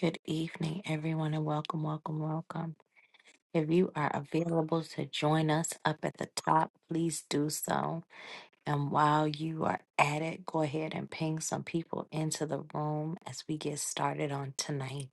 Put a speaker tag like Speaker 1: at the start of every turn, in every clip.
Speaker 1: Good evening, everyone, and welcome, welcome, welcome. If you are available to join us up at the top, please do so. And while you are at it, go ahead and ping some people into the room as we get started on tonight.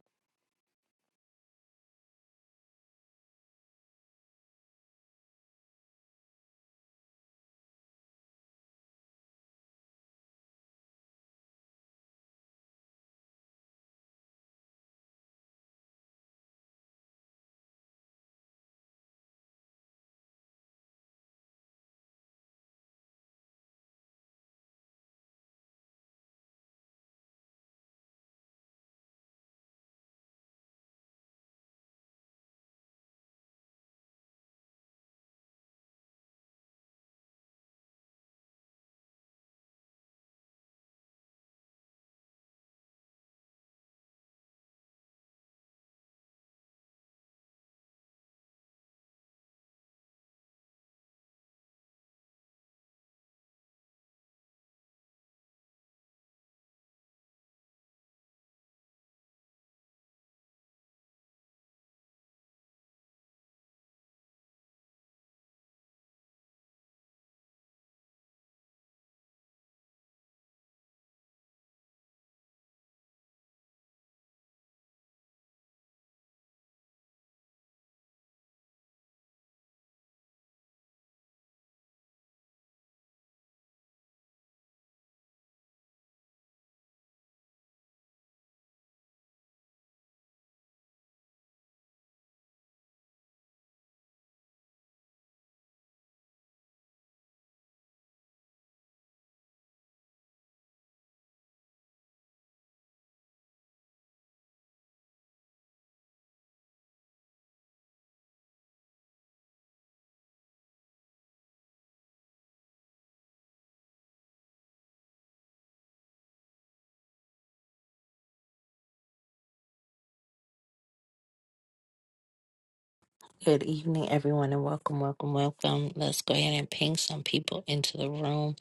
Speaker 1: Good evening, everyone, and welcome, welcome, welcome. Let's go ahead and ping some people into the room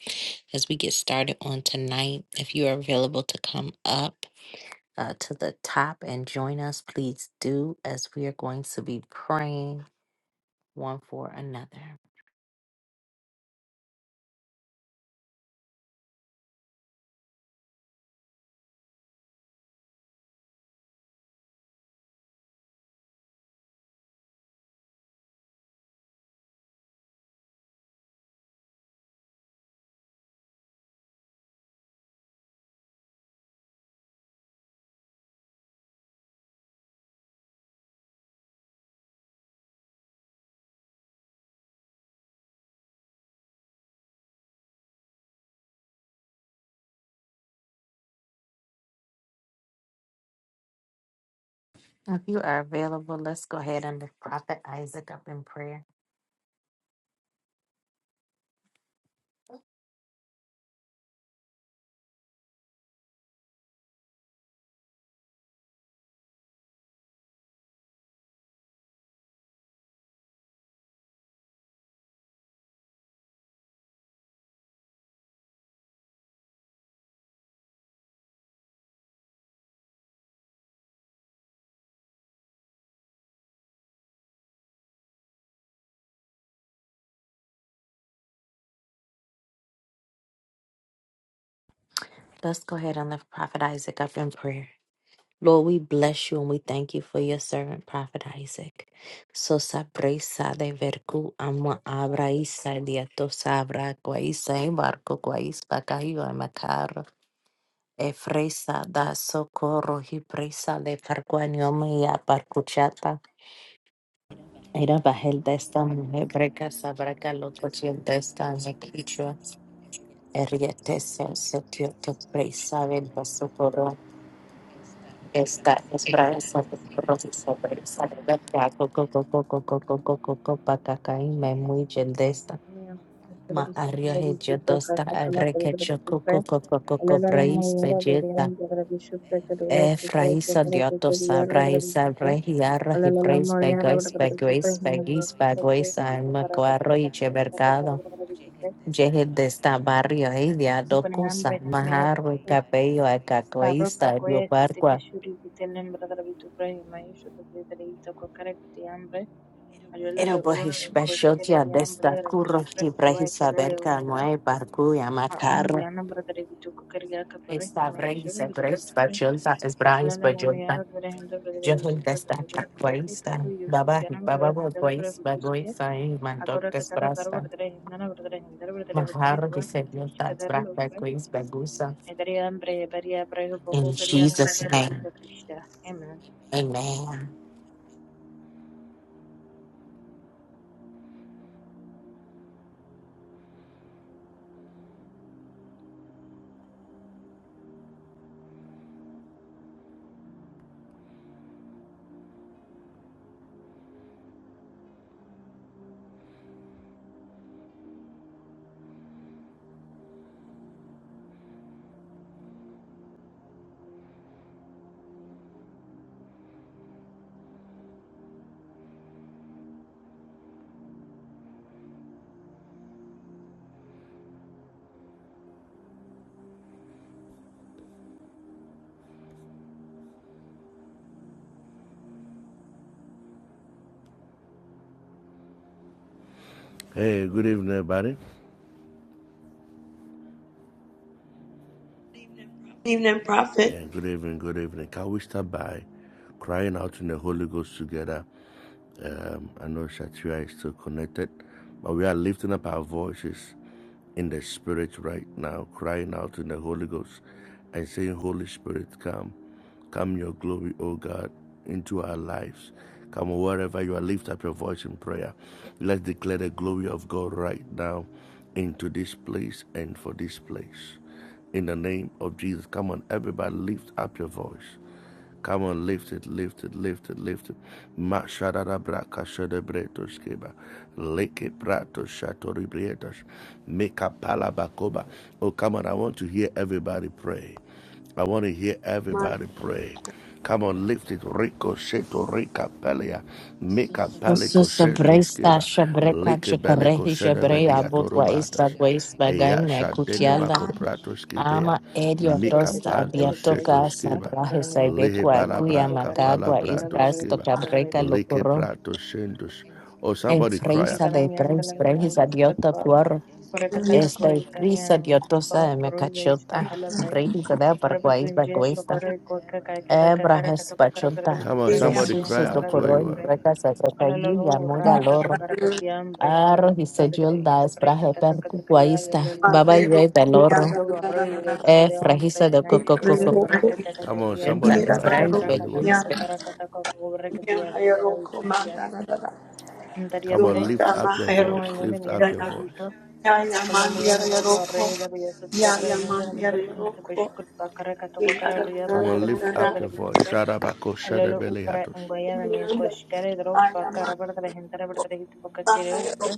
Speaker 1: as we get started on tonight. If you are available to come up, uh, to the top and join us, please do, as we are going to be praying. one for another. If you are available, let's go ahead and lift Prophet Isaac up in prayer. Let's go ahead and lift Prophet Isaac up in prayer. Lord, we bless you and we thank you for your servant, Prophet Isaac. So sabrisa de verku ama abra isa diato sabra guaisa embarco guaispa cayo macar. Efresa da socorro hi presa de parquanioma y Era bahel desta, esta hebreca sabraca lo cochil de esta mequichua eriete se setio te presa del esta es braza de coro y sobresa de verga coco coco coco coco coco pacacaí me muy gel esta
Speaker 2: Mira, de la
Speaker 1: ma
Speaker 2: Bishop, de
Speaker 1: arrio
Speaker 2: la
Speaker 1: he
Speaker 2: Bishop,
Speaker 1: dosta
Speaker 2: Kakakala, de la Capella,
Speaker 1: arreque
Speaker 2: de la
Speaker 1: choco
Speaker 2: Bishop,
Speaker 1: coco coco
Speaker 2: de
Speaker 1: coco
Speaker 2: la
Speaker 1: praise
Speaker 2: Lamoyera, de la Bishop, que de la Work, que de
Speaker 1: Efraisa
Speaker 2: la Capella, de
Speaker 1: diatos
Speaker 2: Yar, de la
Speaker 1: abraisa
Speaker 2: Bishop, de
Speaker 1: regiarra
Speaker 2: la
Speaker 1: y preis
Speaker 2: Lamoyera, de
Speaker 1: begois
Speaker 2: la Bishop, de la
Speaker 1: begois
Speaker 2: Work,
Speaker 1: begis
Speaker 2: de la
Speaker 1: begois alma cuarro y
Speaker 2: Capella,
Speaker 1: chevercado.
Speaker 2: de la Bishop,
Speaker 1: Yehel de esta barrio y
Speaker 2: Upanan,
Speaker 1: docusa.
Speaker 2: Rehanamaya,
Speaker 1: majarro y capello a
Speaker 2: Paro,
Speaker 1: cacoista y
Speaker 2: Pacoya, Sitiki,
Speaker 1: barqua.
Speaker 2: Shuri, Vitelan, de la Bishop, y Maisho, de la Bishop, de la Itaco, Caracatiambre,
Speaker 1: Era
Speaker 2: Alala, Ur,
Speaker 1: bohish
Speaker 2: Coscare,
Speaker 1: bashotia
Speaker 2: de
Speaker 1: de
Speaker 2: Ambra,
Speaker 1: esta
Speaker 2: de la
Speaker 1: curro
Speaker 2: Bishop,
Speaker 1: y
Speaker 2: que
Speaker 1: preisa
Speaker 2: de la
Speaker 1: verca
Speaker 2: Hombre.
Speaker 1: nueva barcuya
Speaker 2: Aombi
Speaker 1: macarro.
Speaker 2: anabradare vituko karya kapare
Speaker 1: Esta
Speaker 2: hinma
Speaker 1: breis
Speaker 2: yeshuru
Speaker 1: e
Speaker 2: bradare
Speaker 1: breis
Speaker 2: vitukre
Speaker 1: bachota es
Speaker 2: alala lama yara dvare handa bradare vishu
Speaker 1: Jehovah
Speaker 2: prata bradare yaku taru
Speaker 1: Christa,
Speaker 2: yushu
Speaker 1: Baba
Speaker 2: tiana bradare
Speaker 1: Baba
Speaker 2: handala bradare
Speaker 1: Grace by
Speaker 2: hutuske
Speaker 1: Grace Sai
Speaker 2: akora
Speaker 1: Mandokas
Speaker 2: kataka garu
Speaker 1: Brasta,
Speaker 2: bradare hindana bradare handala bradare hupre
Speaker 1: Mahar
Speaker 2: huwa kitish
Speaker 1: Disabilitas
Speaker 2: kadara
Speaker 1: Brasta
Speaker 2: lokpe
Speaker 1: Grace Bagusa.
Speaker 2: edariya bre bariya bre hu
Speaker 1: In
Speaker 2: boko karya kara
Speaker 1: Jesus'
Speaker 2: bradare
Speaker 1: name,
Speaker 2: ita pushta amen
Speaker 1: Amen.
Speaker 3: Hey, good evening, everybody.
Speaker 4: Evening, Prophet.
Speaker 3: Yeah, good evening, good evening. Can we start by crying out in the Holy Ghost together Um, I know Shatria is still connected, but we are lifting up our voices in the spirit right now, crying out in the Holy Ghost and saying, Holy Spirit, come. Come your glory, O God, into our lives. Come wherever you are, lift up your voice in prayer. Let's declare the glory of God right now into this place and for this place. In the name of Jesus, come on, everybody, lift up your voice. Come on, lift it, lift it, lift it, lift it. Mashadara braka shadebretos keba. Leke prato shatori brietos. Meka palabakoba. Oh, come on, I want to hear everybody pray. I want to hear everybody pray. Come on, lift it. Rico seto rica pelia. Mica
Speaker 1: Susu
Speaker 3: palico sento
Speaker 1: Sabresta
Speaker 3: skiba.
Speaker 1: Shabreka
Speaker 3: Lica belico
Speaker 1: Chukarehi Shabrea
Speaker 3: sedabediato
Speaker 1: Bukwa
Speaker 3: rubatas.
Speaker 1: Ista Grace
Speaker 3: Eya
Speaker 1: Bagame
Speaker 3: shadenema
Speaker 1: Kutiala
Speaker 3: coprato skibea.
Speaker 1: Ama Edio
Speaker 2: bradare
Speaker 3: Mica
Speaker 2: bradare
Speaker 1: Dosta
Speaker 2: tu pre
Speaker 3: panto
Speaker 2: hita
Speaker 3: seto
Speaker 2: kaishta
Speaker 1: Abiatoka
Speaker 2: pa
Speaker 3: skiba.
Speaker 1: Sabrahe
Speaker 2: dharmiya tu
Speaker 3: Lihe
Speaker 1: Saibekwa
Speaker 2: pakanamiya
Speaker 1: Kuya
Speaker 3: balabra
Speaker 2: nango kare tu
Speaker 1: Makagwa
Speaker 2: kokara
Speaker 3: capalabrato
Speaker 1: Istas
Speaker 2: bradare
Speaker 3: skiba.
Speaker 2: vishu bradare
Speaker 1: Tokabreka
Speaker 3: Lique
Speaker 2: vitukre
Speaker 1: Lokuro.
Speaker 3: prato sentos. Oh,
Speaker 1: En
Speaker 3: somebody cry out.
Speaker 1: freisa de
Speaker 2: enkanamiya ndala
Speaker 1: preis, preis
Speaker 2: minango
Speaker 1: adiota
Speaker 2: skatpa Korekataka
Speaker 1: Esta prisa
Speaker 2: Korekamiana Mizupa
Speaker 1: diotosa me
Speaker 2: Koroiza
Speaker 1: cachota,
Speaker 2: Iskatalabra
Speaker 1: brejita de paraguais
Speaker 2: Arabatunje
Speaker 1: bagoista,
Speaker 2: Shokoroi Koka Kakadaka
Speaker 1: ebra
Speaker 2: Karakatako
Speaker 1: respachota,
Speaker 2: Karapatravitu
Speaker 3: Come on,
Speaker 4: Yeah,
Speaker 3: somebody
Speaker 1: zesuso
Speaker 3: cry
Speaker 1: do
Speaker 3: out where
Speaker 1: coroi,
Speaker 2: Prayanamandaravitu
Speaker 3: you are.
Speaker 2: Pre
Speaker 1: brecas a sacayuya,
Speaker 2: Alalo Rakatako
Speaker 1: mogaloro,
Speaker 2: Karapatiam Brahmaya
Speaker 1: arro y
Speaker 2: Suprapetre
Speaker 1: sejolda
Speaker 2: Itu
Speaker 1: es braje
Speaker 2: Prekataka Katakaya
Speaker 1: percuguaista,
Speaker 2: Lalo
Speaker 1: baba
Speaker 2: Pre
Speaker 1: yue belorro,
Speaker 2: Asoba Roy
Speaker 1: e
Speaker 2: Iskadeon
Speaker 1: fragisa de
Speaker 2: Brahmaya
Speaker 1: coco coco,
Speaker 2: Kuto Korekataka
Speaker 3: Come on,
Speaker 2: Kakia
Speaker 3: somebody
Speaker 1: yenta es
Speaker 3: cry
Speaker 2: Karakatoko
Speaker 1: braje
Speaker 3: out where you are.
Speaker 2: Karakataka
Speaker 1: beguis.
Speaker 2: Karakataka Korekadia Sadaravitu Shla Antaria
Speaker 3: Come on,
Speaker 2: Pre
Speaker 3: lift up your voice. Lift
Speaker 2: Paramoyana
Speaker 3: up your voice.
Speaker 2: Kolomela melo morre da via sus verdere hinde nam da inte beshkut pakare kato kokare via
Speaker 3: Come on,
Speaker 2: verdere bitu
Speaker 3: lift
Speaker 2: pore
Speaker 3: up your
Speaker 2: verdere bitu
Speaker 3: voice.
Speaker 2: pore
Speaker 3: Sharabako
Speaker 2: alelo upra
Speaker 3: shadabeliatos.
Speaker 2: ingoya nam ye koshkare dro pakare verdere hinde verdere hitu pakare upre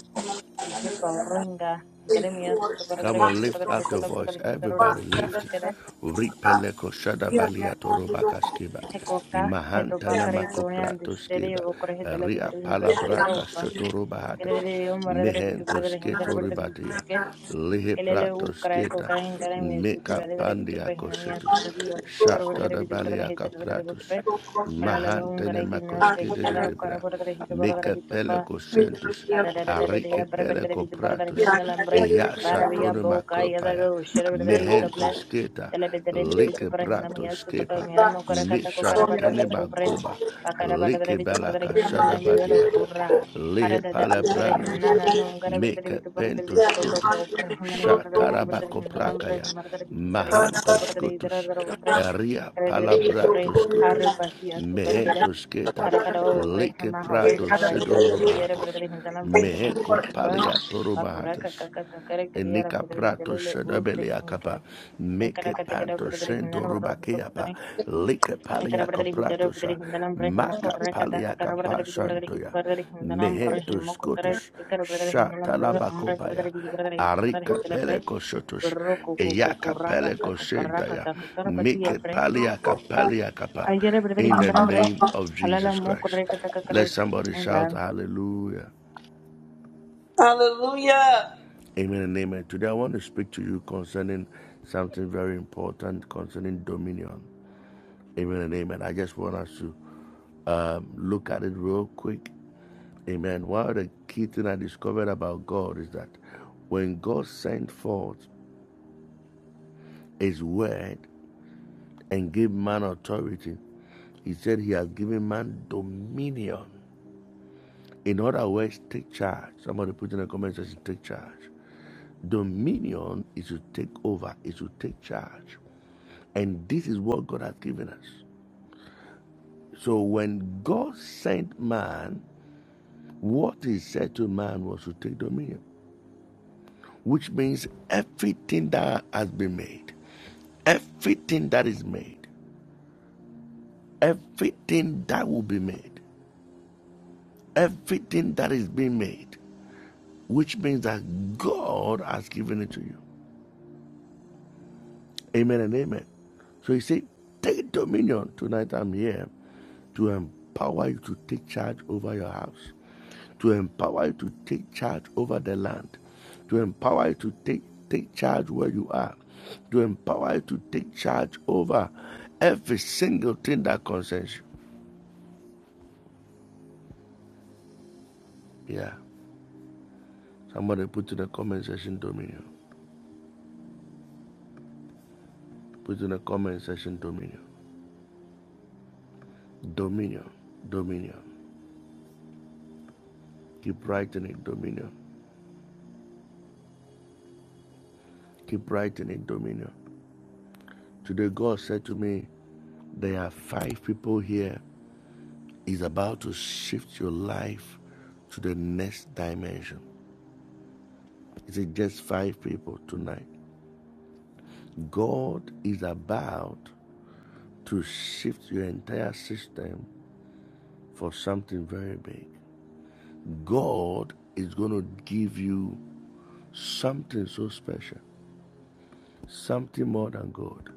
Speaker 2: ivye pauro inga dere mia sus verdere
Speaker 3: Come on,
Speaker 2: bitu pore
Speaker 3: lift
Speaker 2: verdere
Speaker 3: up your
Speaker 2: hitala
Speaker 3: voice.
Speaker 2: verdere hinde
Speaker 3: Everybody
Speaker 2: verdere
Speaker 3: lift it.
Speaker 2: ichishkare
Speaker 3: Ripeleko shada
Speaker 4: Yeah, yeah,
Speaker 3: baliato robaka
Speaker 2: hekoka heto
Speaker 3: Mahantana
Speaker 4: yeah, yeah,
Speaker 2: pakare tone
Speaker 3: makoprato
Speaker 2: andishtere
Speaker 3: skiba.
Speaker 2: okore hitala
Speaker 3: Ria
Speaker 2: videre hinde shkedra
Speaker 3: palabraka
Speaker 2: upa
Speaker 3: shotoroba
Speaker 2: kere
Speaker 3: hatas.
Speaker 2: yo morre da bitu pore
Speaker 3: Mehento
Speaker 2: verdere hinde
Speaker 3: sketo ribatia.
Speaker 2: verdere
Speaker 3: Lihe
Speaker 2: Kelele
Speaker 3: prato
Speaker 2: ukrai
Speaker 3: sketa.
Speaker 2: kokain garai mesu tu
Speaker 3: Meka
Speaker 2: vale garai bitu
Speaker 3: pandia
Speaker 2: pre hinami asu
Speaker 3: koshetus.
Speaker 2: tagi wa ko kokar gore
Speaker 3: Shata
Speaker 2: garai
Speaker 3: da
Speaker 2: bitu pre garai
Speaker 3: baliaka
Speaker 2: hita gore garai pre
Speaker 3: pratus.
Speaker 4: yeah,
Speaker 2: ala la lo un
Speaker 3: Mahantene
Speaker 2: garai kinne un
Speaker 4: yeah,
Speaker 3: makoske de
Speaker 2: deshta da kara
Speaker 3: debra.
Speaker 2: gore garai hita gore garai
Speaker 3: Mika
Speaker 2: hita pa
Speaker 3: pelego sentus.
Speaker 2: ada da da da da da
Speaker 3: Arike
Speaker 2: ya pre pre
Speaker 3: pelego
Speaker 2: garai bitu pre garai
Speaker 3: kopratus,
Speaker 2: hinda lambrai
Speaker 3: Eya
Speaker 2: bara biya
Speaker 3: shatone
Speaker 2: bo ka ya da
Speaker 3: makopaya.
Speaker 2: go shara pre garai hita
Speaker 3: Mihentus keta.
Speaker 2: Telebedere de Vitu
Speaker 3: Like
Speaker 2: Parahinamia
Speaker 3: pratus kepa.
Speaker 2: Sutokamiano Korakatako Karabato
Speaker 3: Mishantene
Speaker 2: Kukubre,
Speaker 3: magoba.
Speaker 2: Pakarabada de
Speaker 3: Like
Speaker 2: Vitu
Speaker 3: balaka shada
Speaker 2: Parahinamiano
Speaker 3: badiata.
Speaker 2: Ura,
Speaker 3: Lihe
Speaker 2: Karada
Speaker 3: palabrandusa.
Speaker 2: Ukarahina, no Garabada
Speaker 3: Mika
Speaker 2: Vitu Parade Vitu
Speaker 3: pentus kutus.
Speaker 2: Koko, Parahinani, Murder Vitu
Speaker 3: Shatarabako
Speaker 2: Parahinambre,
Speaker 3: prakaya.
Speaker 2: Murder Vitu
Speaker 3: Mahantus
Speaker 2: Parahinambre, Idra
Speaker 3: kutus.
Speaker 2: Upre,
Speaker 3: Ria
Speaker 2: Karada Itupre,
Speaker 3: palabratos
Speaker 2: Haru
Speaker 3: kutus,
Speaker 2: Pasia sukadgale
Speaker 3: mehentos keta,
Speaker 4: yeah,
Speaker 2: Karakada
Speaker 4: yeah,
Speaker 2: Ore,
Speaker 3: leke
Speaker 2: Hama Hore,
Speaker 3: prados
Speaker 2: Hitava shoot Kadia,
Speaker 3: sedorobatas,
Speaker 2: Brother Hindalambre, Haman
Speaker 3: meheko
Speaker 2: Shutba, Pakura,
Speaker 3: paliatorobatas.
Speaker 2: Kaka, Kakare, Kadia,
Speaker 3: Nika
Speaker 2: Brother
Speaker 3: prato
Speaker 2: Hindale,
Speaker 3: shadabele
Speaker 2: Ukre,
Speaker 3: akapa,
Speaker 2: Ankara
Speaker 3: meke
Speaker 2: katakara
Speaker 3: panto
Speaker 2: kadari hindan
Speaker 3: shento
Speaker 2: bradar hindu
Speaker 3: rubakeapa,
Speaker 2: bradari
Speaker 3: like
Speaker 2: Ankara
Speaker 3: paliaka
Speaker 2: bradari hitara
Speaker 3: pratosha,
Speaker 2: bradari hindanam bradari himako
Speaker 3: maka
Speaker 2: bradari kataka
Speaker 3: paliaka
Speaker 2: kara bradari bidu bradari hitu
Speaker 3: pashantoya,
Speaker 2: bradari hindanam bradari
Speaker 3: mehento
Speaker 2: himako kara
Speaker 3: scotus,
Speaker 2: tikara bradari hindanam bradari umra
Speaker 3: shatalabakopaya,
Speaker 2: bradari bidu bradari hitu bradari
Speaker 3: arika
Speaker 2: hitala bradari
Speaker 3: peleko shotus,
Speaker 2: ro ko ko ko ko
Speaker 3: eyaka
Speaker 2: ra ka ka
Speaker 3: peleko
Speaker 2: ka ka ra ka
Speaker 3: shentaya,
Speaker 2: ta ka kara bati ya
Speaker 3: meke
Speaker 2: bradari
Speaker 3: paliaka
Speaker 4: Hallelujah.
Speaker 3: paliakapa,
Speaker 2: aidara bradari
Speaker 3: in the
Speaker 2: hindanam bradari
Speaker 3: name of
Speaker 2: halala
Speaker 3: Jesus
Speaker 2: mo
Speaker 3: Christ.
Speaker 2: kudari
Speaker 3: Let somebody shout hallelujah. Amen and amen. Today I want to speak to you concerning something very important concerning dominion. Amen and amen. I just want us to um, look at it real quick. Amen. One of the key things I discovered about God is that when God sent forth His word and gave man authority, He said He has given man dominion. In other words, take charge. Somebody put in the comment section, take charge. Dominion is to take over, is to take charge. And this is what God has given us. So when God sent man, what he said to man was to take dominion, which means everything that has been made, everything that is made, everything that will be made, everything that is being made, which means that God has given it to you. Amen and amen. So he said, Take dominion. Tonight I'm here to empower you to take charge over your house, to empower you to take charge over the land, to empower you to take, take charge where you are, to empower you to take charge over every single thing that concerns you. Yeah. Somebody put in the comment section dominion. Put in the comment section dominion. Dominion. Dominion. Keep writing it, dominion. Keep writing it, dominion. Today, God said to me, There are five people here. He's about to shift your life to the next dimension. Is it just five people tonight? God is about to shift your entire system for something very big. God is going to give you something so special, something more than gold,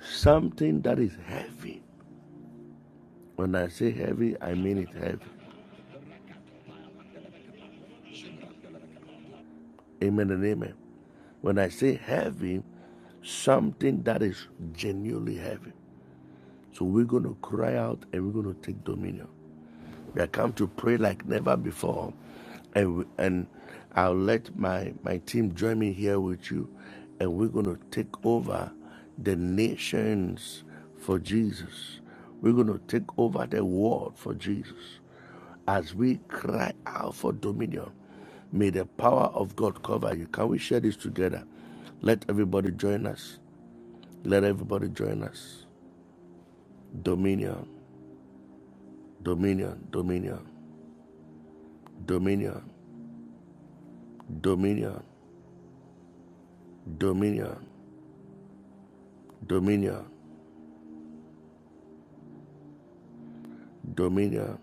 Speaker 3: something that is heavy. When I say heavy, I mean it heavy. Amen and amen. When I say heavy, something that is genuinely heavy. So we're going to cry out and we're going to take dominion. We have come to pray like never before. And, we, and I'll let my, my team join me here with you. And we're going to take over the nations for Jesus. We're going to take over the world for Jesus. As we cry out for dominion, may the power of God cover you. Can we share this together? Let everybody join us. Let everybody join us. Dominion, dominion, dominion, dominion, dominion, dominion, dominion, dominion,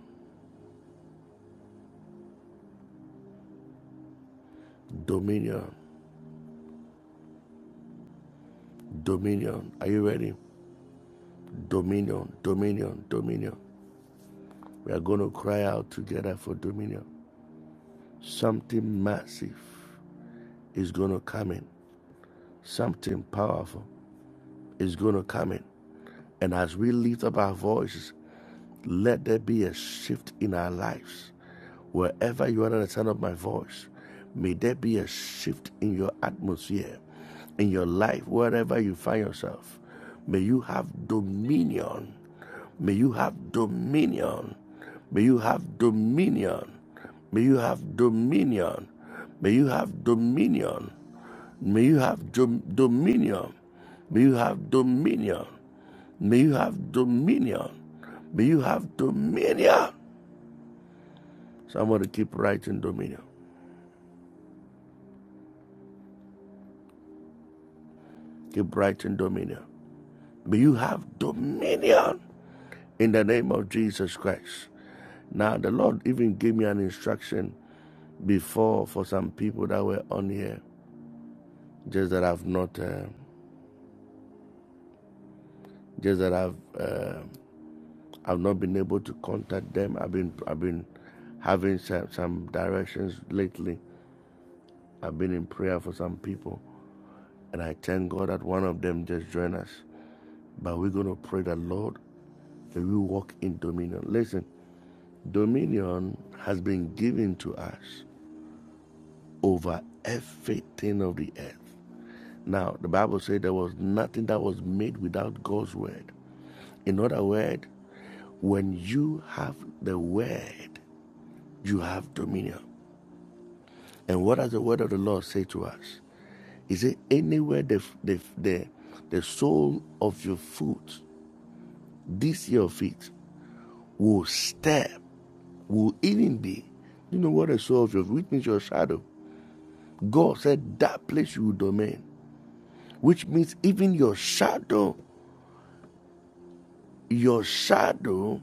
Speaker 3: dominion, dominion. Are you ready? Dominion, dominion, dominion. We are going to cry out together for dominion. Something massive is going to come in, something powerful is going to come in. And as we lift up our voices, Let there be a shift in our lives. Wherever you are at the sound of my voice, may there be a shift in your atmosphere, in your life, wherever you find yourself. May you have dominion. May you have dominion. May you have dominion. May you have dominion. May you have dominion. May you have dom- dominion. May you have dominion. May you have dominion. May you have dominion. Somebody keep writing dominion. Keep writing dominion. May you have dominion in the name of Jesus Christ. Now, the Lord even gave me an instruction before for some people that were on here, just that I've not, uh, just that I've, uh, I've not been able to contact them. I've been, I've been having some, some directions lately. I've been in prayer for some people, And I thank God that one of them just joined us. But we're going to pray that, Lord, that we walk in dominion. Listen, dominion has been given to us over everything of the earth. Now, the Bible said there was nothing that was made without God's word. In other words, when you have the word, you have dominion. And what does the word of the Lord say to us? Is it anywhere the, the, the, the sole of your foot This your faith will step, will even be. You know what I saw of your which means your shadow. God said that place you will domain, which means even your shadow, your shadow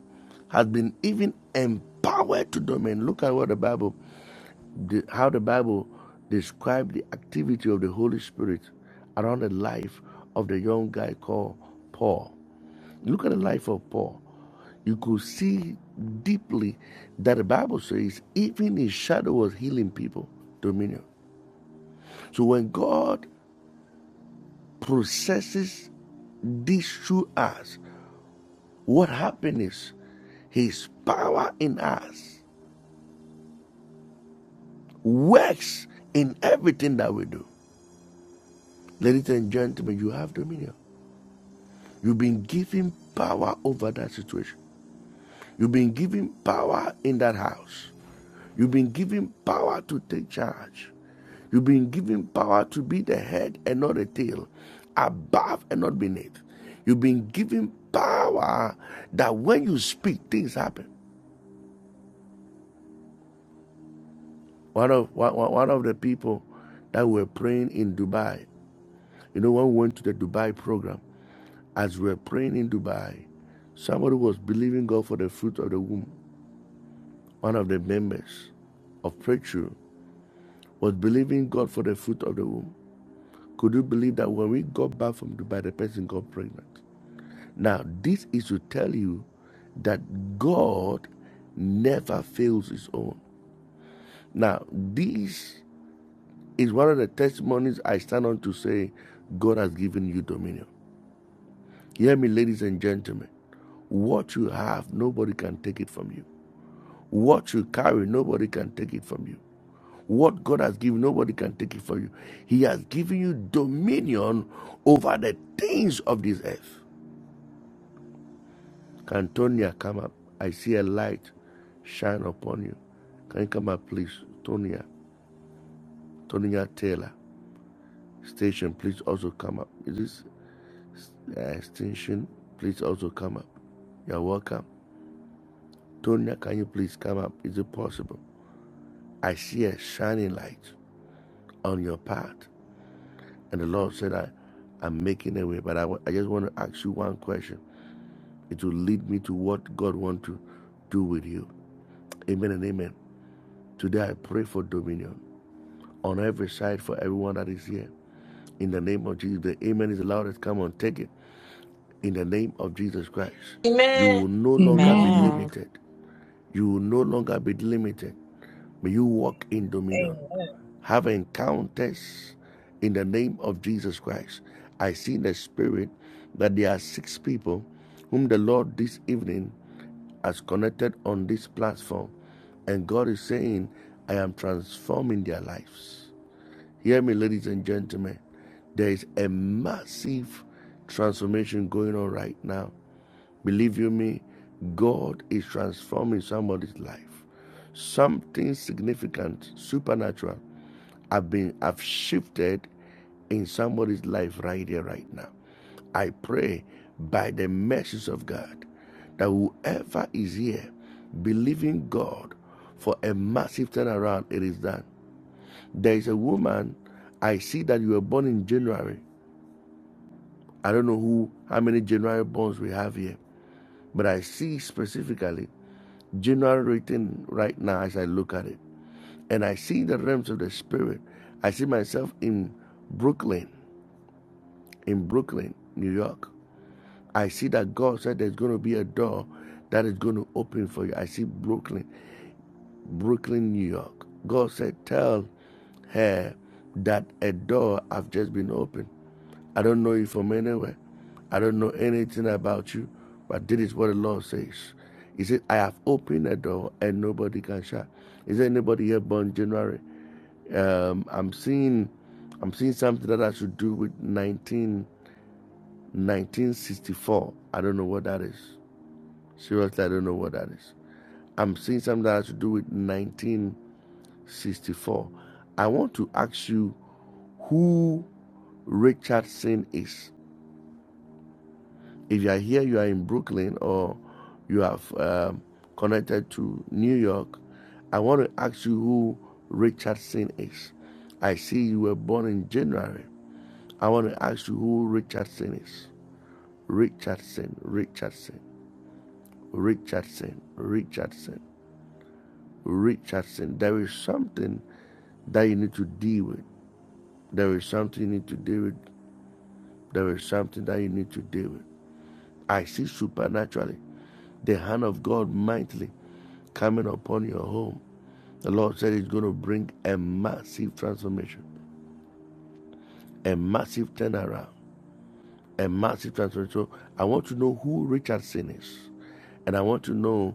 Speaker 3: has been even empowered to domain. Look at what the Bible the, how the Bible described the activity of the Holy Spirit around the life of the young guy called Paul. Look at the life of Paul. You could see deeply that the Bible says even his shadow was healing people, dominion. So when God processes this through us, what happens is his power in us works in everything that we do. Ladies and gentlemen, you have dominion. You've been given power over that situation. You've been given power in that house. You've been given power to take charge. You've been given power to be the head and not the tail, above and not beneath. You've been given power that when you speak, things happen. One of one one of the people that were praying in Dubai, you know, when we went to the Dubai program, as we were praying in Dubai, somebody was believing God for the fruit of the womb. one of the members of Pray was believing God for the fruit of the womb. Could you believe that when we got back from Dubai, the person got pregnant? Now, this is to tell you that God never fails his own. Now, this is one of the testimonies I stand on to say God has given you dominion. Hear me, ladies and gentlemen. What you have, nobody can take it from you. What you carry, nobody can take it from you. What God has given, nobody can take it from you. He has given you dominion over the things of this earth. Can Tonya come up? I see a light shine upon you. Can you come up, please? Tonya, Tonya Taylor. Station, please also come up. Is this uh, station? Please also come up. You're welcome. Tonya, can you please come up? Is it possible? I see a shining light on your path. And the Lord said, I, I'm making a way, but I I just want to ask you one question. It will lead me to what God wants to do with you. Amen and amen. Today I pray for dominion on every side for everyone that is here. In the name of Jesus, the amen is the loudest. Come on, take it. In the name of Jesus Christ, you
Speaker 4: Amen.
Speaker 3: will no longer be
Speaker 5: Amen.
Speaker 1: Man,
Speaker 3: limited. You will no longer be limited. May you walk in dominion.
Speaker 6: Amen.
Speaker 3: have encounters in the name of Jesus Christ. I see in the spirit that there are six people whom the Lord this evening has connected on this platform, and God is saying, I am transforming their lives. Hear me, ladies and gentlemen. There is a massive transformation going on right now Believe you me, God is transforming somebody's life. Something significant, supernatural, have been have shifted in somebody's life right here, right now. I pray by the mercies of God that whoever is here believing God for a massive turnaround, it is done. There is a woman, I see that you were born in January. I don't know who, how many January borns we have here, but I see specifically generally written right now as I look at it. And I see the realms of the spirit. I see myself in Brooklyn, in Brooklyn, New York. I see that God said there's going to be a door that is going to open for you. I see Brooklyn, Brooklyn, New York. God said, Tell her that a door has just been opened. I don't know you from anywhere. I don't know anything about you, but this is what the Lord says. He said, I have opened a door and nobody can shut. Is there anybody here born January? Um, I'm seeing I'm seeing something that has to do with 19, 1964. I don't know what that is. Seriously, I don't know what that is. I'm seeing something that has to do with 1964. I want to ask you who Richardson is. If you are here, you are in Brooklyn or you have um, connected to New York, I want to ask you who Richardson is. I see you were born in January. I want to ask you who Richardson is. Richardson, Richardson, Richardson, Richardson, Richardson. There is something that you need to deal with. There is something you need to deal with. There is something that you need to deal with. I see supernaturally the hand of God mightily coming upon your home. The Lord said He's going to bring a massive transformation, a massive turnaround, a massive transformation. So I want to know who Richardson is, and I want to know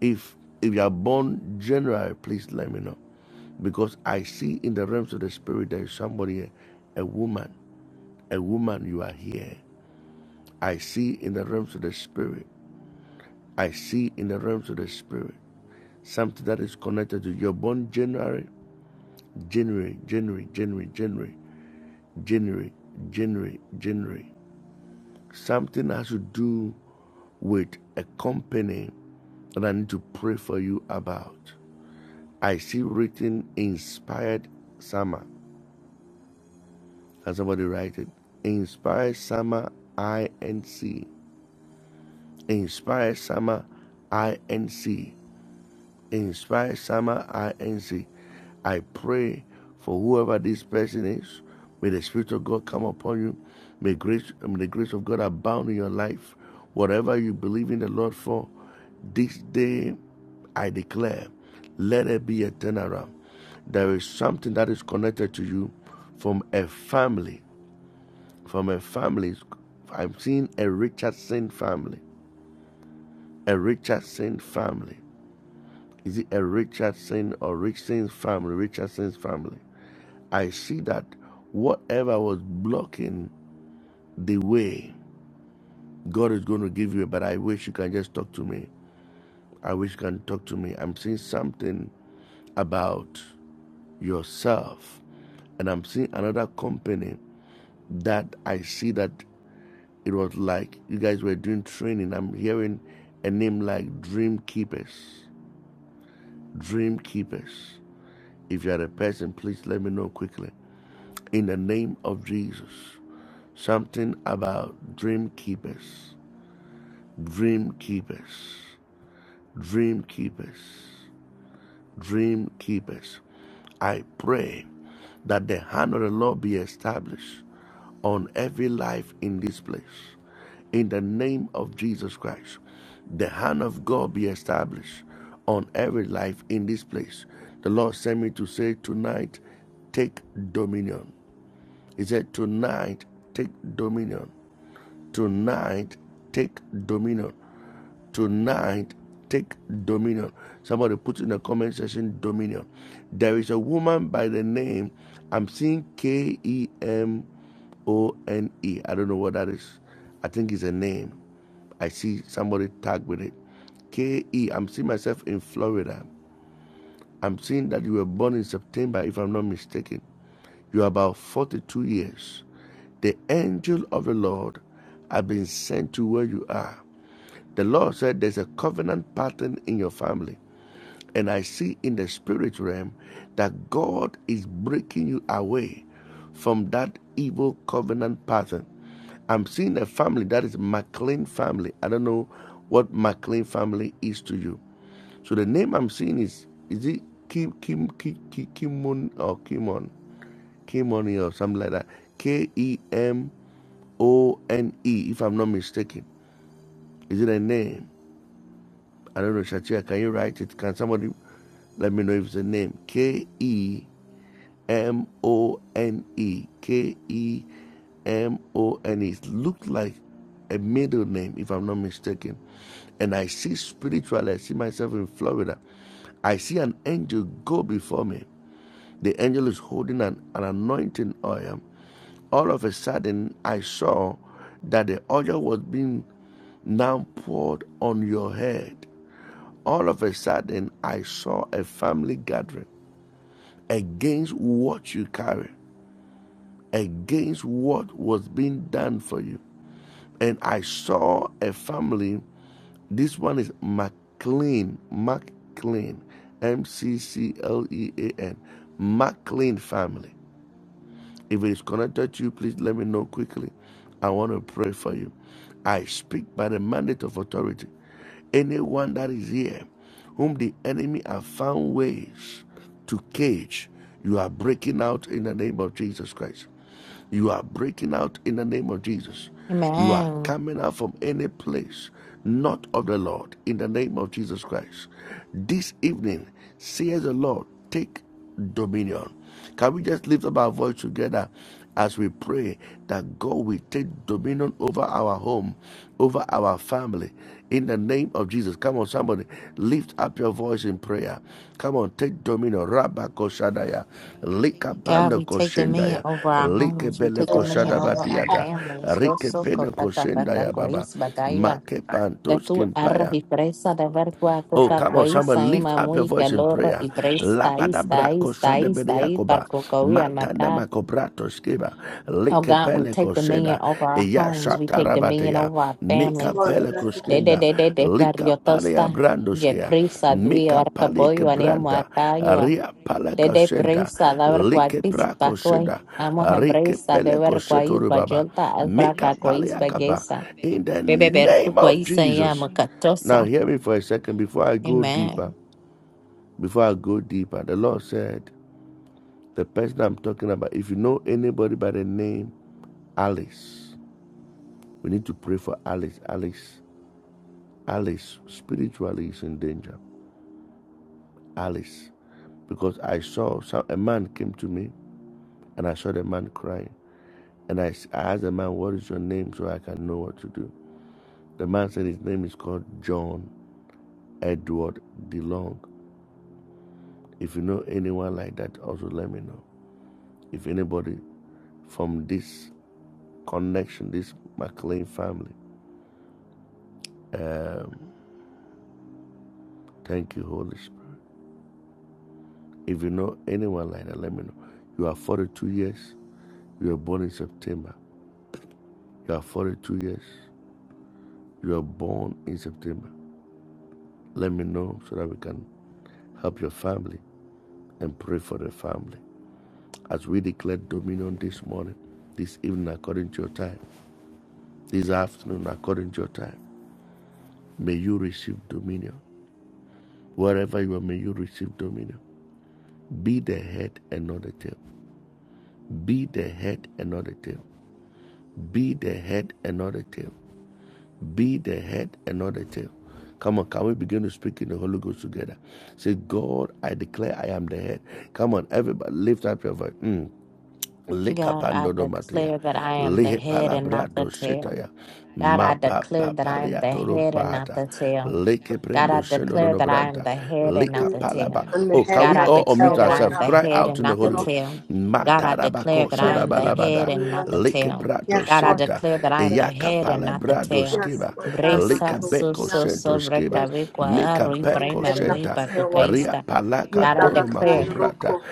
Speaker 3: if if you are born general, please let me know because I see in the realms of the spirit there is somebody, a woman, a woman. You are here. I see in the realms of the spirit. I see in the realms of the spirit something that is connected to you. You're born January, January, January, January, January. January, January, January. Something has to do with a company that I need to pray for you about. I see written inspired summer. Can somebody write it? Inspired summer INC. Inspired summer INC. Inspire Sama INC. I pray for whoever this person is. May the Spirit of God come upon you. May grace, may the grace of God abound in your life. Whatever you believe in the Lord for, this day I declare, let it be a turnaround. There is something that is connected to you from a family. From a family, I'm seeing a Richardson family. A Richardson family. Is it a Richardson or Richardson's family? Richardson's family. I see that whatever was blocking the way, God is going to give you. But I wish you can just talk to me. I wish you can talk to me. I'm seeing something about yourself, and I'm seeing another company that I see that it was like you guys were doing training. I'm hearing a name like Dream Keepers. Dream Keepers. If you are a person, please let me know quickly in the name of Jesus. Something about dream keepers, dream keepers, dream keepers, dream keepers. I pray that the hand of the Lord be established on every life in this place. In the name of Jesus Christ, the hand of God be established on every life in this place. The Lord sent me to say tonight, take dominion. He said, Tonight, take dominion. Tonight, take dominion. Tonight, take dominion. Somebody put in the comment section dominion. There is a woman by the name, I'm seeing K E M O N E. I don't know what that is. I think it's a name. I see somebody tagged with it. K E. I'm seeing myself in Florida. I'm seeing that you were born in September, if I'm not mistaken. You're about 42 years. The angel of the Lord has been sent to where you are. The Lord said there's a covenant pattern in your family. And I see in the spirit realm that God is breaking you away from that evil covenant pattern. I'm seeing a family that is McLean family. I don't know what McLean family is to you. So the name I'm seeing is is it Kim Kim Kim Kim Kimon or Kimon Kimoni or something like that. K E M O N E, if I'm not mistaken. Is it a name? I don't know, Shatia, can you write it? Can somebody let me know if it's a name? K E M O N E. K E M O N E. It looked like a middle name, if I'm not mistaken. And I see spiritually, I see myself in Florida. I see an angel go before me. The angel is holding an, an anointing oil all of a sudden I saw that the oil was being now poured on your head. All of a sudden I saw a family gathering against what you carry, against what was being done for you. And I saw a family, this one is McLean, McLean, M C C L E A N, McLean family. If it's connected to you, please let me know quickly. I want to pray for you. I speak by the mandate of authority. Anyone that is here, whom the enemy have found ways to cage, you are breaking out in the name of Jesus Christ. You are breaking out in the name of Jesus. You are
Speaker 1: man.
Speaker 3: coming out from any place not of the Lord in the name of Jesus Christ. This evening, says the Lord, take dominion. Can we just lift up our voice together as we pray that God will take dominion over our our home, over our family. In the name of Jesus. Come on, somebody. Lift up your voice in prayer. Come on, take dominion. Rabba koshadaya. Lika
Speaker 1: God,
Speaker 3: panda
Speaker 1: we take dominion
Speaker 3: koshendaya.
Speaker 1: over our
Speaker 3: Like
Speaker 1: homes. We
Speaker 3: bele
Speaker 1: take dominion
Speaker 3: koshada
Speaker 1: over our
Speaker 3: batiata.
Speaker 1: families. Dos
Speaker 3: Rike
Speaker 1: soko
Speaker 3: pena
Speaker 1: kaka
Speaker 3: koshendaya baba.
Speaker 1: kaka
Speaker 3: Make
Speaker 1: que
Speaker 3: pantos
Speaker 1: tu arroz
Speaker 3: kimpaya.
Speaker 1: y presa de ver cuaco
Speaker 3: Oh, come on,
Speaker 1: cacuay
Speaker 3: someone lift
Speaker 1: saima
Speaker 3: up your
Speaker 1: muy
Speaker 3: voice in
Speaker 1: calor
Speaker 3: prayer.
Speaker 1: y presa
Speaker 3: Lapadabra
Speaker 1: ista ista
Speaker 3: koshada
Speaker 1: ista y
Speaker 3: beriakoba,
Speaker 1: parco cahuía
Speaker 3: matana
Speaker 1: maca.
Speaker 3: makobrato skiba,
Speaker 1: Oh
Speaker 3: like
Speaker 1: God, we
Speaker 3: pele
Speaker 1: take
Speaker 3: kosheda,
Speaker 1: dominion over our
Speaker 3: ya
Speaker 1: homes. We take dominion
Speaker 3: shatarabateya,
Speaker 1: over our
Speaker 4: Yes,
Speaker 3: mika
Speaker 1: families.
Speaker 4: Lord,
Speaker 3: pele
Speaker 4: bless us
Speaker 1: De de
Speaker 3: koskenda,
Speaker 1: de de de
Speaker 3: lika
Speaker 1: barrio
Speaker 3: palea
Speaker 1: tosta. Je
Speaker 3: brandoskia,
Speaker 1: prisa dui
Speaker 3: mika
Speaker 1: arca
Speaker 3: palek
Speaker 1: pollo anemo acayua.
Speaker 3: ria
Speaker 1: De
Speaker 3: paleka
Speaker 1: de
Speaker 3: senta,
Speaker 1: prisa da ver
Speaker 3: like
Speaker 1: cuatis
Speaker 3: prako
Speaker 1: pacoy. Amo
Speaker 3: rike
Speaker 1: hebreza de
Speaker 3: pele
Speaker 1: ver cuais
Speaker 3: koshetorubaba,
Speaker 1: bayolta
Speaker 7: Lord, we
Speaker 3: mika
Speaker 1: albraca
Speaker 7: take
Speaker 1: cuais
Speaker 3: palea
Speaker 7: dominion of
Speaker 3: kapa.
Speaker 1: bagesa.
Speaker 3: In the
Speaker 1: Bebe ver
Speaker 3: name of
Speaker 1: cuais saima
Speaker 3: Jesus.
Speaker 7: everything that is
Speaker 3: Now,
Speaker 1: macatosa.
Speaker 7: not of
Speaker 3: hear me for a second
Speaker 7: you, Lord
Speaker 3: before I go
Speaker 1: Amen.
Speaker 7: Jesus.
Speaker 3: deeper. Before I go deeper, the Lord said, The person I'm talking about, if you know anybody by the name Alice, we need to pray for Alice. Alice, Alice, spiritually is in danger. Alice, because I saw some, a man came to me and I saw the man crying. And I I asked the man, What is your name so I can know what to do? The man said his name is called John Edward DeLong. If you know anyone like that, also let me know. If anybody from this connection, this McLean family. Um, thank you, Holy Spirit. If you know anyone like that, let me know. You are 42 years. You were born in September. You are 42 years. You were born in September. Let me know so that we can help your family and pray for the family. As we declare dominion this morning, this evening according to your time, this afternoon according to your time, may you receive dominion. Wherever you are, may you receive dominion. Be the head and not the tail. Be the head and not the tail. Be the head and not the tail. Be the head and not the tail. Come on, can we begin to speak in the Holy Ghost together? Say, God, I declare I am the head. Come on, everybody, lift up your voice. Mm.
Speaker 1: God, I
Speaker 3: Likapandodomatria,
Speaker 1: declare that I am the head and not the
Speaker 3: Lihepalabrado
Speaker 1: tail.
Speaker 3: Shetaya,
Speaker 1: God, I
Speaker 3: Mapa
Speaker 1: declare that I am the
Speaker 3: papaliato
Speaker 1: head and not
Speaker 3: robata,
Speaker 1: the tail.
Speaker 3: leke
Speaker 1: God,
Speaker 3: prendo
Speaker 1: I
Speaker 3: Papaliatoro
Speaker 1: declare
Speaker 3: no
Speaker 1: that I am
Speaker 3: branta,
Speaker 1: the head and
Speaker 3: lika
Speaker 4: and
Speaker 1: not the
Speaker 4: decree.
Speaker 3: Likapalaba.
Speaker 1: tail.
Speaker 4: I'm the
Speaker 3: Oh,
Speaker 4: head
Speaker 3: can
Speaker 1: God,
Speaker 4: and
Speaker 3: we
Speaker 1: I
Speaker 4: not the
Speaker 3: all
Speaker 1: declare
Speaker 3: unmute
Speaker 4: tail,
Speaker 1: that
Speaker 4: Lord
Speaker 1: I am
Speaker 3: ourselves?
Speaker 1: the
Speaker 4: God.
Speaker 3: Cry
Speaker 1: head
Speaker 3: out
Speaker 1: and
Speaker 3: in the
Speaker 1: not the
Speaker 3: Holy Ghost.
Speaker 4: Little,
Speaker 1: tail. God, I declare
Speaker 3: Matarabako
Speaker 1: that I
Speaker 4: yes,
Speaker 1: am the
Speaker 4: little,
Speaker 1: head
Speaker 3: Shadabalabada,
Speaker 1: and
Speaker 4: Korea.
Speaker 1: not the tail.
Speaker 4: yes,
Speaker 3: Likeprato
Speaker 1: God, I
Speaker 4: Lord
Speaker 3: Senta,
Speaker 1: declare that I am
Speaker 4: God.
Speaker 1: the
Speaker 3: eyaka
Speaker 1: head and not the
Speaker 3: palabrado
Speaker 1: tail.
Speaker 4: Yes,
Speaker 3: skiva.
Speaker 4: Lord God. my
Speaker 3: Lika
Speaker 1: Brisa
Speaker 4: little,
Speaker 1: su
Speaker 3: beko
Speaker 4: Yes,
Speaker 1: su
Speaker 3: sento
Speaker 1: sobre
Speaker 3: skiba.
Speaker 4: yes, Jesus,
Speaker 1: cabecua
Speaker 4: I
Speaker 3: Mika
Speaker 1: arro y
Speaker 4: declare I'm the
Speaker 3: beko
Speaker 4: head
Speaker 1: prema
Speaker 4: and not
Speaker 1: muy
Speaker 4: the
Speaker 3: senta.
Speaker 4: tail, Lord God.
Speaker 3: Ria
Speaker 1: pacucaísta.
Speaker 3: palaka
Speaker 4: Yes,
Speaker 1: God, I
Speaker 4: God, I'm
Speaker 3: dono
Speaker 4: the
Speaker 1: declare
Speaker 4: little,
Speaker 3: makoprata.
Speaker 4: Korea.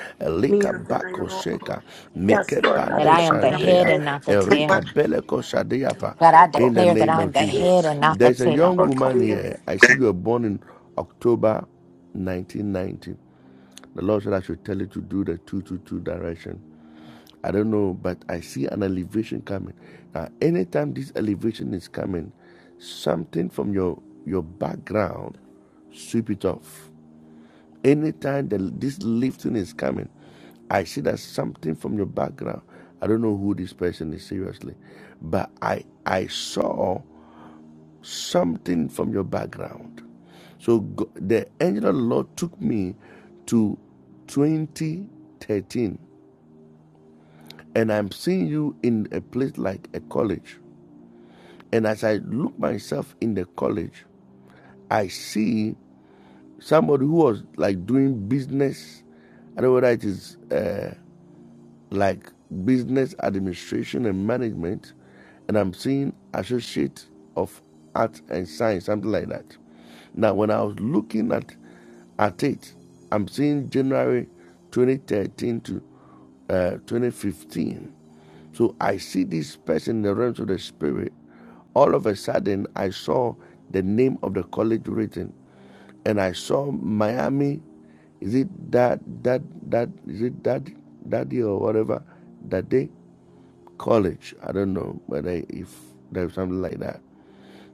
Speaker 4: me,
Speaker 3: Lika
Speaker 4: I'm the
Speaker 3: bako
Speaker 4: little, Korea.
Speaker 3: sheka.
Speaker 4: Yes,
Speaker 3: Mike
Speaker 4: Lord God,
Speaker 1: that
Speaker 4: I
Speaker 3: pande
Speaker 1: I am the
Speaker 4: declare I'm the
Speaker 1: head
Speaker 3: shantea.
Speaker 1: and
Speaker 4: head
Speaker 1: not the
Speaker 4: and
Speaker 3: Erika
Speaker 1: tail.
Speaker 4: not the
Speaker 3: beleko sadiapa.
Speaker 1: God, I
Speaker 4: tail.
Speaker 3: In the
Speaker 1: declare that
Speaker 3: name
Speaker 1: I'm
Speaker 3: of
Speaker 1: the
Speaker 3: Jesus.
Speaker 1: head
Speaker 4: Please
Speaker 1: and not the
Speaker 3: There's a
Speaker 1: tail.
Speaker 3: young
Speaker 4: will come
Speaker 3: woman here.
Speaker 4: in
Speaker 3: I see you were born in October 1990. The Lord said I should tell you to do the 222 direction. I don't know, but I see an elevation coming. Now, anytime this elevation is coming, something from your your background sweep it off. Anytime the, this lifting is coming, I see that something from your background. I don't know who this person is seriously, but I I saw something from your background. So the angel of the Lord took me to 2013 and I'm seeing you in a place like a college. And as I look myself in the college, I see somebody who was like doing business. I don't know whether it is uh, like business administration and management, and I'm seeing associate of art and science, something like that. Now, when I was looking at at it, I'm seeing January 2013 to uh, 2015. So I see this person in the realms of the spirit. All of a sudden, I saw the name of the college written and I saw Miami. Is it that that that is it that that day or whatever that day college? I don't know whether if there's something like that.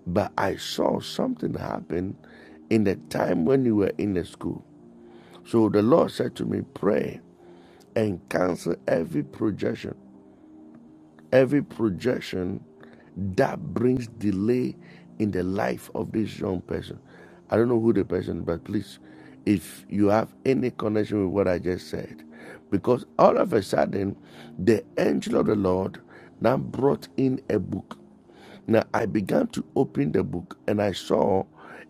Speaker 3: But I saw something happen in the time when you were in the school. So the Lord said to me, pray and cancel every projection every projection that brings delay in the life of this young person. I don't know who the person, is, but please, if you have any connection with what I just said, because all of a sudden, the angel of the Lord now brought in a book. Now I began to open the book and I saw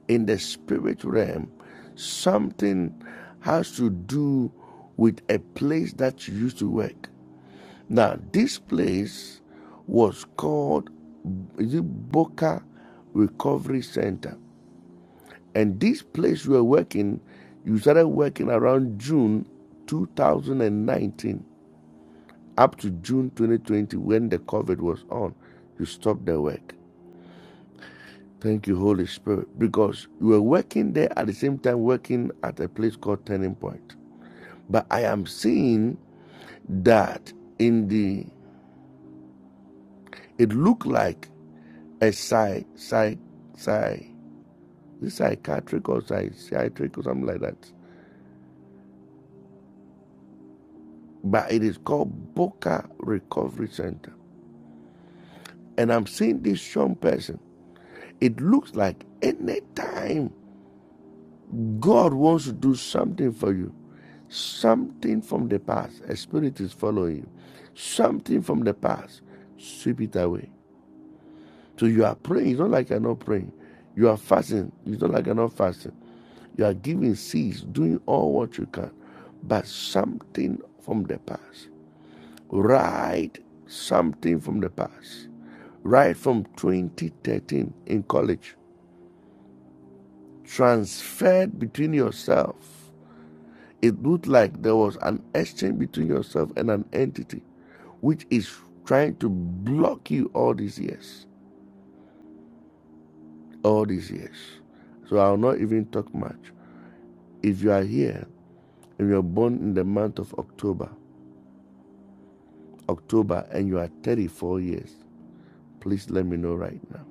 Speaker 3: in the spirit realm something has to do with a place that you used to work. Now, this place was called is it Boca Recovery Center. And this place you were working, you started working around June 2019 up to June 2020 when the COVID was on. You stopped the work. Thank you, Holy Spirit, because you were working there at the same time working at a place called Turning Point. But I am seeing that in the, it looked like a psych, psych, psych, is psychiatric or psychiatric or something like that. But it is called Boca Recovery Center. And I'm seeing this young person. It looks like any time God wants to do something for you, something from the past, a spirit is following you, something from the past, sweep it away. So you are praying, it's not like you're not praying. You are fasting, it's not like you're not fasting. You are giving seeds, doing all what you can, but something from the past. Write something from the past. Write from 2013 in college. Transferred between yourself. It looked like there was an exchange between yourself and an entity which is trying to block you all these years. All these years. So I'll not even talk much. If you are here and you're born in the month of October, October and you are 34 years, please let me know right now.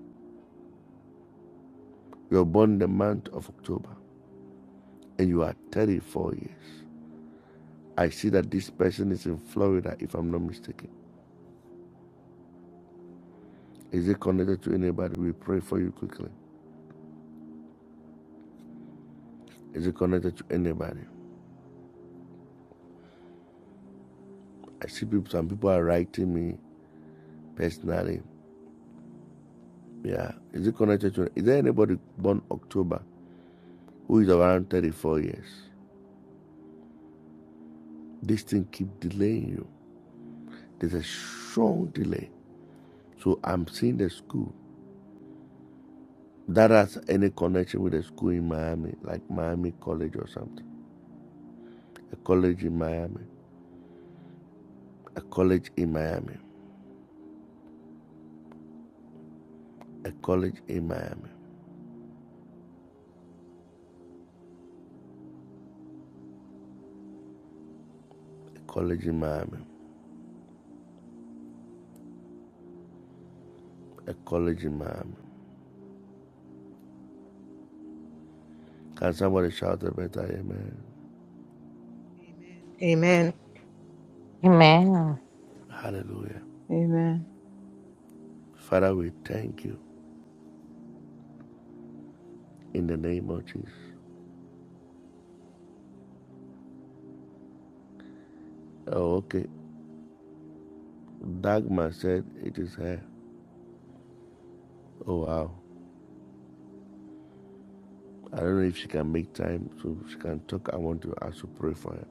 Speaker 3: You were born in the month of October and you are 34 years. I see that this person is in Florida, if I'm not mistaken. Is it connected to anybody? We pray for you quickly. Is it connected to anybody? I see people, some people are writing me personally. Yeah. Is it connected to, is there anybody born October who is around 34 years? This thing keep delaying you. There's a strong delay. So I'm seeing the school. that has any connection with a school in Miami, like Miami College or something. A college in Miami, a college in Miami, a college in Miami, a college in Miami, a college in Miami. Can somebody shout a better amen?
Speaker 5: Amen.
Speaker 1: Amen.
Speaker 3: Hallelujah.
Speaker 8: Amen.
Speaker 3: Father, we thank you in the name of Jesus. Oh, okay. Dagmar said it is her. Oh, wow. I don't know if she can make time so she can talk. I want to also pray for her.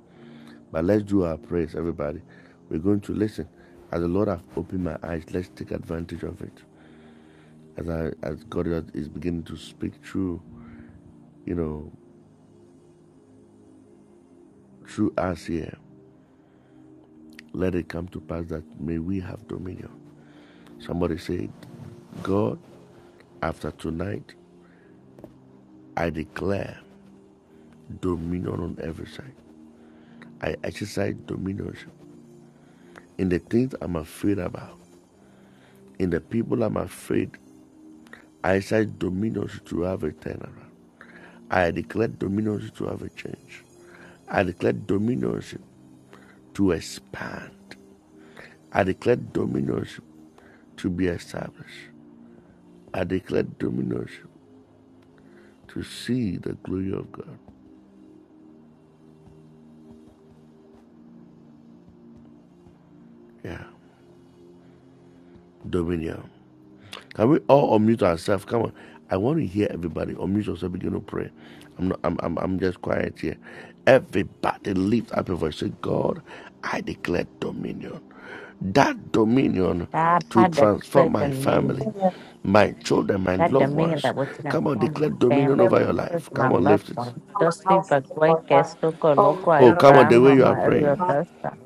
Speaker 3: But let's do our prayers, everybody. We're going to listen. As the Lord have opened my eyes, let's take advantage of it. As I as God is beginning to speak through, you know, through us here, let it come to pass that may we have dominion. Somebody say, God, after tonight, I declare dominion on every side. I exercise dominion in the things I'm afraid about, in the people I'm afraid. I exercise dominion to have a turnaround. I declare dominions to have a change. I declare dominions to expand. I declare dominions to be established. I declare dominions to see the glory of God. Yeah, dominion. Can we all unmute ourselves? Come on. I want to hear everybody. Unmute yourself, begin to pray. I'm not I'm I'm, I'm just quiet here. Everybody lift up your voice. Say, God, I declare dominion. That dominion
Speaker 1: God,
Speaker 3: to
Speaker 1: I declare
Speaker 3: transform my family,
Speaker 1: dominion.
Speaker 3: my children, my
Speaker 1: That
Speaker 3: loved
Speaker 1: dominion
Speaker 3: ones.
Speaker 1: that was in
Speaker 3: Come on,
Speaker 1: for
Speaker 3: declare
Speaker 1: my
Speaker 3: dominion
Speaker 1: family,
Speaker 3: over
Speaker 4: from
Speaker 1: my
Speaker 3: your
Speaker 1: church,
Speaker 3: life.
Speaker 1: my
Speaker 3: Come on,
Speaker 1: loved
Speaker 3: lift it.
Speaker 1: ones.
Speaker 4: my
Speaker 1: Dusty
Speaker 4: household,
Speaker 1: Bagway,
Speaker 4: Lord God.
Speaker 1: Kestuko, Loco,
Speaker 4: Oh,
Speaker 1: loco,
Speaker 4: Lord
Speaker 3: Oh,
Speaker 4: God, I
Speaker 3: come on,
Speaker 4: pray
Speaker 3: the
Speaker 1: Abraham,
Speaker 3: way
Speaker 4: for
Speaker 3: you are praying.
Speaker 1: Mario
Speaker 4: me
Speaker 1: Dosta.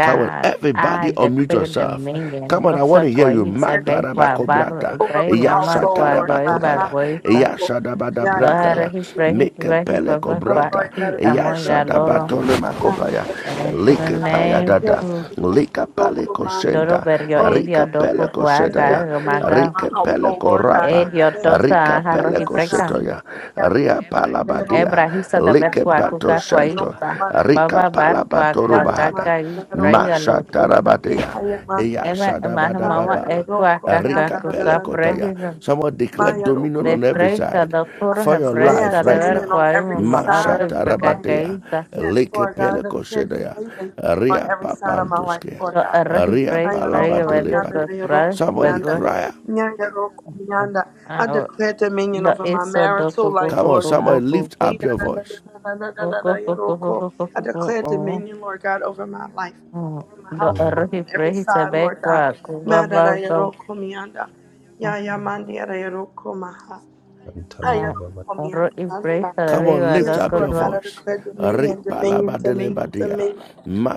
Speaker 3: Come on, everybody
Speaker 1: I
Speaker 3: unmute
Speaker 1: declare
Speaker 3: yourself. Come
Speaker 1: dominion.
Speaker 3: on, I want to
Speaker 1: Dosa
Speaker 3: hear you.
Speaker 1: Guaisa,
Speaker 4: Let it be
Speaker 1: Begua,
Speaker 4: here
Speaker 1: Barro,
Speaker 3: Matarabakobrata.
Speaker 4: over
Speaker 1: Ibrahim,
Speaker 4: my
Speaker 1: Amar,
Speaker 4: household, Lord
Speaker 1: Guagoi,
Speaker 4: God. Knock
Speaker 3: Yashatarabakobaya.
Speaker 4: on your
Speaker 1: Baguisa.
Speaker 4: uncle. Yeah, yeah,
Speaker 3: Yashadabadabrata.
Speaker 4: my
Speaker 3: ya.
Speaker 1: Lohara,
Speaker 4: hand
Speaker 1: his
Speaker 4: and
Speaker 1: regis,
Speaker 4: uncle.
Speaker 1: regis,
Speaker 4: Oh,
Speaker 1: Bagua,
Speaker 3: Mekepelekobrata.
Speaker 4: Lord God,
Speaker 1: Ki,
Speaker 4: I declare that
Speaker 1: Amonga,
Speaker 4: we need
Speaker 1: Loro.
Speaker 3: Yashadabatolema
Speaker 4: yeah,
Speaker 3: kopaya.
Speaker 4: your uncle,
Speaker 1: And in the
Speaker 4: Manda.
Speaker 1: name.
Speaker 4: Yes, Jesus, in
Speaker 3: Lika
Speaker 4: your
Speaker 3: pale
Speaker 4: uncle, Manda.
Speaker 1: Dodo
Speaker 3: koshenta,
Speaker 1: berjo
Speaker 4: Oh,
Speaker 1: idio
Speaker 3: rika
Speaker 4: Jesus,
Speaker 3: pele
Speaker 4: I
Speaker 1: dopo
Speaker 3: kosheta
Speaker 4: declare
Speaker 3: ya,
Speaker 4: that
Speaker 1: fuaca,
Speaker 4: we need over
Speaker 1: romaga,
Speaker 4: my
Speaker 3: rika pele
Speaker 4: household, Lord God.
Speaker 3: korapa,
Speaker 1: edio
Speaker 4: Yeah, yeah,
Speaker 3: rika
Speaker 1: tosa jarro
Speaker 3: pele
Speaker 1: y
Speaker 4: yeah, yeah,
Speaker 1: preca.
Speaker 3: kosheto ya,
Speaker 4: yeah, yeah, yeah,
Speaker 3: ria pala
Speaker 4: Manda, your uncle.
Speaker 3: badia,
Speaker 1: Ebra hisa da
Speaker 4: Yeah,
Speaker 1: ver
Speaker 3: lika
Speaker 4: yeah, Manda,
Speaker 3: bato
Speaker 4: your
Speaker 1: cuacuca
Speaker 3: shento,
Speaker 4: uncle,
Speaker 1: cuaipa.
Speaker 4: Manda. Yeah,
Speaker 3: rika
Speaker 1: Baba
Speaker 3: pala
Speaker 1: bar
Speaker 3: batoru
Speaker 4: yeah, Manda,
Speaker 1: cuacuacaca
Speaker 4: your
Speaker 1: y
Speaker 4: uncle.
Speaker 1: braiga
Speaker 3: masha
Speaker 1: lotusa tusa.
Speaker 4: Yeah,
Speaker 3: tarabadia,
Speaker 4: yeah, my hand
Speaker 3: Eya
Speaker 1: Ema más
Speaker 3: Shadabada
Speaker 4: I
Speaker 1: mama
Speaker 3: baba Shadabadababa.
Speaker 1: e
Speaker 4: declare
Speaker 1: cuacaca
Speaker 3: Erika
Speaker 1: cuca
Speaker 3: Pelekotaya.
Speaker 1: prejisa.
Speaker 3: Someone declare dominion
Speaker 1: De
Speaker 3: on every
Speaker 1: freisa
Speaker 3: side
Speaker 1: doctor toro
Speaker 3: for
Speaker 1: he
Speaker 3: your life
Speaker 1: presta de
Speaker 3: right
Speaker 1: ver
Speaker 4: dominion
Speaker 3: now.
Speaker 4: on every
Speaker 1: cuaima ma
Speaker 3: Masha
Speaker 4: side
Speaker 1: arro
Speaker 4: of
Speaker 1: y
Speaker 4: my life.
Speaker 3: Tarabatea.
Speaker 1: precacaíta.
Speaker 4: Yes,
Speaker 3: Leke
Speaker 4: Lord God, I declare
Speaker 3: Pelekoshedeya.
Speaker 4: dominion on
Speaker 3: Ria
Speaker 4: every side of my life,
Speaker 3: Papantuskea.
Speaker 4: Lord
Speaker 1: Lo
Speaker 4: God.
Speaker 1: arro y
Speaker 3: Ria
Speaker 1: preis prega vedo
Speaker 4: Ayarokomianda,
Speaker 1: que
Speaker 3: Palabadelebade.
Speaker 1: pras
Speaker 3: Somebody
Speaker 4: ayarokomianda,
Speaker 1: pegó.
Speaker 3: cry.
Speaker 4: nyanyarokomianda. I
Speaker 1: Ah,
Speaker 4: declare dominion
Speaker 1: lo
Speaker 4: over my
Speaker 1: hizo do
Speaker 4: marital life,
Speaker 3: Come on,
Speaker 4: Lord God.
Speaker 3: somebody lift
Speaker 1: cucu
Speaker 3: up your voice.
Speaker 1: Lo
Speaker 4: Yidadadadadadadadadayaroko. I declare dominion, Lord God, over my life, over my
Speaker 9: Ola
Speaker 4: household
Speaker 1: erro y
Speaker 4: on every
Speaker 1: prey se
Speaker 4: side,
Speaker 1: ve
Speaker 4: Lord God.
Speaker 1: cual jugaba
Speaker 4: Madadayarokomianda, yayamandiarayarokomaha,
Speaker 9: Pantala Baba but
Speaker 1: ro
Speaker 4: ayarokomianda.
Speaker 1: y prey se
Speaker 3: Come
Speaker 1: debe
Speaker 3: on, lift
Speaker 1: guardar
Speaker 4: Yes,
Speaker 3: up
Speaker 1: con
Speaker 3: your
Speaker 4: Lord God,
Speaker 1: lo
Speaker 4: I
Speaker 3: voice.
Speaker 4: declare dominion, dominion, dominion,
Speaker 3: Ripalabadelebadia.
Speaker 4: dominion.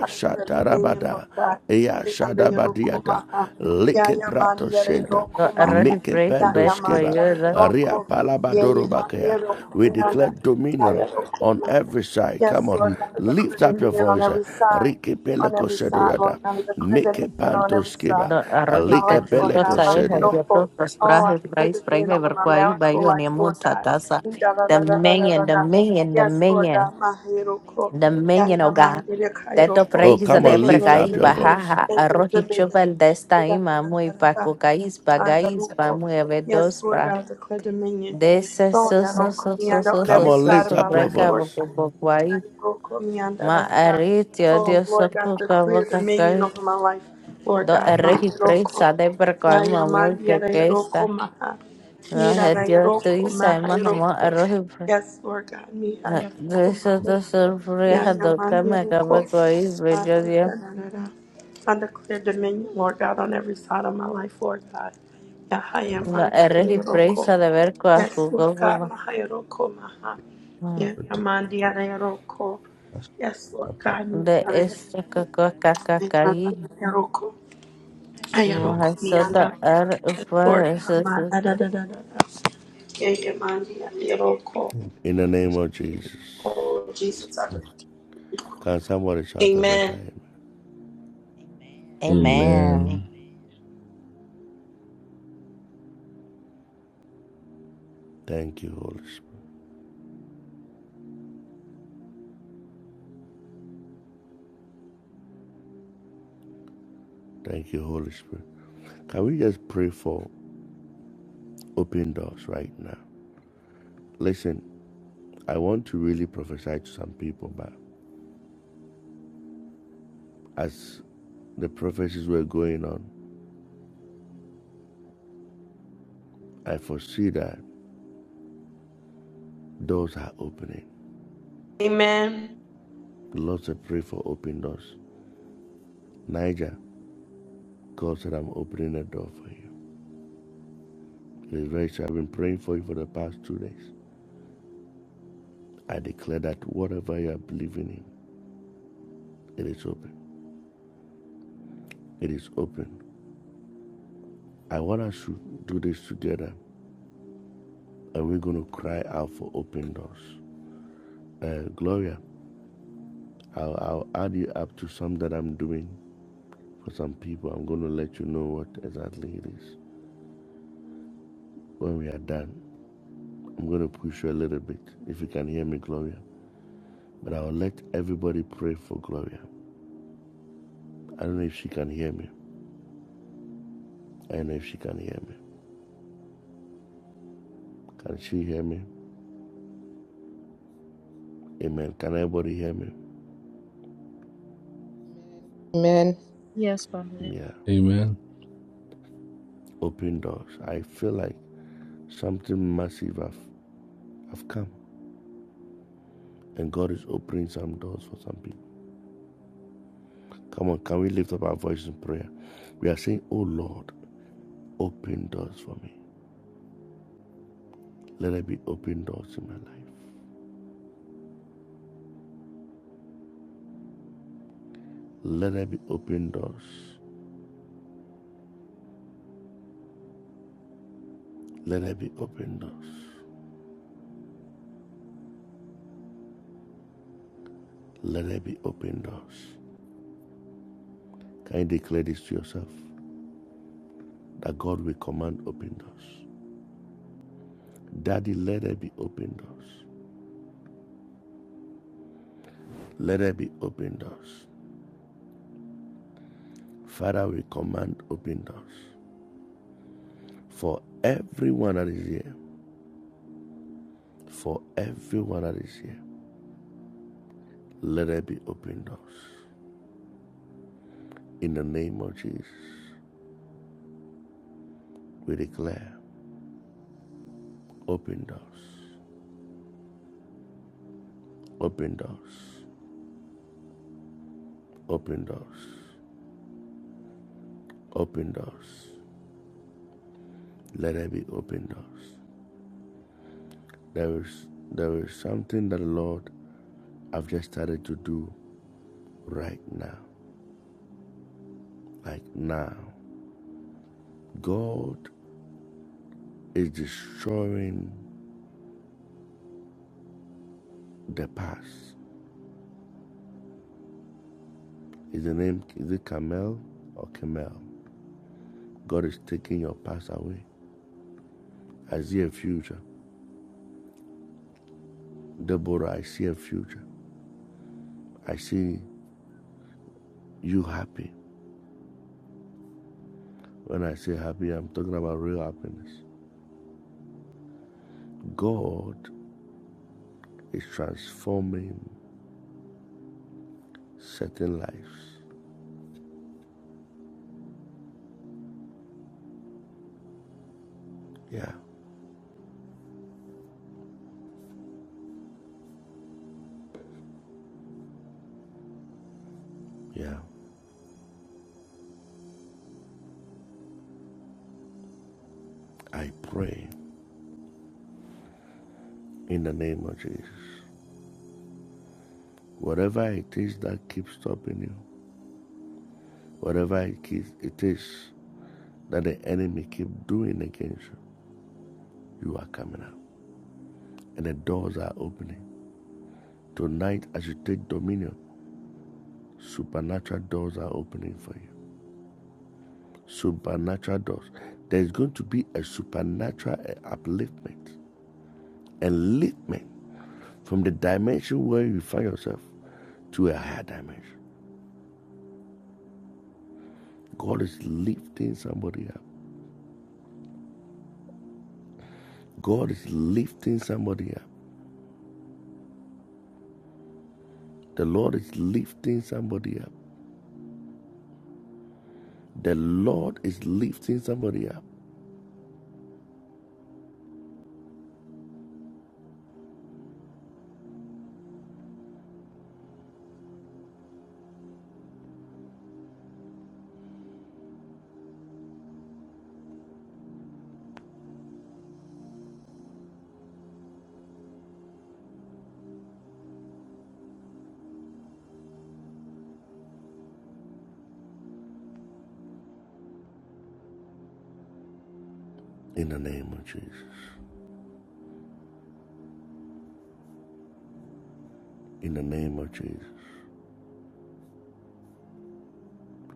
Speaker 4: I declare dominion, Lord God.
Speaker 3: Eya
Speaker 4: Ni ande yero
Speaker 3: shadabadiata.
Speaker 4: koma ha. Ya
Speaker 3: Like
Speaker 4: ya man
Speaker 3: prato
Speaker 4: yere
Speaker 3: shenta.
Speaker 4: yero
Speaker 1: lo
Speaker 4: koma
Speaker 1: erro
Speaker 4: ha.
Speaker 1: y
Speaker 3: Mike
Speaker 1: prey
Speaker 4: Ya
Speaker 3: pendo
Speaker 4: ya
Speaker 1: pech por
Speaker 4: man
Speaker 3: skiba.
Speaker 4: yere
Speaker 1: yo lo
Speaker 4: yero
Speaker 3: Ria
Speaker 4: ko. Ye ye man
Speaker 3: palabadorobakea.
Speaker 4: yero
Speaker 3: We declare
Speaker 4: koma
Speaker 3: dominion on
Speaker 4: ha.
Speaker 3: every side. Come
Speaker 4: Yes,
Speaker 3: on.
Speaker 4: Lord
Speaker 9: you
Speaker 4: God, I declare
Speaker 3: Lift up your
Speaker 4: dominion on
Speaker 3: voice.
Speaker 4: every side,
Speaker 3: Rike
Speaker 4: on
Speaker 3: peleko
Speaker 4: every side, Lord
Speaker 3: sedoyada.
Speaker 4: God, I declare
Speaker 3: Mike
Speaker 4: dominion on
Speaker 3: panto
Speaker 4: every side
Speaker 3: skiba.
Speaker 1: lo
Speaker 4: of
Speaker 1: erro y
Speaker 4: my
Speaker 1: se
Speaker 3: Alike
Speaker 4: life,
Speaker 1: te
Speaker 4: Lord God,
Speaker 1: cosa
Speaker 4: my
Speaker 1: es
Speaker 4: head
Speaker 3: beleko
Speaker 4: off, oh,
Speaker 1: objeto los
Speaker 4: oh, I
Speaker 1: brajes
Speaker 4: declare
Speaker 1: brajes brajes
Speaker 4: dominion
Speaker 1: de
Speaker 4: over
Speaker 1: ver
Speaker 4: my
Speaker 1: cual
Speaker 4: marital
Speaker 1: bayo
Speaker 4: life,
Speaker 1: ni
Speaker 4: Lord
Speaker 1: mucha
Speaker 4: God.
Speaker 1: taza
Speaker 4: Da, da,
Speaker 1: the
Speaker 4: da, da, da, da, da,
Speaker 1: million the
Speaker 4: da.
Speaker 1: million the
Speaker 4: Yes, Lord
Speaker 1: million
Speaker 4: God, my head off, oh,
Speaker 1: the
Speaker 4: yeah,
Speaker 1: million
Speaker 4: yeah,
Speaker 1: oh
Speaker 4: my
Speaker 1: God
Speaker 4: head off, head
Speaker 1: Teto
Speaker 4: off, oh.
Speaker 3: Oh,
Speaker 1: prehisa
Speaker 3: come
Speaker 1: de
Speaker 3: on, lift
Speaker 4: dominion,
Speaker 1: pregai
Speaker 3: up your
Speaker 4: dominion,
Speaker 3: voice.
Speaker 1: bajaja
Speaker 4: dominion,
Speaker 1: arrojicho
Speaker 4: dominion.
Speaker 1: desta
Speaker 4: Da, da,
Speaker 1: ima
Speaker 4: da,
Speaker 1: muy
Speaker 4: da, da, da.
Speaker 1: paco cais
Speaker 4: I head
Speaker 1: pagais
Speaker 4: off,
Speaker 1: pa
Speaker 4: oh.
Speaker 1: muy
Speaker 4: Yes,
Speaker 1: avedos
Speaker 4: Lord God,
Speaker 1: pra
Speaker 4: I declare dominion.
Speaker 1: de ese
Speaker 4: Oh,
Speaker 1: so
Speaker 4: yeah,
Speaker 1: so
Speaker 4: don't call
Speaker 1: so so so
Speaker 4: on
Speaker 3: Come
Speaker 1: so
Speaker 4: every
Speaker 3: on,
Speaker 1: so
Speaker 4: side
Speaker 3: lift
Speaker 4: of
Speaker 1: so
Speaker 4: my
Speaker 3: up your
Speaker 4: life,
Speaker 1: breca
Speaker 4: Lord
Speaker 3: voice.
Speaker 4: God.
Speaker 1: boco boquai ma arritio
Speaker 4: Oh,
Speaker 1: dios
Speaker 4: Lord God,
Speaker 1: soco
Speaker 4: declare
Speaker 1: cavo
Speaker 4: dominion
Speaker 1: cacai
Speaker 4: over my life. Lord
Speaker 1: do
Speaker 4: God, my
Speaker 1: erreji
Speaker 4: roko.
Speaker 1: prehisa de precai
Speaker 4: Yaya
Speaker 1: mamul que
Speaker 4: mandiere
Speaker 1: que
Speaker 4: roko
Speaker 1: está
Speaker 4: maha.
Speaker 1: no es
Speaker 4: Yirara
Speaker 1: dios tu
Speaker 4: roko
Speaker 1: isa
Speaker 4: maha
Speaker 1: ima jamo
Speaker 4: roko.
Speaker 1: arroji
Speaker 4: Yes, Lord God, me I have
Speaker 1: de eso so
Speaker 4: commanded.
Speaker 1: so So, breja
Speaker 4: Yaya
Speaker 1: do que me
Speaker 4: mandiere roko.
Speaker 1: acaba
Speaker 4: Ah, da, da, da, da, da. I declare dominion, Lord God, on every side of my life, Lord God.
Speaker 9: Ala
Speaker 4: Yahaya
Speaker 1: La erre
Speaker 4: mandiere roko.
Speaker 1: presa de ver cua
Speaker 4: Yes, Lord God,
Speaker 1: cugogo
Speaker 4: maha roko maha. Yaya
Speaker 9: protect
Speaker 4: mandiere roko.
Speaker 9: us
Speaker 4: Yes, Lord
Speaker 9: separate
Speaker 4: God, we
Speaker 1: de
Speaker 4: honor you are
Speaker 1: esta cacua
Speaker 4: in the Mama
Speaker 1: cacacari
Speaker 4: Yaroko,
Speaker 9: everything
Speaker 4: Ayaroko, You,
Speaker 1: mahasota er
Speaker 4: Lord
Speaker 1: upa
Speaker 4: God, Ma,
Speaker 1: susu.
Speaker 4: da da da da da da. Yeah, Mandi, Yaroko,
Speaker 3: In the name
Speaker 9: is
Speaker 3: of
Speaker 9: everything.
Speaker 3: Jesus.
Speaker 4: oh Jesus, I love You.
Speaker 3: Can somebody shout a better
Speaker 4: Amen,
Speaker 3: amen?
Speaker 1: Amen.
Speaker 9: Amen.
Speaker 3: Thank you, Holy Spirit. Thank you, Holy Spirit. Can we just pray for open doors right now? Listen, I want to really prophesy to some people, but as the prophecies were going on, I foresee that doors are opening.
Speaker 4: Amen,
Speaker 3: The Lord, I pray for open doors. Niger, God said, I'm opening a door for you. It is very true. I've been praying for you for the past two days. I declare that whatever you are believing in, it is open. It is open. I want us to do this together, and we're going to cry out for open doors. Uh, Gloria, I'll, I'll add you up to some that I'm doing for some people. I'm going to let you know what exactly it is when we are done. I'm going to push you a little bit if you can hear me, Gloria. But I'll let everybody pray for Gloria. I don't know if she can hear me. I don't know if she can hear me. Can she hear me? Amen. Can everybody hear me?
Speaker 5: Amen.
Speaker 10: Yes, Prophet.
Speaker 3: Yeah.
Speaker 9: Amen.
Speaker 3: Open doors. I feel like something massive have, have come and God is opening some doors for some people. Come on, can we lift up our voice in prayer? We are saying, Oh Lord, open doors for me. Let there be open doors in my life. Let there be open doors. Let there be open doors. Let there be open doors. Can you declare this to yourself? That God will command open doors. Daddy, let there be open doors. Let there be open doors. Father, we command open doors. For everyone that is here, for everyone that is here, let there be open doors. In the name of Jesus, we declare open doors, open doors, open doors, open doors. Let there be open doors. There is there is something that the Lord I've just started to do right now. Like now. God is destroying the past. Is the name is it Kamel or Kamel? God is taking your past away. I see a future. Deborah, I see a future. I see you happy. When I say happy, I'm talking about real happiness. God is transforming certain lives. Yeah, yeah. I pray in the name of Jesus. Whatever it is that keeps stopping you, whatever it is, that the enemy keep doing against you, you are coming out. And the doors are opening. Tonight, as you take dominion, supernatural doors are opening for you. Supernatural doors. There's going to be a supernatural eh, upliftment, enliftment from the dimension where you find yourself to a higher dimension. God is lifting somebody up. God is lifting somebody up. The Lord is lifting somebody up. The Lord is lifting somebody up in the name of Jesus. In the name of Jesus.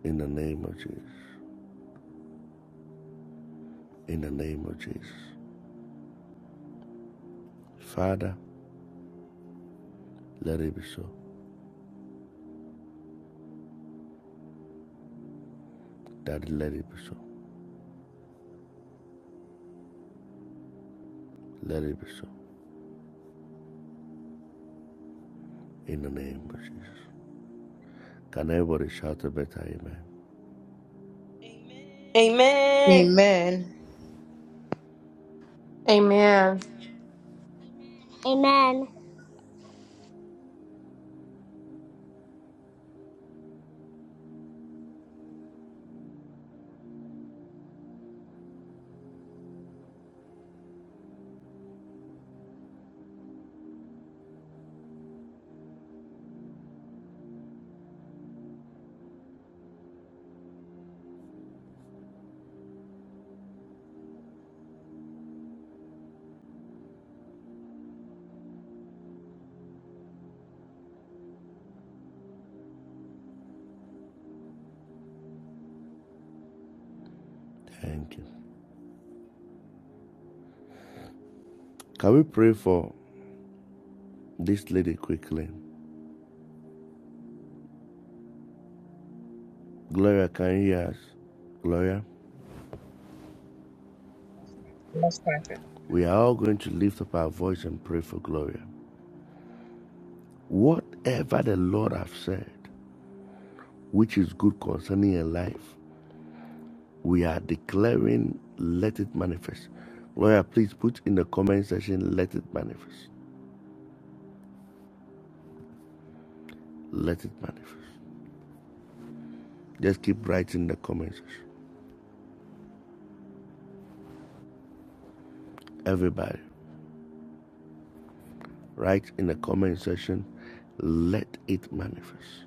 Speaker 3: In the name of Jesus. In the name of Jesus. Father, let it be so. Daddy, let it be so. Let it be so. In the name of Jesus. Can everybody shout a better amen?
Speaker 4: Amen.
Speaker 5: Amen.
Speaker 11: Amen.
Speaker 12: Amen.
Speaker 3: Thank you. Can we pray for this lady quickly? Gloria, can you hear us? Gloria,
Speaker 6: Yes, Prophet.
Speaker 3: we are all going to lift up our voice and pray for Gloria. Whatever the Lord has said, which is good concerning your life. We are declaring, let it manifest. Lawyer, please put in the comment section, let it manifest. Let it manifest. Just keep writing in the comment section. Everybody, write in the comment section, let it manifest.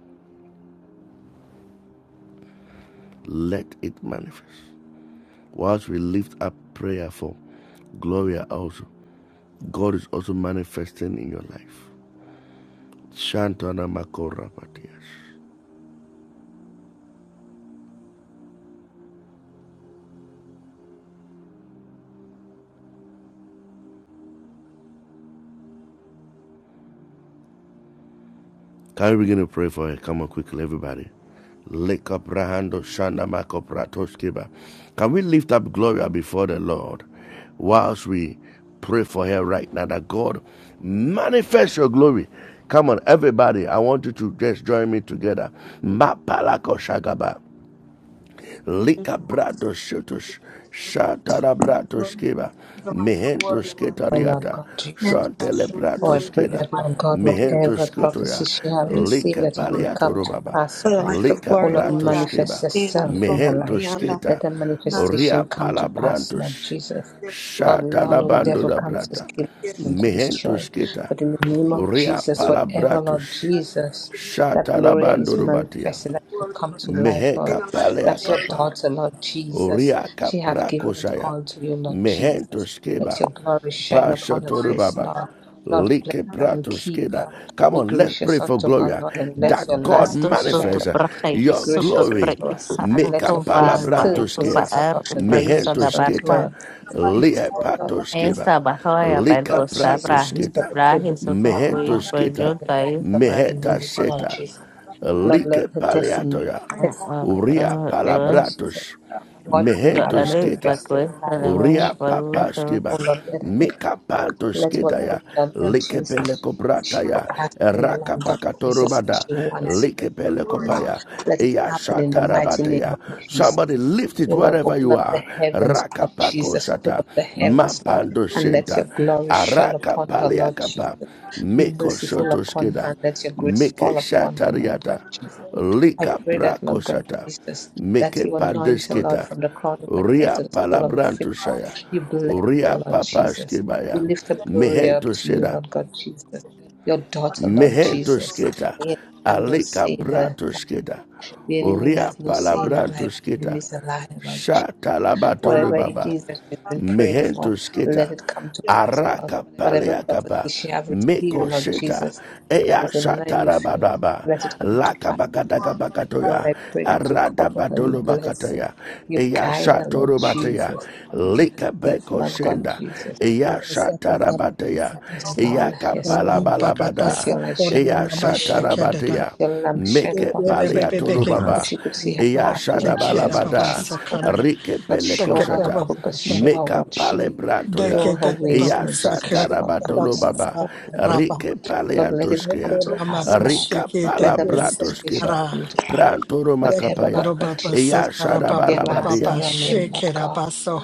Speaker 3: Let it manifest. Whilst we lift up prayer for Gloria also, God is also manifesting in your life. Shantana Makorapatias. Can we begin to pray for her? Come on, quickly, everybody. Lekabrahando shandamakopratoskiba. Can we lift up Gloria before the Lord whilst we pray for her right now that God manifest your glory? Come on, everybody. I want you to just join me together. Mapalako shagaba. Lika brado shutush, shatara brato
Speaker 4: Glory
Speaker 3: skiba,
Speaker 4: to the life of
Speaker 3: mihento
Speaker 4: glory, Lord
Speaker 5: Oh
Speaker 4: God.
Speaker 5: Lord
Speaker 3: sketariata,
Speaker 5: God, Jesus.
Speaker 3: shantele
Speaker 4: Manifest your
Speaker 5: Oh,
Speaker 3: brato
Speaker 5: I
Speaker 4: glory
Speaker 5: pray
Speaker 4: in the
Speaker 3: skeda,
Speaker 5: that, Lord
Speaker 4: life of
Speaker 5: God,
Speaker 4: glory, Lord
Speaker 3: mihento
Speaker 5: whatever
Speaker 4: God.
Speaker 3: skutoya,
Speaker 5: prophecy she has
Speaker 4: Manifest
Speaker 5: received,
Speaker 3: lika
Speaker 5: that it
Speaker 4: your
Speaker 5: may
Speaker 4: glory
Speaker 3: paliato
Speaker 5: come to
Speaker 3: rubaba,
Speaker 5: pass,
Speaker 4: For the
Speaker 5: Lord.
Speaker 4: life of
Speaker 3: lika
Speaker 5: Oh,
Speaker 4: glory,
Speaker 5: Lord,
Speaker 4: Lord
Speaker 3: brato
Speaker 4: God.
Speaker 5: manifest
Speaker 3: skiba,
Speaker 4: Yeah,
Speaker 5: yourself in her
Speaker 4: Yaroko,
Speaker 3: mihento
Speaker 5: life.
Speaker 4: Yanda,
Speaker 5: Let
Speaker 3: keta
Speaker 5: that
Speaker 4: na na na
Speaker 3: ria
Speaker 5: manifestation come
Speaker 4: na
Speaker 5: to
Speaker 4: na. na.
Speaker 5: pass, Lord
Speaker 3: palabrantus,
Speaker 5: Jesus.
Speaker 4: Yes, Lord
Speaker 5: Lord, we
Speaker 4: God,
Speaker 5: all
Speaker 3: shatala
Speaker 5: know the
Speaker 3: bando
Speaker 5: devil
Speaker 3: da
Speaker 4: Yaroko.
Speaker 5: comes to
Speaker 3: brata,
Speaker 5: kill
Speaker 4: Yes,
Speaker 5: and to
Speaker 4: the
Speaker 3: mihento
Speaker 4: final
Speaker 5: destroy.
Speaker 3: keta
Speaker 5: But in the
Speaker 4: market
Speaker 5: name of
Speaker 3: ria
Speaker 5: Jesus,
Speaker 4: yes, for
Speaker 5: whatever, Lord
Speaker 3: palabratus,
Speaker 4: God,
Speaker 5: Jesus,
Speaker 4: in the
Speaker 5: that
Speaker 4: honor,
Speaker 3: shatala
Speaker 5: Gloria
Speaker 3: bando
Speaker 5: is
Speaker 4: then
Speaker 3: rubatia,
Speaker 5: manifesting,
Speaker 4: the
Speaker 5: that will
Speaker 4: glory
Speaker 5: come
Speaker 4: for
Speaker 5: to
Speaker 4: God,
Speaker 5: life,
Speaker 4: in
Speaker 5: Lord.
Speaker 3: miheka
Speaker 4: the life of
Speaker 3: palea
Speaker 5: That's your
Speaker 4: glory for
Speaker 3: kapa.
Speaker 4: God,
Speaker 5: daughter, Lord Jesus.
Speaker 4: in the
Speaker 3: Oriaka
Speaker 5: She
Speaker 4: life
Speaker 5: have given it
Speaker 3: prakosaya.
Speaker 5: all to you, Lord Jesus.
Speaker 3: Mehentos
Speaker 5: Let
Speaker 3: keba.
Speaker 5: your glory shine
Speaker 4: of
Speaker 5: upon her
Speaker 4: glory for
Speaker 5: face,
Speaker 3: Pashatorubaba.
Speaker 5: Lord.
Speaker 4: God,
Speaker 5: Lord,
Speaker 3: Like
Speaker 5: bless her and
Speaker 3: pratos
Speaker 5: keep
Speaker 3: keda.
Speaker 5: her.
Speaker 3: Come
Speaker 5: Be
Speaker 3: on, let's pray
Speaker 5: gracious
Speaker 3: for
Speaker 5: unto her,
Speaker 3: Gloria.
Speaker 5: Lord, and
Speaker 4: yes,
Speaker 5: let your
Speaker 3: That
Speaker 4: for
Speaker 5: light
Speaker 3: God
Speaker 4: God,
Speaker 1: Esto
Speaker 4: in the
Speaker 1: soto
Speaker 5: shine
Speaker 4: life of glory for
Speaker 3: manifests
Speaker 5: up.
Speaker 1: braje
Speaker 5: Be
Speaker 3: your
Speaker 1: soto
Speaker 5: gracious
Speaker 3: glory.
Speaker 5: unto her,
Speaker 4: God, in
Speaker 1: presa
Speaker 5: and
Speaker 3: Make
Speaker 5: let
Speaker 3: a
Speaker 5: your
Speaker 1: cuto
Speaker 4: the
Speaker 5: face
Speaker 1: valva
Speaker 5: turn
Speaker 3: palabrantos
Speaker 1: ecosa
Speaker 3: kea.
Speaker 5: towards her,
Speaker 1: er
Speaker 5: Lord, and be
Speaker 1: presa da
Speaker 5: gracious
Speaker 3: Mehentos
Speaker 5: unto
Speaker 3: keta.
Speaker 1: barba.
Speaker 5: her. Be
Speaker 4: life
Speaker 5: Peace
Speaker 3: Lie
Speaker 4: of
Speaker 5: to her,
Speaker 4: glory for God, in the life
Speaker 5: Lord
Speaker 4: of
Speaker 5: Jesus.
Speaker 1: Esta bajo y
Speaker 3: Lika
Speaker 1: aperto
Speaker 5: Lord Jesus,
Speaker 3: pratos
Speaker 1: sabra
Speaker 5: you set
Speaker 3: keta.
Speaker 5: the
Speaker 1: braje
Speaker 5: table
Speaker 1: soto
Speaker 5: before her,
Speaker 1: pues
Speaker 3: Mehentos
Speaker 5: Lord,
Speaker 4: glory
Speaker 1: pues
Speaker 5: in
Speaker 3: keta.
Speaker 1: yo
Speaker 5: the
Speaker 4: for
Speaker 1: traes
Speaker 5: presence of her
Speaker 1: braje.
Speaker 3: Meheta
Speaker 5: enemies, Lord
Speaker 4: God.
Speaker 3: seta
Speaker 5: Jesus. Lord, let
Speaker 3: like
Speaker 5: her testimony,
Speaker 3: paliatoya,
Speaker 5: testimony, her
Speaker 3: uria
Speaker 1: The
Speaker 5: testimony, Lord Jesus,
Speaker 3: palabratos,
Speaker 5: what you have
Speaker 3: mehentos
Speaker 1: erre pa
Speaker 3: kita,
Speaker 5: manifested in her
Speaker 1: cuesta de
Speaker 5: life, Lord
Speaker 1: mí
Speaker 3: uria
Speaker 5: Jesus.
Speaker 1: pa
Speaker 5: Oh,
Speaker 3: papaskiba,
Speaker 5: Lord, let her
Speaker 3: mika pantos
Speaker 5: let
Speaker 3: kita ya,
Speaker 5: whatever, Lord God
Speaker 3: like
Speaker 5: Jesus, she
Speaker 3: pelekoprata ya,
Speaker 5: is asking,
Speaker 3: raka
Speaker 5: Lord God Jesus, and
Speaker 3: pakatorubada,
Speaker 5: she wants,
Speaker 3: like
Speaker 5: Lord.
Speaker 3: pelekopaya,
Speaker 5: Let it
Speaker 3: iya
Speaker 5: happen in the mighty
Speaker 3: shatarabate
Speaker 5: name
Speaker 3: ya.
Speaker 5: of Jesus.
Speaker 3: Somebody lift it
Speaker 5: Oh Lord,
Speaker 3: wherever
Speaker 5: open
Speaker 3: you
Speaker 5: up the
Speaker 3: are.
Speaker 5: heavens,
Speaker 3: Raka
Speaker 5: Lord Jesus. Open
Speaker 3: pakosata.
Speaker 5: up the heavens, Lord,
Speaker 3: mapando
Speaker 5: and let
Speaker 3: shenta,
Speaker 5: your glory shine
Speaker 3: araka
Speaker 5: upon her, Lord Jesus.
Speaker 3: paliakapa,
Speaker 5: Be
Speaker 3: meko
Speaker 5: merciful upon her, and
Speaker 3: shontoskeda.
Speaker 5: let your grace
Speaker 3: Meke
Speaker 5: fall upon her, Lord God
Speaker 3: shatariata.
Speaker 5: Jesus. I
Speaker 3: Lika
Speaker 5: pray that, Lord God
Speaker 3: prakoshata.
Speaker 5: Jesus, that
Speaker 3: Meke
Speaker 5: you anoint her, Lord,
Speaker 3: pandesketa.
Speaker 5: from the crown of her head
Speaker 3: Ria
Speaker 5: to the sole of her feet, Lord.
Speaker 3: palabrantushaya.
Speaker 5: You bless
Speaker 3: Ria
Speaker 5: her, Lord Jesus. We
Speaker 3: papaskebaya.
Speaker 5: lift up glory up
Speaker 3: Mehento
Speaker 5: to you,
Speaker 3: seda.
Speaker 5: Lord God Jesus. Your daughter, Lord
Speaker 3: Mehento
Speaker 5: Jesus.
Speaker 3: sketa.
Speaker 5: The enemy have no
Speaker 3: Alika
Speaker 5: say in her.
Speaker 3: bratosketa.
Speaker 5: The enemy
Speaker 3: Ria
Speaker 5: has no say in her life. The enemy
Speaker 3: palabrantusketa.
Speaker 5: is alive, Lord Jesus.
Speaker 3: Shatalabato le
Speaker 5: Whatever it
Speaker 3: baba
Speaker 5: is that she's been praying for,
Speaker 3: mehento
Speaker 5: let
Speaker 3: sketa
Speaker 5: it come to pass, Lord.
Speaker 3: araka
Speaker 5: Whatever prophecy
Speaker 3: paleakapa
Speaker 5: she have received,
Speaker 3: meko
Speaker 5: Lord
Speaker 3: sheta
Speaker 5: Jesus, that
Speaker 3: eya
Speaker 5: is in line with
Speaker 3: shatara
Speaker 5: you,
Speaker 3: bababa
Speaker 5: let it come to
Speaker 3: laka
Speaker 5: pass. Lord,
Speaker 3: bakataka
Speaker 5: Lord,
Speaker 3: bakatoya
Speaker 5: I pray that you
Speaker 3: arada
Speaker 5: cover her, you
Speaker 3: batolo
Speaker 5: bless her,
Speaker 3: bakataya
Speaker 5: you
Speaker 3: eya
Speaker 5: guide her,
Speaker 3: shatoro
Speaker 5: Lord
Speaker 3: bataya
Speaker 5: Jesus. You keep her
Speaker 3: lika
Speaker 5: safe,
Speaker 3: beko
Speaker 5: Lord God
Speaker 3: shenda
Speaker 5: Jesus.
Speaker 3: eya shatara bataya
Speaker 5: Yes,
Speaker 3: eya
Speaker 5: Lord. Yes,
Speaker 3: kapala
Speaker 5: Lord. Let
Speaker 3: balabada
Speaker 5: your light shine
Speaker 3: eya
Speaker 5: upon her,
Speaker 3: shatara
Speaker 5: Lord. Let
Speaker 3: bataya
Speaker 5: your lamp shine
Speaker 3: meke
Speaker 5: upon her feet, Lord,
Speaker 3: paleatoro
Speaker 9: Ora,
Speaker 5: so
Speaker 3: baba
Speaker 5: she could see her
Speaker 3: eya
Speaker 5: path,
Speaker 3: shada
Speaker 5: Lord Jesus, where
Speaker 3: balabada
Speaker 5: she's going. Lord,
Speaker 3: rike
Speaker 5: Lord
Speaker 3: peleko
Speaker 5: show her her
Speaker 3: shata
Speaker 5: purpose. Show her
Speaker 3: Meka
Speaker 5: what
Speaker 3: pale
Speaker 5: she,
Speaker 3: brato ya
Speaker 5: show her her ways, Lord
Speaker 3: Yasha
Speaker 5: Jesus. Show her
Speaker 3: batolo
Speaker 5: purpose, Lord.
Speaker 3: baba
Speaker 5: Show-
Speaker 3: Rike pale
Speaker 5: Lord, let it come
Speaker 3: antoskea
Speaker 5: to pass, Lord.
Speaker 3: Rika
Speaker 5: Let
Speaker 3: pala
Speaker 5: her
Speaker 3: brato
Speaker 5: manifestation
Speaker 3: skiba
Speaker 5: come to pass.
Speaker 3: Prantoro
Speaker 5: Whatever, Lord,
Speaker 3: makapaya
Speaker 5: Lord Jesus,
Speaker 3: Yasha
Speaker 5: she ever asks in
Speaker 3: rabalabadia
Speaker 5: your name, Lord God,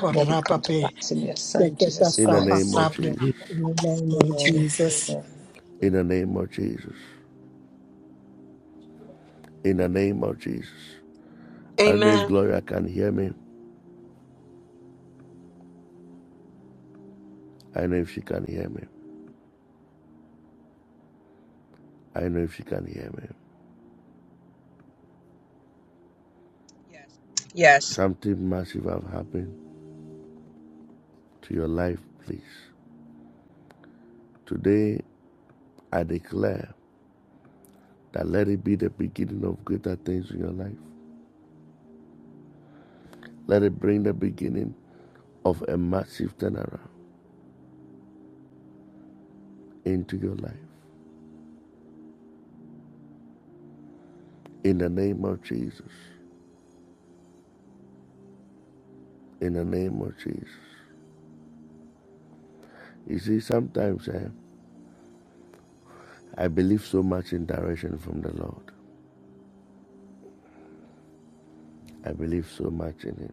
Speaker 5: let it come to pass in your Son, Jesus
Speaker 3: In the name
Speaker 5: Christ.
Speaker 3: of Jesus
Speaker 13: In the name of
Speaker 5: Amen.
Speaker 13: Jesus.
Speaker 5: Amen.
Speaker 3: In the name of Jesus In the name of Jesus I don't know if
Speaker 4: Amen.
Speaker 3: Gloria can hear me I don't know if she can hear me I don't know if she can hear me
Speaker 6: Yes.
Speaker 3: Something massive have happened to your life please Today I declare that let it be the beginning of greater things in your life. Let it bring the beginning of a massive turnaround into your life. In the name of Jesus. In the name of Jesus. You see, sometimes eh, I believe so much in direction from the Lord. I believe so much in Him.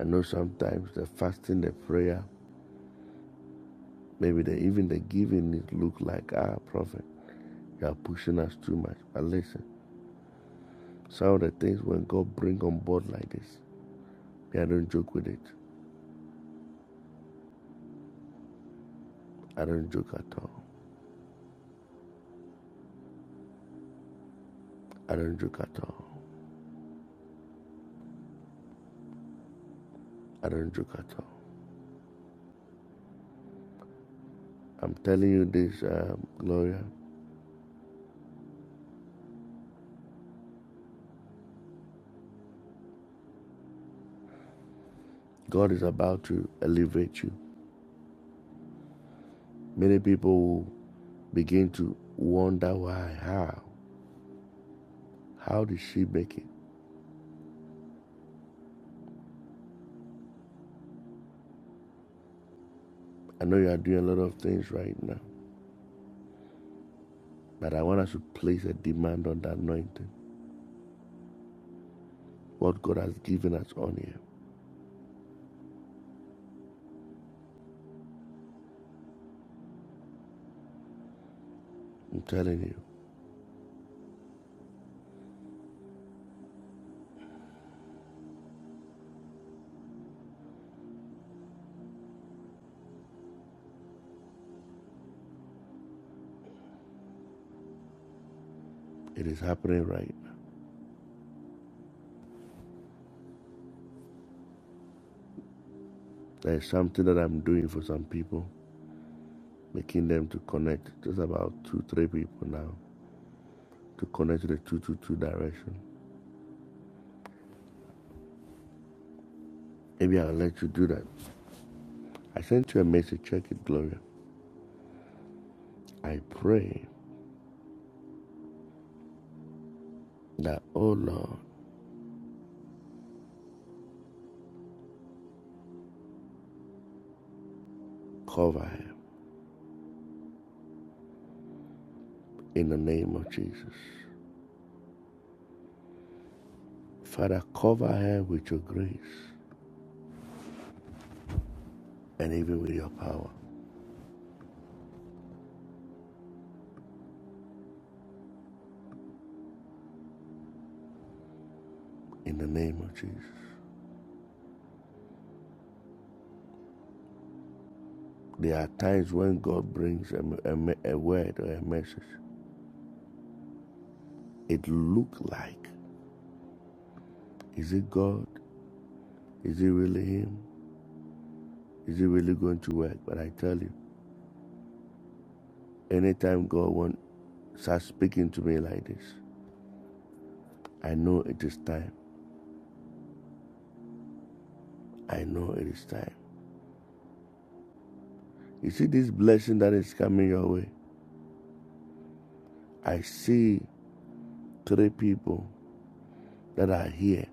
Speaker 3: I know sometimes the fasting, the prayer, maybe the, even the giving it look like, ah, prophet, you are pushing us too much. But listen, some of the things when God bring on board like this, yeah, don't joke with it. Aranjukato, Aranjukato, Aranjukato. I'm telling you this, um, Gloria. God is about to elevate you. Many people begin to wonder why, how, how did she make it? I know you are doing a lot of things right now, but I want us to place a demand on that anointing. What God has given us on here. I'm telling you, it is happening right now. There's something that I'm doing for some people, making them to connect. Just about two, three people now. to connect to the 222 direction. Maybe I'll let you do that. I sent you a message. Check it, Gloria. I pray that, oh Lord, cover her in the name of Jesus. Father, cover her with your grace and even with your power in the name of Jesus. There are times when God brings a, a a word or a message. It looks like, is it God? Is it really Him? Is it really going to work? But I tell you, anytime God wants, starts speaking to me like this, I know it is time. I know it is time. You see this blessing that is coming your way? I see three people that are here.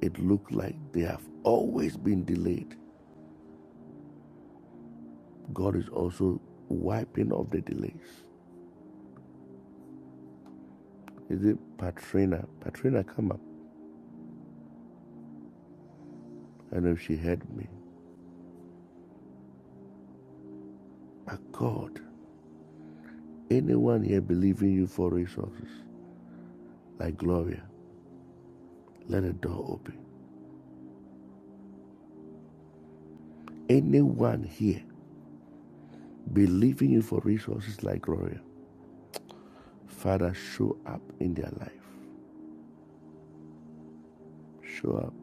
Speaker 3: It looks like they have always been delayed. God is also wiping off the delays. Is it Patrina? Patrina, come up. I know she heard me. My God, anyone here believing you for resources, like Gloria, let a door open. Anyone here believing you for resources like Gloria, Father, show up in their life. Show up,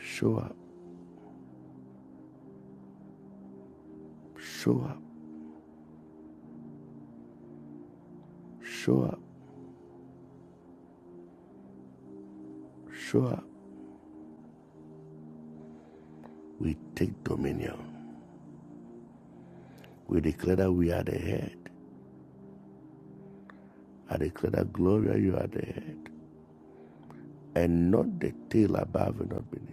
Speaker 3: show up, show up, show up, show up. We take dominion. We declare that we are the head. I declare that Gloria, you are the head, and not the tail above and not beneath.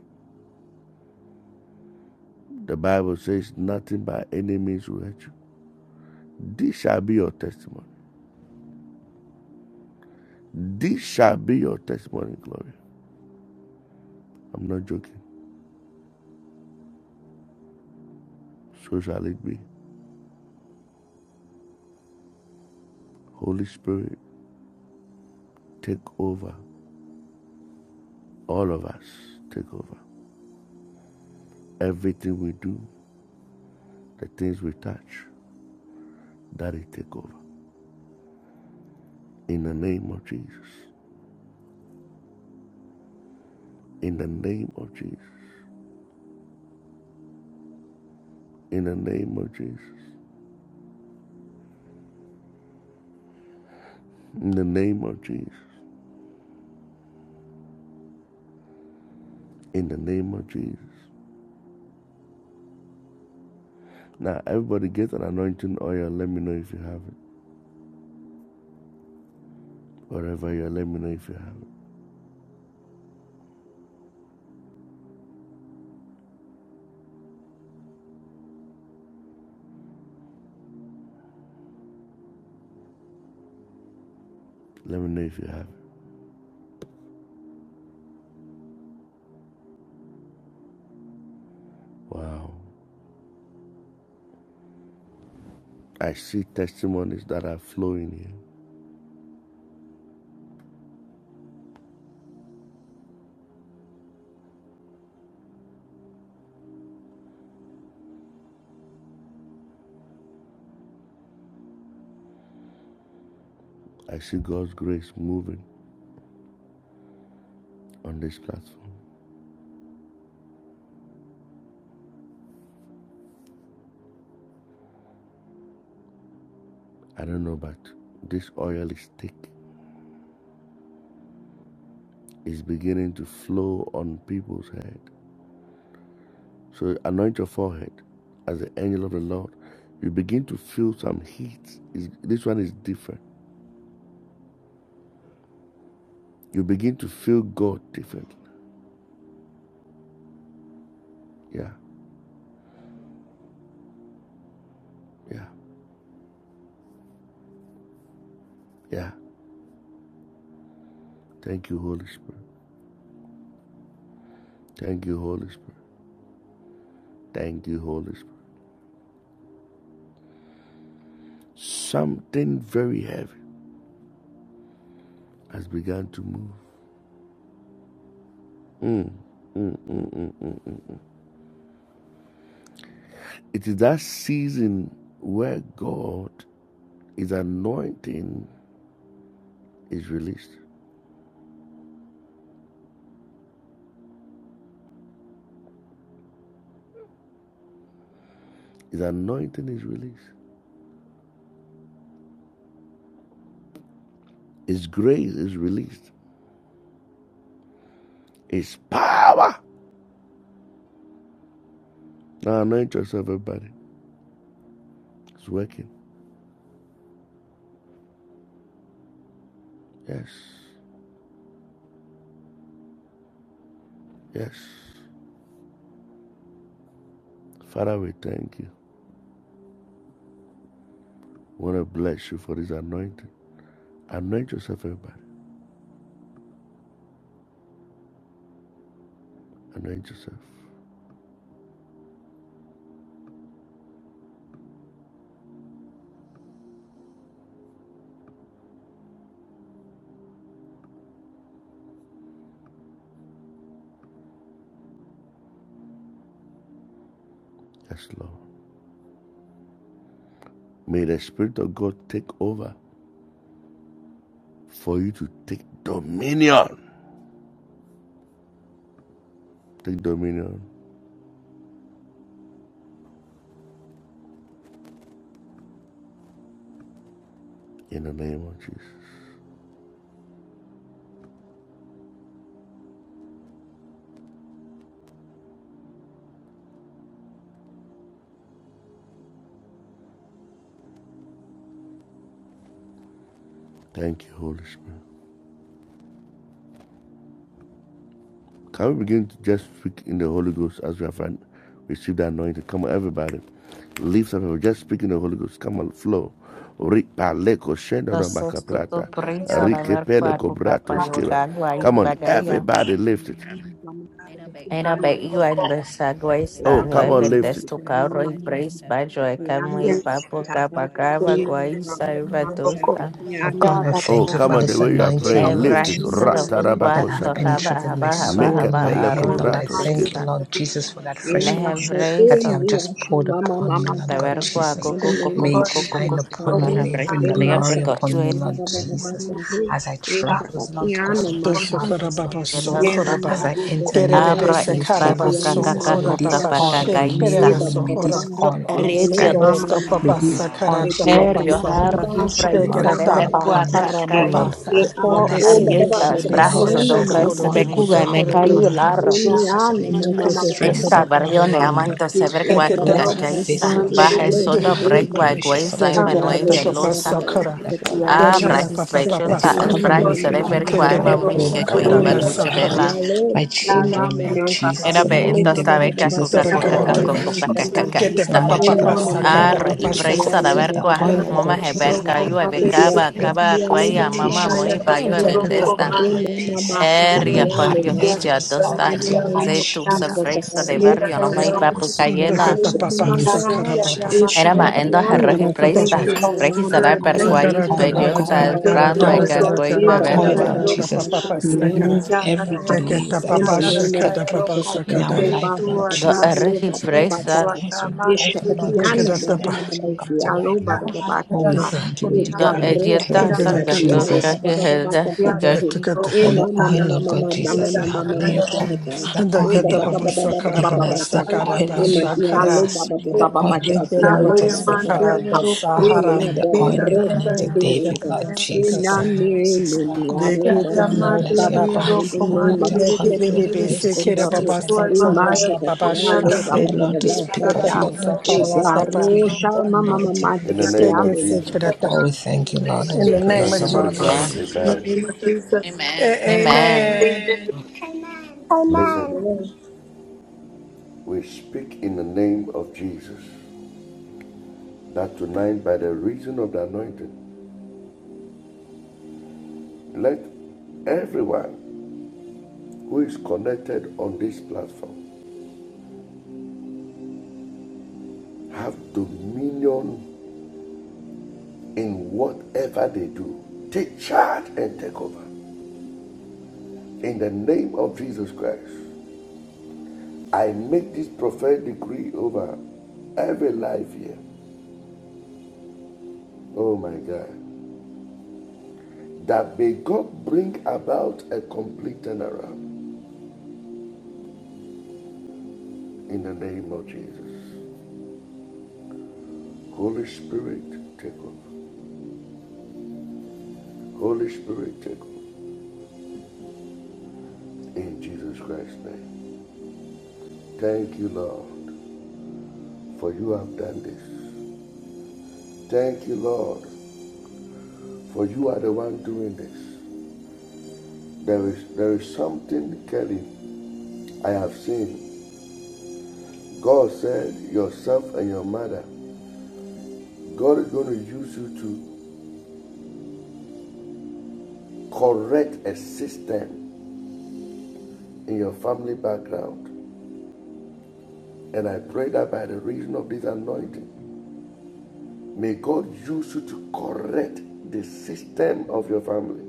Speaker 3: The Bible says, Nothing by any means will hurt you. This shall be your testimony. This shall be your testimony, Gloria. I'm not joking. So shall it be. Holy Spirit, take over. All of us, take over. Everything we do, the things we touch, that it take over. In the name of Jesus. In the name of Jesus. In the name of Jesus. In the name of Jesus. In the name of Jesus. Now everybody get an anointing oil. Let me know if you have it. Wherever you are, let me know if you have it. Let me know if you have it. Wow. I see testimonies that are flowing here. I see God's grace moving on this platform. I don't know, but this oil is thick. is beginning to flow on people's head. So anoint your forehead as the angel of the Lord. You begin to feel some heat. Is this one is different. You begin to feel God differently. Yeah, yeah, yeah. Thank you, Holy Spirit. Thank you, Holy Spirit. Thank you, Holy Spirit. Something very heavy has begun to move. Mm, mm, mm, mm, mm, mm, mm. It is that season where God is anointing is released. His anointing is released. His grace is released. His power. Now anoint yourself, everybody. It's working. Yes. Yes. Father, we thank you. We want to bless you for this anointing. Anoint yourself, everybody. Anoint yourself. Yes, Lord. May the Spirit of God take over for you to take dominion. Take dominion in the name of Jesus. Thank you, Holy Spirit. Can we begin to just speak in the Holy Ghost as we have received the anointing? Come on, everybody. Lift up, just speak in the Holy Ghost. Come on, flow. Ripa no
Speaker 1: Nasoto prinsa la verba kuka payoga guais
Speaker 3: Come on,
Speaker 1: bagaya.
Speaker 3: everybody, lift it.
Speaker 1: Era be iwa lesa guaisa
Speaker 3: Oh,
Speaker 1: no
Speaker 3: come on,
Speaker 1: evel
Speaker 3: lift it.
Speaker 1: desto carro y pris bajo e camu y papo capacaba guaisa y badusta.
Speaker 5: Oh God, I
Speaker 3: Oh,
Speaker 5: thank you
Speaker 3: come
Speaker 5: for
Speaker 3: on, the
Speaker 5: this
Speaker 3: way you are
Speaker 5: anointing,
Speaker 3: praying,
Speaker 5: Lord
Speaker 3: lift it.
Speaker 1: Ebrahisa da
Speaker 5: Jesus
Speaker 1: bukwa
Speaker 5: that have
Speaker 1: do haba
Speaker 5: penetrated my
Speaker 1: haba haba
Speaker 3: Make
Speaker 5: soul
Speaker 3: a
Speaker 5: and
Speaker 1: haba
Speaker 5: my
Speaker 3: pele
Speaker 1: arro
Speaker 5: head,
Speaker 1: y
Speaker 5: Lord. I
Speaker 3: kobrato
Speaker 5: thank you,
Speaker 3: skiva.
Speaker 1: pacuesta.
Speaker 5: Lord Jesus, for that fresh
Speaker 6: In
Speaker 5: oil
Speaker 6: Asha-
Speaker 5: that
Speaker 1: Nehebreisa
Speaker 5: you
Speaker 6: in
Speaker 5: have
Speaker 6: the
Speaker 5: just
Speaker 6: Asha
Speaker 5: poured
Speaker 6: Mama
Speaker 5: upon me,
Speaker 6: Mama
Speaker 5: Lord
Speaker 1: da
Speaker 5: God
Speaker 6: Taha.
Speaker 1: verba
Speaker 5: Jesus.
Speaker 6: In the
Speaker 1: coco
Speaker 4: Thank you,
Speaker 6: name
Speaker 1: coco
Speaker 6: of
Speaker 5: May
Speaker 1: coco
Speaker 5: it
Speaker 1: coco
Speaker 6: Jesus,
Speaker 5: shine
Speaker 1: coco
Speaker 5: upon me,
Speaker 6: Father.
Speaker 5: may it bring
Speaker 1: mahabreisa
Speaker 6: In
Speaker 1: de
Speaker 6: Masha-
Speaker 5: glory upon me,
Speaker 1: aprecochue
Speaker 6: Baba
Speaker 5: Lord
Speaker 6: Baba
Speaker 9: Pantala,
Speaker 6: Baba
Speaker 5: Jesus,
Speaker 4: God.
Speaker 6: Taha.
Speaker 5: as I
Speaker 6: In
Speaker 4: Yes,
Speaker 5: travel, Lord God,
Speaker 6: Shakatiana
Speaker 5: for my
Speaker 6: Masha Taha.
Speaker 5: travels, Lord
Speaker 13: Dosokorababa
Speaker 1: de
Speaker 6: In
Speaker 5: Jesus,
Speaker 6: the
Speaker 1: dos pa.
Speaker 6: name of
Speaker 13: sokoraba.
Speaker 5: as I
Speaker 6: Jesus,
Speaker 5: enter new
Speaker 13: Gerebebe
Speaker 6: Father.
Speaker 1: Abra
Speaker 6: Masha
Speaker 5: opportunity,
Speaker 1: isba
Speaker 13: sekaraba
Speaker 5: Lord
Speaker 1: kuka
Speaker 6: Katiana
Speaker 5: Jesus.
Speaker 1: kaka
Speaker 5: May
Speaker 6: Mama
Speaker 1: kuka
Speaker 5: this
Speaker 13: sokorababa
Speaker 5: oil
Speaker 6: Shataha.
Speaker 5: remain
Speaker 6: In
Speaker 13: shekerada
Speaker 5: on me,
Speaker 6: Baba
Speaker 5: may
Speaker 6: Baba
Speaker 5: this
Speaker 13: sohora.
Speaker 6: Baba
Speaker 1: No,
Speaker 5: oil always
Speaker 1: retio
Speaker 6: Shakatiana
Speaker 5: guide me,
Speaker 13: Agara
Speaker 6: Mama
Speaker 1: desta.
Speaker 6: Mama
Speaker 5: may
Speaker 13: dopapa
Speaker 6: Taha.
Speaker 5: this
Speaker 13: sakara
Speaker 5: oil
Speaker 6: In the
Speaker 5: shine
Speaker 1: Herrio,
Speaker 6: Asha
Speaker 5: upon
Speaker 13: dopapasa.
Speaker 5: me,
Speaker 6: Baba
Speaker 1: jarro,
Speaker 5: Lord.
Speaker 6: Baba
Speaker 5: Let your
Speaker 1: hipra,
Speaker 6: Shakati
Speaker 5: glory
Speaker 1: isa,
Speaker 13: Dekera
Speaker 6: Baba
Speaker 5: fall
Speaker 1: deber,
Speaker 13: dapa
Speaker 6: Baba
Speaker 5: upon me,
Speaker 6: Taha.
Speaker 1: cuaca,
Speaker 5: oh
Speaker 3: Come
Speaker 13: karamaba.
Speaker 5: Lord.
Speaker 3: on,
Speaker 1: caíza,
Speaker 6: In
Speaker 3: let's
Speaker 6: our-
Speaker 1: moma,
Speaker 13: Ope
Speaker 6: oh,
Speaker 5: Bless me
Speaker 6: Baba
Speaker 5: and
Speaker 6: Baba
Speaker 1: arrietas,
Speaker 5: keep me,
Speaker 13: sekerebebe
Speaker 1: brajes,
Speaker 5: Lord, and
Speaker 6: Shakatiana
Speaker 5: as
Speaker 6: Mama
Speaker 5: your
Speaker 1: osocres,
Speaker 13: shekoro
Speaker 6: Mama
Speaker 5: oil
Speaker 13: do
Speaker 5: go
Speaker 6: Taha.
Speaker 1: becuga, y me
Speaker 5: down
Speaker 13: sohoro
Speaker 6: Mama,
Speaker 1: cayó
Speaker 5: upon
Speaker 13: dapa.
Speaker 1: el
Speaker 5: me,
Speaker 6: mama
Speaker 5: Lord
Speaker 1: arro.
Speaker 5: Jesus, and
Speaker 6: mama
Speaker 5: into my
Speaker 6: mama mama mama mama mama
Speaker 13: Nekete
Speaker 5: streams
Speaker 1: Esta
Speaker 5: and
Speaker 13: tepapapa.
Speaker 5: all
Speaker 6: mama
Speaker 1: barrione,
Speaker 5: around me, Lord
Speaker 1: amante, se
Speaker 6: mama tata
Speaker 1: ver cuaco,
Speaker 13: Deketepa.
Speaker 5: let your
Speaker 6: tata tata
Speaker 5: face,
Speaker 1: cacaíza,
Speaker 5: Lord,
Speaker 1: baje,
Speaker 5: shine
Speaker 1: soda,
Speaker 5: upon me and be
Speaker 6: tata
Speaker 1: bregua,
Speaker 6: tata
Speaker 5: gracious
Speaker 6: tata
Speaker 1: gueza, y
Speaker 6: tata
Speaker 5: unto me,
Speaker 13: Dekera
Speaker 5: Lord
Speaker 1: manuel,
Speaker 6: ema
Speaker 13: dopapa
Speaker 5: Jesus. So
Speaker 1: velota.
Speaker 5: I
Speaker 6: ema
Speaker 5: pray
Speaker 13: sakara.
Speaker 5: that, Lord God
Speaker 6: ema
Speaker 1: Ah,
Speaker 13: Dekera
Speaker 1: brajis,
Speaker 6: ema
Speaker 5: Jesus,
Speaker 6: Shaka,
Speaker 13: papapa
Speaker 5: that
Speaker 1: bechulta,
Speaker 5: you
Speaker 1: es
Speaker 5: cover
Speaker 6: Tiano,
Speaker 13: sakara.
Speaker 5: me
Speaker 4: Lord,
Speaker 1: brajis,
Speaker 5: with
Speaker 1: se
Speaker 6: ema
Speaker 5: your arm,
Speaker 4: come,
Speaker 1: deber,
Speaker 4: my
Speaker 5: cover
Speaker 13: Kete
Speaker 5: my
Speaker 1: cuaima,
Speaker 13: papa
Speaker 1: muy,
Speaker 4: Lord,
Speaker 3: Oh,
Speaker 5: home,
Speaker 1: que
Speaker 4: come,
Speaker 3: come
Speaker 5: cover
Speaker 1: guez,
Speaker 13: sakada
Speaker 3: on,
Speaker 5: my
Speaker 13: da
Speaker 3: lift
Speaker 4: my
Speaker 1: bacuche,
Speaker 13: sakara.
Speaker 5: environment,
Speaker 4: Lord.
Speaker 1: vela.
Speaker 3: it.
Speaker 5: my children, Lord
Speaker 6: Mama, Shaka,
Speaker 5: Jesus.
Speaker 1: Era be, el
Speaker 6: Tiano,
Speaker 5: Anoint
Speaker 6: ba
Speaker 5: them,
Speaker 6: ba
Speaker 1: tosta,
Speaker 6: ba
Speaker 5: Lord
Speaker 6: ba
Speaker 1: beca,
Speaker 6: ba
Speaker 5: Jesus,
Speaker 1: coca,
Speaker 6: Tata,
Speaker 5: if your
Speaker 3: Come
Speaker 1: coca,
Speaker 13: Dekera
Speaker 3: on,
Speaker 6: Tiano,
Speaker 5: oil,
Speaker 1: coca,
Speaker 13: dapa.
Speaker 3: lift
Speaker 6: Ma,
Speaker 5: Lord
Speaker 3: it.
Speaker 5: Jesus.
Speaker 6: Shaka,
Speaker 1: coca,
Speaker 6: Ha,
Speaker 13: Kete
Speaker 5: The
Speaker 13: papa
Speaker 5: magical
Speaker 13: papa
Speaker 6: Ema,
Speaker 5: oil,
Speaker 6: Mama,
Speaker 5: Lord
Speaker 13: sakata
Speaker 6: Mama,
Speaker 1: Ar
Speaker 5: God
Speaker 1: y
Speaker 6: Shaka,
Speaker 13: papa
Speaker 5: Jesus.
Speaker 1: presa la
Speaker 5: This
Speaker 6: Tiano,
Speaker 5: is
Speaker 6: ba
Speaker 5: the
Speaker 6: ba ba
Speaker 5: oil,
Speaker 6: ba
Speaker 1: vergua,
Speaker 6: ba
Speaker 5: Lord
Speaker 1: mama
Speaker 5: God
Speaker 6: Tata,
Speaker 5: Jesus,
Speaker 6: Ha,
Speaker 5: that
Speaker 1: heberga, yo
Speaker 5: brings peace,
Speaker 6: Ema,
Speaker 1: ebecaba,
Speaker 5: that
Speaker 6: Shaka,
Speaker 1: caba,
Speaker 5: brings
Speaker 6: Tiano, ba
Speaker 1: cuella,
Speaker 6: ba Ba,
Speaker 1: mama
Speaker 6: Ba,
Speaker 5: sententious to
Speaker 1: muy
Speaker 6: Tata,
Speaker 5: us,
Speaker 1: bayo
Speaker 5: that bring
Speaker 6: Tiano,
Speaker 5: love,
Speaker 1: ebeldesta,
Speaker 13: Jakatapa,
Speaker 5: that
Speaker 6: in
Speaker 5: bring
Speaker 6: the name of
Speaker 5: peace, that
Speaker 6: Shakti,
Speaker 1: eria
Speaker 5: bring
Speaker 6: I
Speaker 1: por
Speaker 6: live
Speaker 1: yo
Speaker 6: up
Speaker 5: happiness
Speaker 6: in
Speaker 5: to
Speaker 1: hija,
Speaker 6: her.
Speaker 5: us, us, Lord.
Speaker 6: In
Speaker 5: Let
Speaker 6: the
Speaker 1: dosta,
Speaker 5: your light
Speaker 6: name of
Speaker 1: zetu,
Speaker 5: shine
Speaker 1: se
Speaker 6: Jesus,
Speaker 5: upon
Speaker 6: I
Speaker 1: presa
Speaker 5: us,
Speaker 1: de
Speaker 5: Lord.
Speaker 6: pray.
Speaker 1: barrio,
Speaker 5: Give
Speaker 1: no
Speaker 6: In
Speaker 5: us
Speaker 1: muy
Speaker 4: Yes,
Speaker 6: the
Speaker 1: papu
Speaker 5: grace, Lord.
Speaker 6: Shakti, I
Speaker 1: cayela,
Speaker 6: live
Speaker 5: Show
Speaker 6: up
Speaker 5: us
Speaker 6: in
Speaker 13: Jakatapa,
Speaker 6: my
Speaker 4: Yeah,
Speaker 5: mercy,
Speaker 4: yeah,
Speaker 5: Lord
Speaker 6: Taha.
Speaker 4: yeah, yeah,
Speaker 13: Sakarababa,
Speaker 6: In
Speaker 4: my,
Speaker 5: Jesus.
Speaker 1: era
Speaker 5: And
Speaker 4: yeah.
Speaker 1: ma
Speaker 5: Lord,
Speaker 6: Shakti,
Speaker 1: endo
Speaker 5: I
Speaker 6: I
Speaker 4: yeah.
Speaker 5: pray
Speaker 1: herreji
Speaker 5: that, Lord
Speaker 4: Thank
Speaker 1: presa,
Speaker 4: you,
Speaker 13: Jakaratapa,
Speaker 4: Holy
Speaker 5: Jesus,
Speaker 1: reji
Speaker 5: that
Speaker 1: salar
Speaker 4: Spirit.
Speaker 1: per
Speaker 5: all
Speaker 4: Thank
Speaker 6: mama,
Speaker 5: that
Speaker 4: you,
Speaker 6: in
Speaker 1: cuais,
Speaker 6: Shakti,
Speaker 5: oil,
Speaker 4: Jesus.
Speaker 6: I
Speaker 5: Lord
Speaker 13: Sakaratapa,
Speaker 6: live
Speaker 5: God,
Speaker 1: bellota,
Speaker 6: up
Speaker 5: will
Speaker 13: Kara, Kara,
Speaker 1: es
Speaker 6: in
Speaker 4: Thank
Speaker 13: Kara,
Speaker 5: open
Speaker 4: you,
Speaker 1: brano,
Speaker 13: Kara,
Speaker 4: Holy
Speaker 5: doors
Speaker 6: Shakti.
Speaker 1: eca,
Speaker 5: that
Speaker 4: Ghost.
Speaker 1: cuei,
Speaker 6: In
Speaker 13: Kara,
Speaker 6: the
Speaker 4: Man,
Speaker 6: Baba
Speaker 5: oil,
Speaker 13: Kara,
Speaker 4: yada,
Speaker 1: bebergua,
Speaker 5: Lord
Speaker 13: Kara,
Speaker 4: yada,
Speaker 6: Baba,
Speaker 4: ko,
Speaker 13: Tapa,
Speaker 6: in
Speaker 4: yada.
Speaker 5: Jesus,
Speaker 13: Papa,
Speaker 5: will
Speaker 6: Shakti, I
Speaker 13: Sakara,
Speaker 6: live
Speaker 5: remove
Speaker 6: up in
Speaker 4: Yada, yada,
Speaker 5: every
Speaker 6: Shakti.
Speaker 4: yada, ko,
Speaker 5: delays that
Speaker 6: In
Speaker 4: yada,
Speaker 5: has
Speaker 13: Jakatapa,
Speaker 6: the
Speaker 5: been
Speaker 4: yada,
Speaker 6: name of
Speaker 4: yada,
Speaker 5: stuck
Speaker 13: Sakadapa,
Speaker 4: yada,
Speaker 6: Jesus, I
Speaker 4: ko.
Speaker 6: pray.
Speaker 5: in
Speaker 13: Sakada,
Speaker 5: our
Speaker 6: So
Speaker 4: Thank
Speaker 6: by
Speaker 5: life,
Speaker 4: you,
Speaker 5: Lord
Speaker 4: Lord
Speaker 1: do
Speaker 6: Shakti,
Speaker 4: God.
Speaker 6: I
Speaker 5: Jesus.
Speaker 6: live
Speaker 1: herreji
Speaker 6: up in
Speaker 4: Thank
Speaker 6: my
Speaker 4: you,
Speaker 5: Opportunities,
Speaker 1: presa,
Speaker 4: Lord
Speaker 6: Taha.
Speaker 5: doors will
Speaker 4: God.
Speaker 5: be
Speaker 6: In
Speaker 4: Man, yada,
Speaker 5: open,
Speaker 4: yada, yada,
Speaker 6: Shakti,
Speaker 5: Lord
Speaker 6: I
Speaker 4: yada,
Speaker 6: live
Speaker 5: Jesus.
Speaker 6: up in
Speaker 13: Jakatapa,
Speaker 6: my
Speaker 4: yada.
Speaker 5: Everything shall
Speaker 6: mama, I live
Speaker 5: come to
Speaker 6: up
Speaker 5: light,
Speaker 4: Yeah,
Speaker 9: Let
Speaker 5: Lord.
Speaker 6: in
Speaker 4: man,
Speaker 6: my
Speaker 5: Oh,
Speaker 4: yada,
Speaker 5: we
Speaker 6: Taha.
Speaker 4: yada,
Speaker 13: Gada,
Speaker 5: thank
Speaker 4: ko,
Speaker 5: you. We
Speaker 6: In the
Speaker 1: do
Speaker 5: decree
Speaker 4: yada.
Speaker 5: and we
Speaker 4: Yada,
Speaker 5: declare,
Speaker 6: Rosa,
Speaker 1: elieta,
Speaker 4: yada,
Speaker 5: Lord
Speaker 6: in
Speaker 4: yada,
Speaker 6: the
Speaker 5: God
Speaker 1: saca,
Speaker 4: yada,
Speaker 13: Jakatapa,
Speaker 4: ko.
Speaker 1: cuca,
Speaker 5: Jesus.
Speaker 6: Baba
Speaker 1: que
Speaker 6: Baba, Baba
Speaker 1: helda,
Speaker 4: Yada, yada,
Speaker 1: saca,
Speaker 4: yada, ko, yada. Yada, yada, yada, yada, ko, yada.
Speaker 6: E
Speaker 13: Jakatapa,
Speaker 5: That the
Speaker 6: mama
Speaker 5: oil,
Speaker 6: mama
Speaker 5: Lord
Speaker 6: mama
Speaker 5: God
Speaker 6: mama
Speaker 5: Jesus,
Speaker 6: mama mama ma- ma-
Speaker 5: you
Speaker 9: us
Speaker 6: ma-
Speaker 5: have
Speaker 6: ma- ma-
Speaker 5: laid
Speaker 6: ma-
Speaker 5: upon
Speaker 6: shakata.
Speaker 5: us, the oil
Speaker 6: Eh, ba-
Speaker 5: you
Speaker 6: ba- ba-
Speaker 5: have
Speaker 13: Jakatapa,
Speaker 6: ba-
Speaker 5: g-
Speaker 6: ba- ba-
Speaker 9: support
Speaker 6: e ba-
Speaker 5: given
Speaker 6: ba-
Speaker 13: Sakarababa,
Speaker 6: ba-
Speaker 5: us, the
Speaker 4: Yada,
Speaker 6: taha.
Speaker 4: yada,
Speaker 5: oil,
Speaker 13: Sakaraba,
Speaker 6: Eh,
Speaker 5: Lord, you
Speaker 6: ma-
Speaker 5: have
Speaker 6: dia
Speaker 5: blessed
Speaker 13: Sakara,
Speaker 6: lo- ba-
Speaker 5: us,
Speaker 6: ba- ba- ba-
Speaker 5: the oil you have
Speaker 4: In the
Speaker 5: anointed
Speaker 6: lo-
Speaker 13: Jakarababa,
Speaker 4: name
Speaker 6: ba-
Speaker 5: us
Speaker 6: ba-
Speaker 5: with,
Speaker 6: ba-
Speaker 5: Lord.
Speaker 6: taha.
Speaker 13: Sakarata,
Speaker 5: It
Speaker 6: Eh,
Speaker 5: will be
Speaker 13: Sahara,
Speaker 6: ma-
Speaker 5: like
Speaker 6: da
Speaker 5: the oil you
Speaker 6: ro- sa- ti-
Speaker 5: anointed
Speaker 6: eh,
Speaker 5: David,
Speaker 6: da.
Speaker 13: Jakatapa,
Speaker 5: Lord
Speaker 6: Eh,
Speaker 5: Jesus,
Speaker 6: na-
Speaker 13: Sakata,
Speaker 5: and
Speaker 6: ni- ni- ni-
Speaker 5: Moses, Lord
Speaker 6: dia
Speaker 5: God. Lord, let your
Speaker 13: Jakatana,
Speaker 5: oil
Speaker 6: In the
Speaker 5: flow,
Speaker 6: name
Speaker 5: let
Speaker 6: of
Speaker 5: your oil
Speaker 13: Nekere
Speaker 5: flow,
Speaker 6: Jesus
Speaker 5: let
Speaker 13: bebe
Speaker 5: people
Speaker 6: Christ, eh,
Speaker 5: see
Speaker 6: da
Speaker 13: sekere
Speaker 5: it's
Speaker 6: ro.
Speaker 13: baba
Speaker 5: different.
Speaker 6: Eh,
Speaker 5: Let's not
Speaker 13: sakora ma
Speaker 5: be
Speaker 13: baba
Speaker 6: lo- ba-
Speaker 13: shekete
Speaker 6: ba-
Speaker 5: afraid,
Speaker 6: ba-
Speaker 5: Lord,
Speaker 6: ba-
Speaker 5: to
Speaker 6: ba-
Speaker 5: speak
Speaker 6: ta-
Speaker 5: of
Speaker 6: ta.
Speaker 5: you,
Speaker 13: pepeta
Speaker 5: Lord
Speaker 6: Eh,
Speaker 13: sakara
Speaker 6: da
Speaker 5: Jesus,
Speaker 13: tapa
Speaker 5: because we have the anointing in
Speaker 6: ti-
Speaker 3: In the
Speaker 6: ke-
Speaker 5: us,
Speaker 3: name
Speaker 6: dia
Speaker 5: Lord.
Speaker 13: peke
Speaker 3: of
Speaker 6: lo- ba-
Speaker 3: Jesus.
Speaker 6: ba-
Speaker 13: sekere
Speaker 6: ba-
Speaker 13: ta.
Speaker 5: Oh, we thank you, Lord, and
Speaker 13: In
Speaker 5: we
Speaker 13: the
Speaker 9: the
Speaker 3: Can
Speaker 13: name
Speaker 5: praise
Speaker 13: of
Speaker 5: you,
Speaker 3: somebody
Speaker 5: Lord. and We
Speaker 3: shout
Speaker 1: amen.
Speaker 5: glorify
Speaker 13: Jesus.
Speaker 9: Jesus.
Speaker 3: amen?
Speaker 4: of Jesus,
Speaker 5: you,
Speaker 13: A-
Speaker 5: God.
Speaker 1: Amen.
Speaker 13: amen.
Speaker 4: amen.
Speaker 3: Amen.
Speaker 12: Amen.
Speaker 3: Listen,
Speaker 6: Amen.
Speaker 3: we speak in the name of Jesus that tonight, by the reason of the anointing, let everyone who is connected on this platform have dominion in whatever they do. Take charge and take over. In the name of Jesus Christ, I make this prophetic decree over every life here. Oh my God. That may God bring about a complete turnaround. In the name of Jesus. Holy Spirit, take over. Holy Spirit, take over. In Jesus Christ's name. Thank you, Lord, for you have done this. Thank you, Lord, for you are the one doing this. There is there is something, Kelly, I have seen. God said, yourself and your mother, God is going to use you to correct a system in your family background. And I pray that by the reason of this anointing, May God use you to correct the system of your family.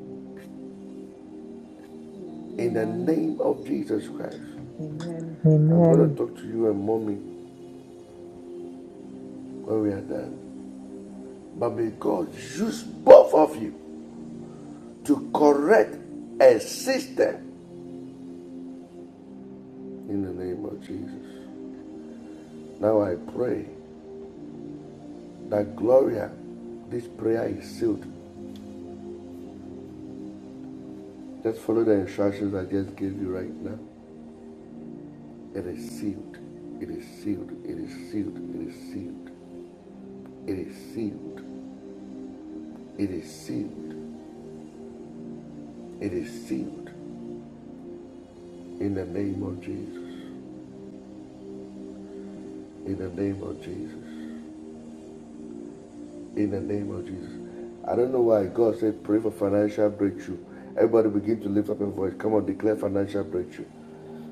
Speaker 3: In the
Speaker 10: Amen.
Speaker 3: name of Jesus Christ, I'm going
Speaker 5: Amen.
Speaker 3: to talk to you and mommy when we are done. But may God use both of you to correct a system in the name of Jesus. Now I pray that Gloria, this prayer is sealed. Just follow the instructions I just gave you right now. It is sealed. It is sealed. It is sealed. It is sealed. It is sealed. It is sealed. It is sealed in the name of Jesus. In the name of Jesus. In the name of Jesus. I don't know why God said pray for financial breakthrough. Everybody begin to lift up your voice. Come on, declare financial breakthrough.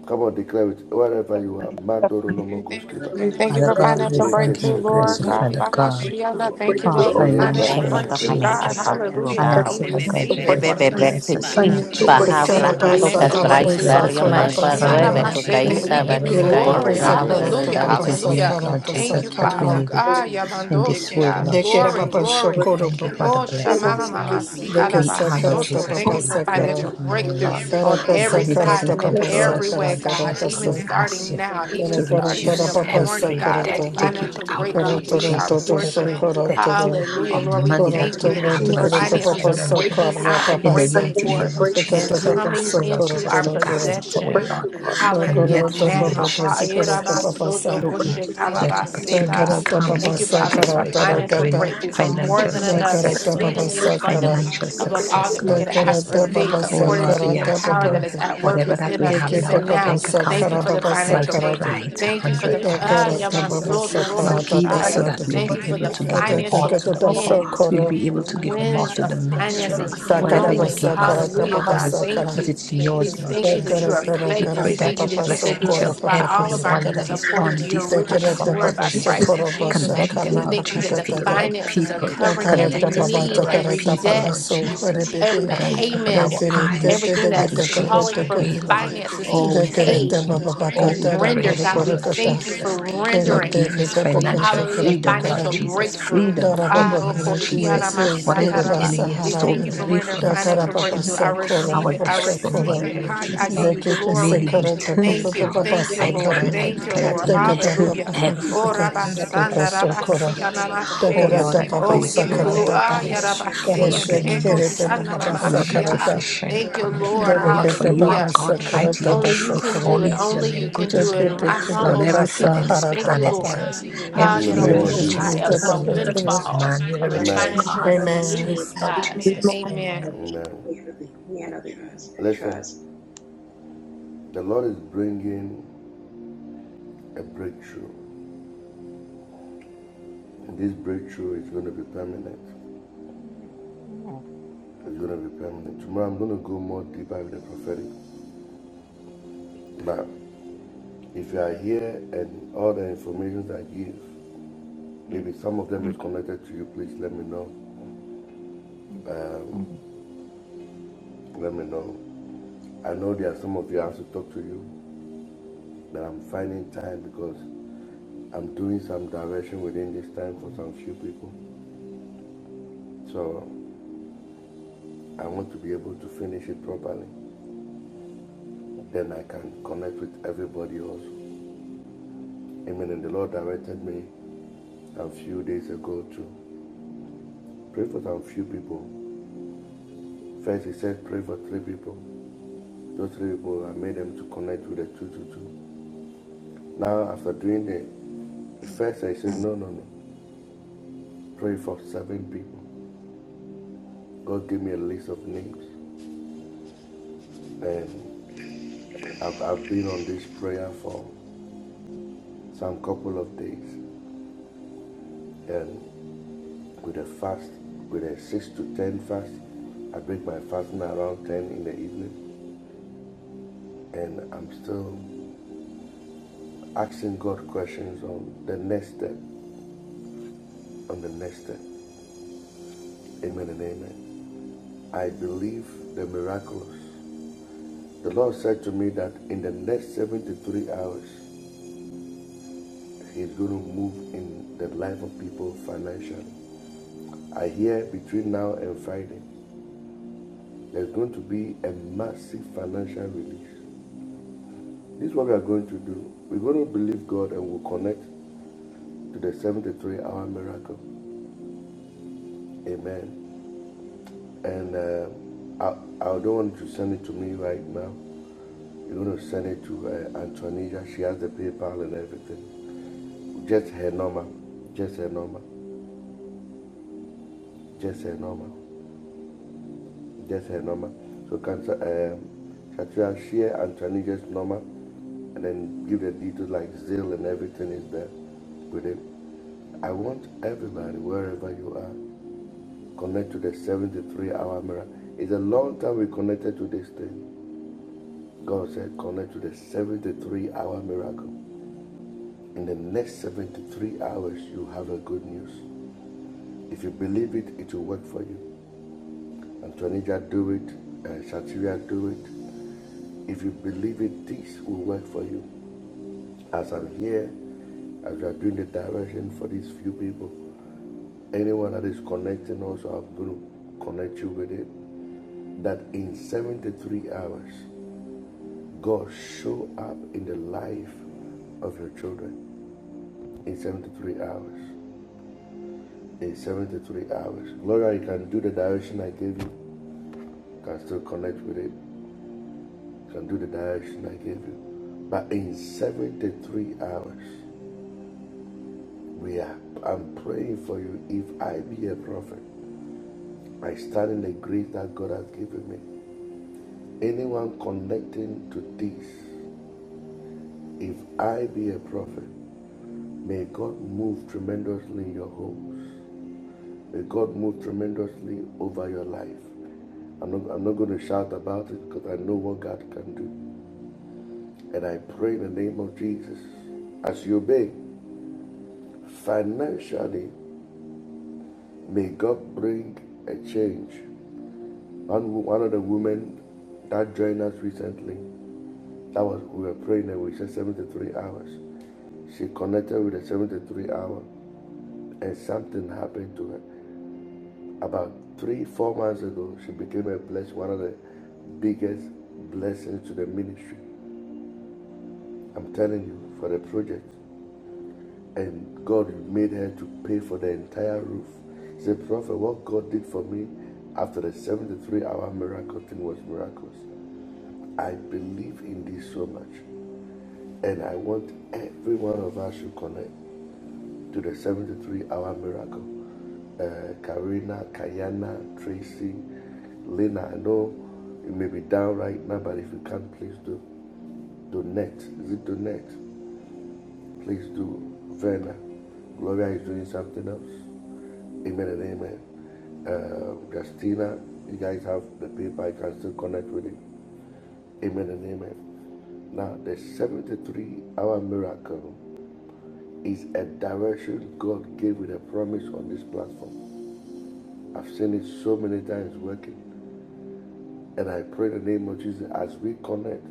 Speaker 3: Come on, declare it wherever you are.
Speaker 4: A
Speaker 3: Mandoro no
Speaker 4: financial
Speaker 3: Thank you, mokoskita.
Speaker 4: breakthrough,
Speaker 11: We
Speaker 4: Lord
Speaker 11: thank you
Speaker 5: Father
Speaker 11: for
Speaker 4: God, over
Speaker 5: God,
Speaker 4: my
Speaker 5: we
Speaker 11: financial
Speaker 4: life.
Speaker 3: Make a
Speaker 5: thank you,
Speaker 11: breakthrough,
Speaker 5: we
Speaker 3: shetori
Speaker 5: bless
Speaker 11: Lord
Speaker 5: you,
Speaker 3: breakfast.
Speaker 11: God.
Speaker 5: Father
Speaker 11: By
Speaker 5: God,
Speaker 4: Financial
Speaker 11: thank you,
Speaker 5: for our
Speaker 4: Breakthrough
Speaker 11: Lord, for
Speaker 4: over
Speaker 3: Lehe
Speaker 4: my life,
Speaker 11: financial
Speaker 5: financial
Speaker 3: praka
Speaker 1: Thank you
Speaker 5: Lord
Speaker 4: Lord
Speaker 1: for
Speaker 11: breakthrough,
Speaker 4: God.
Speaker 3: shetori Oh
Speaker 11: God.
Speaker 1: financial
Speaker 5: Jesus.
Speaker 1: breakthrough, oh
Speaker 4: Just
Speaker 11: Hallelujah,
Speaker 5: I
Speaker 1: God.
Speaker 11: God.
Speaker 5: ask
Speaker 4: A
Speaker 11: We
Speaker 5: you, Lord God
Speaker 4: financial
Speaker 11: receive it,
Speaker 5: Jesus,
Speaker 1: Bebe
Speaker 11: Lord. I
Speaker 5: to
Speaker 4: breakthrough
Speaker 1: bebe
Speaker 5: bless
Speaker 11: receive
Speaker 5: us,
Speaker 11: it.
Speaker 1: kukui
Speaker 5: Lord
Speaker 4: financial
Speaker 11: We
Speaker 1: baja
Speaker 4: breakthrough.
Speaker 5: Jesus.
Speaker 4: In
Speaker 11: receive
Speaker 13: Pekara
Speaker 11: it.
Speaker 4: the
Speaker 13: ba
Speaker 4: name
Speaker 1: brahoto
Speaker 5: Lord
Speaker 11: Financial
Speaker 13: sakara ba
Speaker 1: kasbrai
Speaker 5: Jesus,
Speaker 11: breakthrough.
Speaker 5: let us
Speaker 1: barrio mae
Speaker 13: sokora ba
Speaker 4: of Jesus.
Speaker 5: multiply,
Speaker 1: parue
Speaker 11: Akabashiana
Speaker 5: Lord
Speaker 13: sakara.
Speaker 4: Yes, Lord
Speaker 11: masete.
Speaker 5: Jesus,
Speaker 11: We
Speaker 1: bekukaisa
Speaker 11: give
Speaker 5: whatever
Speaker 11: you
Speaker 5: we
Speaker 13: Kere
Speaker 5: have,
Speaker 1: bekukai
Speaker 13: pepe
Speaker 11: glory.
Speaker 4: God.
Speaker 6: I
Speaker 5: Lord.
Speaker 1: brano
Speaker 3: it.
Speaker 13: sakara ta
Speaker 11: Hallelujah.
Speaker 13: baba
Speaker 5: It
Speaker 1: evedako.
Speaker 5: is
Speaker 11: Hallelujah.
Speaker 5: yours,
Speaker 13: sakara
Speaker 5: Lord
Speaker 13: ta
Speaker 11: Thank
Speaker 5: Jesus,
Speaker 11: you,
Speaker 5: but we
Speaker 13: sakara.
Speaker 11: Father.
Speaker 5: need
Speaker 11: Ah,
Speaker 5: it in
Speaker 3: De
Speaker 5: this
Speaker 3: que era
Speaker 5: world,
Speaker 11: yabandosia.
Speaker 3: papa
Speaker 5: Lord
Speaker 13: Nekere
Speaker 11: Glory,
Speaker 13: baba
Speaker 5: Jesus.
Speaker 3: shokoro. De
Speaker 5: We
Speaker 11: glory.
Speaker 13: shokoro
Speaker 5: thank you
Speaker 13: bo.
Speaker 5: for the
Speaker 11: Oh, shamama
Speaker 5: blessings,
Speaker 3: que
Speaker 11: mama
Speaker 5: Lord.
Speaker 11: si
Speaker 3: sakara
Speaker 13: Deke
Speaker 5: We are,
Speaker 3: papa
Speaker 5: Lord
Speaker 13: sakara ta
Speaker 11: alabasoto.
Speaker 5: Jesus,
Speaker 11: Thank
Speaker 13: baba
Speaker 5: the
Speaker 11: you for
Speaker 5: magnet
Speaker 13: sakara.
Speaker 11: financial
Speaker 5: of
Speaker 3: surrender,
Speaker 5: money,
Speaker 3: on
Speaker 11: breakthrough
Speaker 5: Lord.
Speaker 3: every
Speaker 11: on
Speaker 13: Karata
Speaker 3: side,
Speaker 11: every
Speaker 5: Money
Speaker 3: in
Speaker 13: sakara
Speaker 11: God,
Speaker 13: ta
Speaker 5: doesn't
Speaker 11: and
Speaker 3: every
Speaker 6: know
Speaker 11: in
Speaker 13: baba
Speaker 3: way,
Speaker 4: Yes,
Speaker 5: control
Speaker 4: Lord,
Speaker 3: God,
Speaker 11: every
Speaker 5: us,
Speaker 11: way,
Speaker 13: sakara
Speaker 5: Lord
Speaker 13: ta
Speaker 3: even
Speaker 11: God,
Speaker 5: Jesus. Lord,
Speaker 11: even
Speaker 3: starting
Speaker 13: rakasa.
Speaker 5: we
Speaker 3: now,
Speaker 5: ask
Speaker 11: starting
Speaker 5: you
Speaker 3: even
Speaker 11: now,
Speaker 3: starting in
Speaker 11: even
Speaker 13: Tara
Speaker 5: to
Speaker 3: our
Speaker 13: kara
Speaker 11: starting in
Speaker 13: tara
Speaker 3: church,
Speaker 11: the
Speaker 5: reduce
Speaker 13: papa
Speaker 3: God, may
Speaker 11: morning,
Speaker 5: every
Speaker 13: sakara
Speaker 11: God, may
Speaker 5: debt.
Speaker 13: ta.
Speaker 3: financial
Speaker 5: Take
Speaker 4: Mama,
Speaker 5: it
Speaker 3: breakthrough
Speaker 11: financial
Speaker 4: Lord
Speaker 3: be
Speaker 5: out,
Speaker 3: our
Speaker 4: God.
Speaker 11: breakthrough
Speaker 5: Lord
Speaker 11: be
Speaker 13: Korotoro
Speaker 11: our
Speaker 5: Jesus.
Speaker 13: toto
Speaker 4: Yes,
Speaker 3: portion.
Speaker 13: so
Speaker 11: portion.
Speaker 5: Every
Speaker 4: Lord
Speaker 3: Hallelujah.
Speaker 5: debt
Speaker 3: Lord,
Speaker 13: korotoro.
Speaker 3: we
Speaker 11: Hallelujah.
Speaker 5: of
Speaker 3: thank you
Speaker 11: Lord,
Speaker 3: that
Speaker 11: we
Speaker 3: it's
Speaker 5: money that
Speaker 3: the
Speaker 11: thank you
Speaker 5: we
Speaker 13: Koroto
Speaker 4: yes,
Speaker 11: that as
Speaker 5: have,
Speaker 13: bote
Speaker 3: finances
Speaker 5: Lord
Speaker 4: Lord
Speaker 3: that's
Speaker 13: korota
Speaker 4: God.
Speaker 5: Jesus,
Speaker 4: my
Speaker 11: finances
Speaker 13: papa
Speaker 3: bringing
Speaker 11: are
Speaker 3: our In
Speaker 13: so
Speaker 4: Savior.
Speaker 5: financially.
Speaker 11: breaking
Speaker 13: korra
Speaker 11: out
Speaker 3: the breakthrough.
Speaker 11: and
Speaker 5: In
Speaker 13: papa
Speaker 3: mighty
Speaker 5: the
Speaker 3: We're name
Speaker 13: se.
Speaker 11: breaking
Speaker 3: of
Speaker 5: mighty
Speaker 3: thank you for
Speaker 4: Financial
Speaker 11: forth
Speaker 5: name of
Speaker 3: Jesus, the I
Speaker 4: breakthrough,
Speaker 3: so
Speaker 11: and
Speaker 13: Dekota
Speaker 5: Jesus,
Speaker 3: increase call
Speaker 5: I
Speaker 3: of
Speaker 13: papa
Speaker 4: financial
Speaker 3: it our
Speaker 5: ask
Speaker 11: coming
Speaker 4: breakthrough,
Speaker 5: you,
Speaker 13: so
Speaker 3: to
Speaker 5: Lord
Speaker 11: into
Speaker 5: Jesus,
Speaker 11: our
Speaker 5: to
Speaker 13: korotoro koro.
Speaker 5: cast
Speaker 3: possession.
Speaker 5: it
Speaker 4: financial
Speaker 5: away,
Speaker 11: possession.
Speaker 5: Lord,
Speaker 4: breakthrough,
Speaker 3: Hallelujah.
Speaker 4: Lord
Speaker 3: In the
Speaker 13: Do
Speaker 4: God.
Speaker 3: name
Speaker 5: and
Speaker 11: Hallelujah.
Speaker 4: My
Speaker 3: of
Speaker 5: let
Speaker 4: life,
Speaker 13: koroto
Speaker 4: Lord
Speaker 13: papa
Speaker 11: Now.
Speaker 5: financial
Speaker 13: kase
Speaker 3: Jesus.
Speaker 13: korota
Speaker 3: Thank
Speaker 4: God.
Speaker 5: success
Speaker 13: papa
Speaker 3: you,
Speaker 4: Financial
Speaker 13: sa.
Speaker 5: flow
Speaker 3: Father,
Speaker 5: in.
Speaker 4: breakthrough, Lord God.
Speaker 5: Let
Speaker 13: Da
Speaker 3: for
Speaker 5: opportunity
Speaker 4: Financial
Speaker 13: karata
Speaker 4: breakthrough,
Speaker 5: comes,
Speaker 13: papa
Speaker 11: Thank
Speaker 3: financial
Speaker 11: you,
Speaker 5: Lord
Speaker 13: sa
Speaker 11: Father,
Speaker 5: Jesus, for
Speaker 11: for
Speaker 5: it shall
Speaker 13: karatara
Speaker 3: breakthrough,
Speaker 11: financial
Speaker 3: for
Speaker 5: bring
Speaker 13: kata
Speaker 3: more
Speaker 11: breakthrough
Speaker 3: than
Speaker 11: for
Speaker 3: enough,
Speaker 11: more
Speaker 5: financial
Speaker 11: than
Speaker 13: Da
Speaker 3: exceeding
Speaker 11: enough,
Speaker 5: success
Speaker 3: and
Speaker 13: karata
Speaker 5: to
Speaker 13: papa
Speaker 5: us.
Speaker 11: exceedingly and
Speaker 13: sa
Speaker 3: abundantly. So,
Speaker 13: kara.
Speaker 11: abundantly
Speaker 5: Financial
Speaker 3: Father, we
Speaker 11: above
Speaker 3: can
Speaker 11: all
Speaker 5: success,
Speaker 11: that
Speaker 3: ask
Speaker 11: we
Speaker 3: for
Speaker 13: Da
Speaker 11: could
Speaker 5: Lord
Speaker 11: ask
Speaker 3: faith
Speaker 11: or
Speaker 13: karata
Speaker 5: Jesus.
Speaker 3: according
Speaker 11: think,
Speaker 13: papa
Speaker 3: to your
Speaker 5: Oh
Speaker 13: sa
Speaker 11: according
Speaker 3: power
Speaker 5: Lord,
Speaker 11: to
Speaker 3: that
Speaker 5: we
Speaker 3: is
Speaker 11: your
Speaker 13: karata
Speaker 3: at
Speaker 5: ask you,
Speaker 3: work
Speaker 11: power
Speaker 13: papa.
Speaker 11: that
Speaker 5: Lord,
Speaker 3: within
Speaker 11: is
Speaker 3: us
Speaker 11: at work
Speaker 5: whatever
Speaker 3: even
Speaker 5: that
Speaker 11: within
Speaker 5: we
Speaker 11: us
Speaker 3: now.
Speaker 5: have in
Speaker 13: Dekete
Speaker 5: our
Speaker 11: even
Speaker 13: papa
Speaker 11: now.
Speaker 5: bank
Speaker 13: sa
Speaker 11: Thank
Speaker 5: account,
Speaker 11: you
Speaker 13: kara
Speaker 11: for
Speaker 5: Lord,
Speaker 11: the
Speaker 13: papa sa
Speaker 3: We
Speaker 11: financial
Speaker 3: thank you for divine favor. Thank you
Speaker 13: karata.
Speaker 5: multiply
Speaker 11: breakthrough.
Speaker 3: for
Speaker 5: it a
Speaker 3: the
Speaker 11: Thank you for
Speaker 3: ah,
Speaker 5: hundred
Speaker 11: the
Speaker 13: Da
Speaker 5: times,
Speaker 11: ah,
Speaker 5: Lord
Speaker 13: karata
Speaker 3: Yamasoro
Speaker 13: papa
Speaker 4: hallelujah.
Speaker 5: Jesus.
Speaker 11: Yamaso
Speaker 13: sa
Speaker 11: Dorobo
Speaker 5: Lord,
Speaker 13: karata
Speaker 5: give
Speaker 13: ta
Speaker 5: us
Speaker 3: Thank
Speaker 5: so
Speaker 11: Shaya.
Speaker 13: sa
Speaker 3: you for the financial
Speaker 5: that
Speaker 13: da.
Speaker 3: wins, wins
Speaker 4: Financial
Speaker 5: we'll
Speaker 3: of
Speaker 11: Thank
Speaker 5: be
Speaker 11: you for
Speaker 4: breakthrough,
Speaker 5: able
Speaker 11: the
Speaker 5: to give
Speaker 3: finances,
Speaker 13: Ata ta
Speaker 5: more
Speaker 11: financial
Speaker 5: to
Speaker 13: kata
Speaker 5: the
Speaker 4: Lord
Speaker 5: poor.
Speaker 13: so
Speaker 11: winds.
Speaker 5: We'll
Speaker 13: koro.
Speaker 5: be
Speaker 11: The
Speaker 5: able to
Speaker 4: God.
Speaker 5: give
Speaker 4: Lord
Speaker 5: more
Speaker 4: God.
Speaker 11: winds
Speaker 5: to
Speaker 11: of
Speaker 5: the ministry,
Speaker 4: The
Speaker 5: Lord.
Speaker 11: finances
Speaker 4: Financial
Speaker 5: Whatever
Speaker 13: Sakara
Speaker 3: wins.
Speaker 5: you
Speaker 11: blowing.
Speaker 5: give,
Speaker 4: increase,
Speaker 3: Hallelujah.
Speaker 5: Lord,
Speaker 3: Father,
Speaker 5: is
Speaker 4: in
Speaker 13: karata
Speaker 5: not
Speaker 4: my
Speaker 11: Hallelujah,
Speaker 4: life,
Speaker 11: God.
Speaker 3: thank
Speaker 5: ours,
Speaker 3: you
Speaker 4: Lord
Speaker 11: Thank
Speaker 5: but
Speaker 13: me pepe
Speaker 11: you.
Speaker 5: it's
Speaker 11: We
Speaker 5: yours, Lord
Speaker 3: manifestations, your
Speaker 11: thank you that you
Speaker 13: kasa
Speaker 11: are
Speaker 5: Jesus.
Speaker 3: favorite
Speaker 5: We
Speaker 11: faithful.
Speaker 5: pray
Speaker 11: We
Speaker 13: karata
Speaker 11: thank
Speaker 5: that
Speaker 11: you
Speaker 5: you
Speaker 11: that
Speaker 3: manifestation,
Speaker 11: you
Speaker 5: bless
Speaker 13: papaso
Speaker 11: said
Speaker 3: and
Speaker 11: you'll
Speaker 5: each
Speaker 3: all
Speaker 13: kora
Speaker 5: and
Speaker 3: of our
Speaker 11: supply all
Speaker 5: every
Speaker 3: needs
Speaker 11: of
Speaker 13: papapasa
Speaker 11: our
Speaker 5: one
Speaker 3: according
Speaker 11: needs
Speaker 5: that
Speaker 3: to your
Speaker 13: kara.
Speaker 5: is
Speaker 3: riches
Speaker 11: according
Speaker 5: on
Speaker 11: to your
Speaker 3: and
Speaker 5: this
Speaker 11: riches
Speaker 13: Dara
Speaker 11: and
Speaker 5: platform,
Speaker 11: glory
Speaker 5: Lord
Speaker 3: Christ,
Speaker 13: papa
Speaker 11: by
Speaker 5: Jesus.
Speaker 11: Christ
Speaker 3: connected with
Speaker 11: Jesus.
Speaker 5: Connect
Speaker 3: things
Speaker 13: kara
Speaker 3: that
Speaker 5: them,
Speaker 11: We
Speaker 5: Lord
Speaker 3: the
Speaker 11: thank you that
Speaker 5: Jesus,
Speaker 11: the
Speaker 5: to the
Speaker 3: finances
Speaker 13: papakatata.
Speaker 5: right
Speaker 3: uncover
Speaker 11: finances are
Speaker 3: every
Speaker 5: people.
Speaker 11: covering every
Speaker 13: Nakarata
Speaker 5: Connect us
Speaker 3: every
Speaker 5: to the
Speaker 13: babata
Speaker 11: need,
Speaker 5: right
Speaker 3: debt,
Speaker 11: every
Speaker 13: karata
Speaker 5: people,
Speaker 11: debt
Speaker 5: Lord
Speaker 3: Jesus,
Speaker 13: papaso
Speaker 3: every
Speaker 13: hore
Speaker 5: Jesus,
Speaker 11: every
Speaker 13: bebe.
Speaker 5: that
Speaker 3: payment,
Speaker 5: will open our
Speaker 11: payment,
Speaker 3: everything that
Speaker 13: Tekerete
Speaker 5: eyes,
Speaker 3: is
Speaker 11: everything
Speaker 5: that will
Speaker 3: flowing
Speaker 11: that's
Speaker 13: tegete
Speaker 3: through your
Speaker 5: show us
Speaker 11: calling
Speaker 13: papata
Speaker 5: the
Speaker 11: for
Speaker 13: kara.
Speaker 5: way,
Speaker 3: finances
Speaker 5: Lord.
Speaker 3: to
Speaker 11: finances
Speaker 3: pay
Speaker 11: to
Speaker 5: Oh, we
Speaker 3: what
Speaker 11: pay
Speaker 13: Tekerete
Speaker 5: thank you.
Speaker 11: to
Speaker 3: we
Speaker 5: Oh,
Speaker 11: be
Speaker 5: we
Speaker 13: papapakata na
Speaker 11: rendered.
Speaker 13: kora
Speaker 5: praise you,
Speaker 11: God, we
Speaker 13: kora
Speaker 3: you
Speaker 5: Lord
Speaker 11: thank
Speaker 13: kata.
Speaker 3: for
Speaker 11: you
Speaker 5: Jesus.
Speaker 11: for
Speaker 3: rendering
Speaker 5: Lord,
Speaker 11: rendering.
Speaker 13: Kerete
Speaker 5: give us financial
Speaker 13: bebekasa
Speaker 11: Hallelujah.
Speaker 13: karata
Speaker 5: freedom, Lord
Speaker 3: breakthrough.
Speaker 11: Financial
Speaker 13: kara.
Speaker 3: Linda da
Speaker 5: Jesus.
Speaker 3: Ah, baba
Speaker 11: breakthrough.
Speaker 5: Freedom,
Speaker 3: Rokoshi,
Speaker 13: Dara
Speaker 11: Ah,
Speaker 3: kuchini na,
Speaker 5: freedom, Lord
Speaker 13: babakara
Speaker 5: Jesus.
Speaker 11: rokoshiana
Speaker 3: in
Speaker 13: yese
Speaker 3: the name
Speaker 5: Whatever
Speaker 13: kere
Speaker 5: the
Speaker 3: of Jesus,
Speaker 11: masataraba.
Speaker 5: enemy has
Speaker 11: We
Speaker 13: basahara.
Speaker 11: thank
Speaker 5: stolen
Speaker 11: you for
Speaker 5: away
Speaker 11: rendering
Speaker 5: from us,
Speaker 13: Dakara
Speaker 11: financial
Speaker 5: Lord
Speaker 13: papa
Speaker 11: breakthrough.
Speaker 3: our
Speaker 11: I
Speaker 5: Jesus.
Speaker 3: baba
Speaker 13: sakora
Speaker 11: receive
Speaker 5: Our
Speaker 11: it. I
Speaker 3: disappointment.
Speaker 5: destiny,
Speaker 13: papa
Speaker 3: shasara
Speaker 11: receive
Speaker 3: Hi,
Speaker 11: it.
Speaker 5: whatever it
Speaker 11: Hi, I
Speaker 5: is,
Speaker 11: give
Speaker 5: Lord.
Speaker 11: you
Speaker 13: Dekete
Speaker 5: May
Speaker 11: glory.
Speaker 5: He
Speaker 13: sakara da ba
Speaker 5: return it,
Speaker 13: ba
Speaker 11: Thank
Speaker 13: ba
Speaker 11: you.
Speaker 13: ba
Speaker 5: Lord.
Speaker 13: ba
Speaker 11: Thank you,
Speaker 5: I
Speaker 11: Lord.
Speaker 5: decree
Speaker 13: sakara.
Speaker 5: and I
Speaker 11: Thank you,
Speaker 5: declare that
Speaker 11: Lord.
Speaker 5: He
Speaker 13: Dekata ba
Speaker 5: return
Speaker 3: Oh,
Speaker 13: ba
Speaker 11: Hallelujah.
Speaker 13: ba
Speaker 11: Oh,
Speaker 5: everything
Speaker 3: so
Speaker 5: that He has
Speaker 13: sakata
Speaker 11: Rabasanda,
Speaker 5: stolen
Speaker 13: sakara.
Speaker 11: Rabasi,
Speaker 5: from us.
Speaker 3: Oh,
Speaker 5: Oh,
Speaker 13: Dekara
Speaker 11: Anamashea.
Speaker 5: Lord,
Speaker 13: da
Speaker 5: I
Speaker 13: ba
Speaker 11: Oh,
Speaker 13: ba
Speaker 11: we
Speaker 5: praise
Speaker 11: give
Speaker 5: you.
Speaker 3: Ah,
Speaker 5: Oh,
Speaker 11: you
Speaker 5: Lord,
Speaker 13: sakara
Speaker 11: glory.
Speaker 5: I
Speaker 13: da
Speaker 11: Ah,
Speaker 13: ba.
Speaker 5: grace. Oh,
Speaker 13: Kara
Speaker 11: Yarabasi,
Speaker 5: Lord,
Speaker 11: and
Speaker 5: give
Speaker 11: the
Speaker 5: me
Speaker 11: echo,
Speaker 13: shekere da
Speaker 5: mercy.
Speaker 13: ba
Speaker 11: Shana
Speaker 13: ba ba
Speaker 5: O Lord, let
Speaker 13: sakara
Speaker 5: your
Speaker 11: Mamasia.
Speaker 13: da.
Speaker 5: face shine
Speaker 11: Thank you,
Speaker 5: upon me.
Speaker 11: Lord.
Speaker 5: O Lord, for
Speaker 13: Dekete
Speaker 5: you
Speaker 13: ba
Speaker 5: are
Speaker 13: ba
Speaker 11: Hallelujah.
Speaker 5: God,
Speaker 13: sakara
Speaker 5: mighty
Speaker 13: da
Speaker 5: and
Speaker 13: da
Speaker 11: Only you
Speaker 5: true.
Speaker 11: can
Speaker 13: sakara.
Speaker 11: do it.
Speaker 5: Holy is your
Speaker 11: Only
Speaker 5: name,
Speaker 11: you can
Speaker 5: great
Speaker 11: do
Speaker 5: is your
Speaker 11: it.
Speaker 5: name.
Speaker 11: And
Speaker 13: Dekete
Speaker 11: I
Speaker 13: kete
Speaker 5: Lord,
Speaker 11: humble
Speaker 5: everything
Speaker 11: myself
Speaker 5: on
Speaker 11: and
Speaker 5: this
Speaker 13: kasahara
Speaker 11: thank
Speaker 13: da
Speaker 11: you,
Speaker 13: ba
Speaker 5: planet is
Speaker 13: ba.
Speaker 11: Lord.
Speaker 5: yours.
Speaker 11: Ah,
Speaker 3: In the
Speaker 5: Everything, you're
Speaker 3: name of
Speaker 5: the
Speaker 3: Jesus,
Speaker 13: Dekete
Speaker 5: richest
Speaker 13: da
Speaker 11: Yeraboshaya, For
Speaker 13: da
Speaker 11: a
Speaker 5: person, you're
Speaker 13: da
Speaker 5: the
Speaker 13: da.
Speaker 5: richest
Speaker 11: windfall
Speaker 5: man, you're the
Speaker 11: of your
Speaker 5: richest
Speaker 11: financial
Speaker 5: God on this
Speaker 13: Amen.
Speaker 11: release,
Speaker 5: earth, Lord
Speaker 11: God.
Speaker 3: Amen.
Speaker 5: Jesus. Amen.
Speaker 11: Amen.
Speaker 3: Amen.
Speaker 6: that you
Speaker 3: Listen.
Speaker 6: does.
Speaker 3: The Lord is bringing a breakthrough, and this breakthrough is going to be permanent. It's going to be permanent. Tomorrow I'm going to go more deeper with the prophetic. But if you are here and all the information I give, maybe some of them is connected to you, please let me know. Let me know. I know there are some of you I have to talk to you, but I'm finding time because I'm doing some direction within this time for some few people. So I want to be able to finish it properly. Then I can connect with everybody also. Amen. And the Lord directed me a few days ago to pray for some few people. First, He said, pray for three people. Those three people, I made them to connect with the 222. Now, after doing the first, I said, no, no, no. Pray for seven people. God gave me a list of names. And I've, I've been on this prayer for some couple of days. And with a fast, with a 6 to 10 fast, I break my fasting around 10 in the evening. And I'm still asking God questions on the next step, on the next step. Amen and amen. I believe the miraculous. The Lord said to me that in the next 73 hours, He's going to move in the life of people financially. I hear between now and Friday, there's going to be a massive financial release. This is what we are going to do. We're going to believe God and we'll connect to the 73 hour miracle. Amen. And uh, I, I don't want you to send it to me right now. You're gonna send it to uh, Antonia. She has the PayPal and everything. Just her number. Just her number. Just her number. Just her number. So can um, Shatria share Antonia's number and then give the details like Zelle and everything is there with it. I want everybody, wherever you are, connect to the 73 hour mirror. It's a long time we connected to this thing. God said, connect to the 73 hour miracle. In the next 73 hours, you have a good news. If you believe it, it will work for you. Antonija, do it. Uh, Shatria, do it. If you believe it, this will work for you. As I'm here, as we are doing the direction for these few people, anyone that is connecting also, I'm going to connect you with it. That in 73 hours, God show up in the life of your children in 73 hours. in 73 hours. Gloria, you can do the direction I gave you, you can still connect with it, you can do the direction I gave you. But in 73 hours, we are, I'm praying for you. If I be a prophet, I stand in the grace that God has given me. Anyone connecting to this, if I be a prophet, may God move tremendously in your homes. May God move tremendously over your life. I'm not, I'm not going to shout about it because I know what God can do. And I pray in the name of Jesus, as you obey financially, may God bring a change. One, one of the women that joined us recently, that was we were praying and we said 73 hours. She connected with the 73 hour, and something happened to her. About three, four months ago, she became a blessed one of the biggest blessings to the ministry. I'm telling you, for the project. and God made her to pay for the entire roof. He said, Prophet, what God did for me after the 73 hour miracle thing was miraculous. I believe in this so much, and I want every one of us to connect to the 73 hour miracle. Uh, Karina, Kayana, Tracy, Lena, I know you may be down right now, but if you can, please do. Donate. Is it donate? Please do, Verna. Gloria is doing something else. Amen and amen. Uh, Justina, you guys have the paper. I can still connect with it. Amen and amen. Now, the 73 hour miracle is a direction God gave with a promise on this platform. I've seen it so many times working. And I pray in the name of Jesus as we connect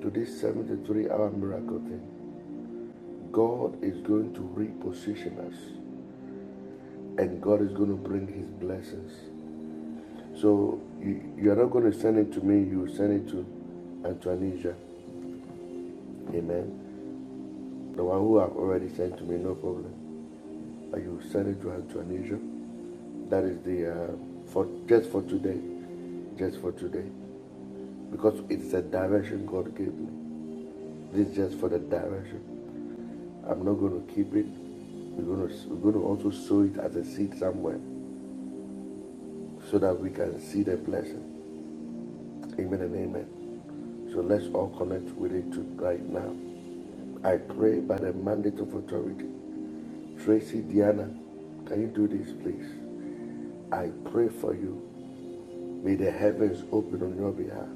Speaker 3: to this 73 hour miracle thing, God is going to reposition us. and God is going to bring His blessings. So you, you are not going to send it to me, you send it to Antoinesia. Amen. The one who i have already sent to me, no problem. But you send it to Antoinesia. That is the uh, for just for today, just for today, because it's the direction God gave me. This is just for the direction. I'm not going to keep it. We're going to we're going to also sow it as a seed somewhere, so that we can see the blessing. Amen and amen. So let's all connect with it right now. I pray by the mandate of authority. Tracy Diana, can you do this, please? I pray for you. May the heavens open on your behalf.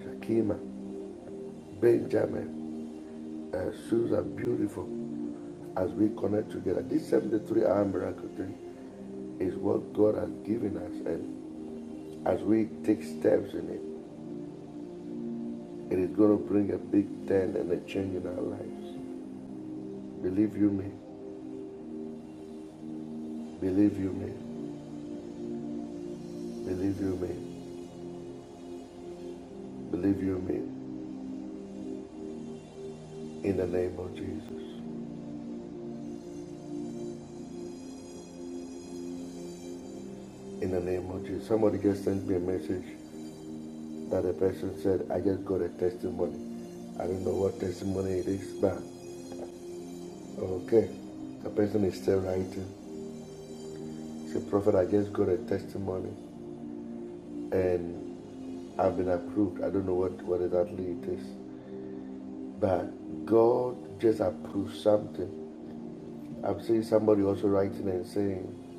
Speaker 3: Shakima, Benjamin, uh, Susan, beautiful. As we connect together, this 73 hour miracle thing is what God has given us. And as we take steps in it, it is going to bring a big turn and a change in our lives. Believe you me. Believe you me. Believe you me. Believe you me. In the name of Jesus. In the name of Jesus. Somebody just sent me a message that a person said, I just got a testimony. I don't know what testimony it is, but okay. The person is still writing. Say, Prophet, I just got a testimony and I've been approved. I don't know what, what exactly it is. But God just approved something. I'm seeing somebody also writing and saying,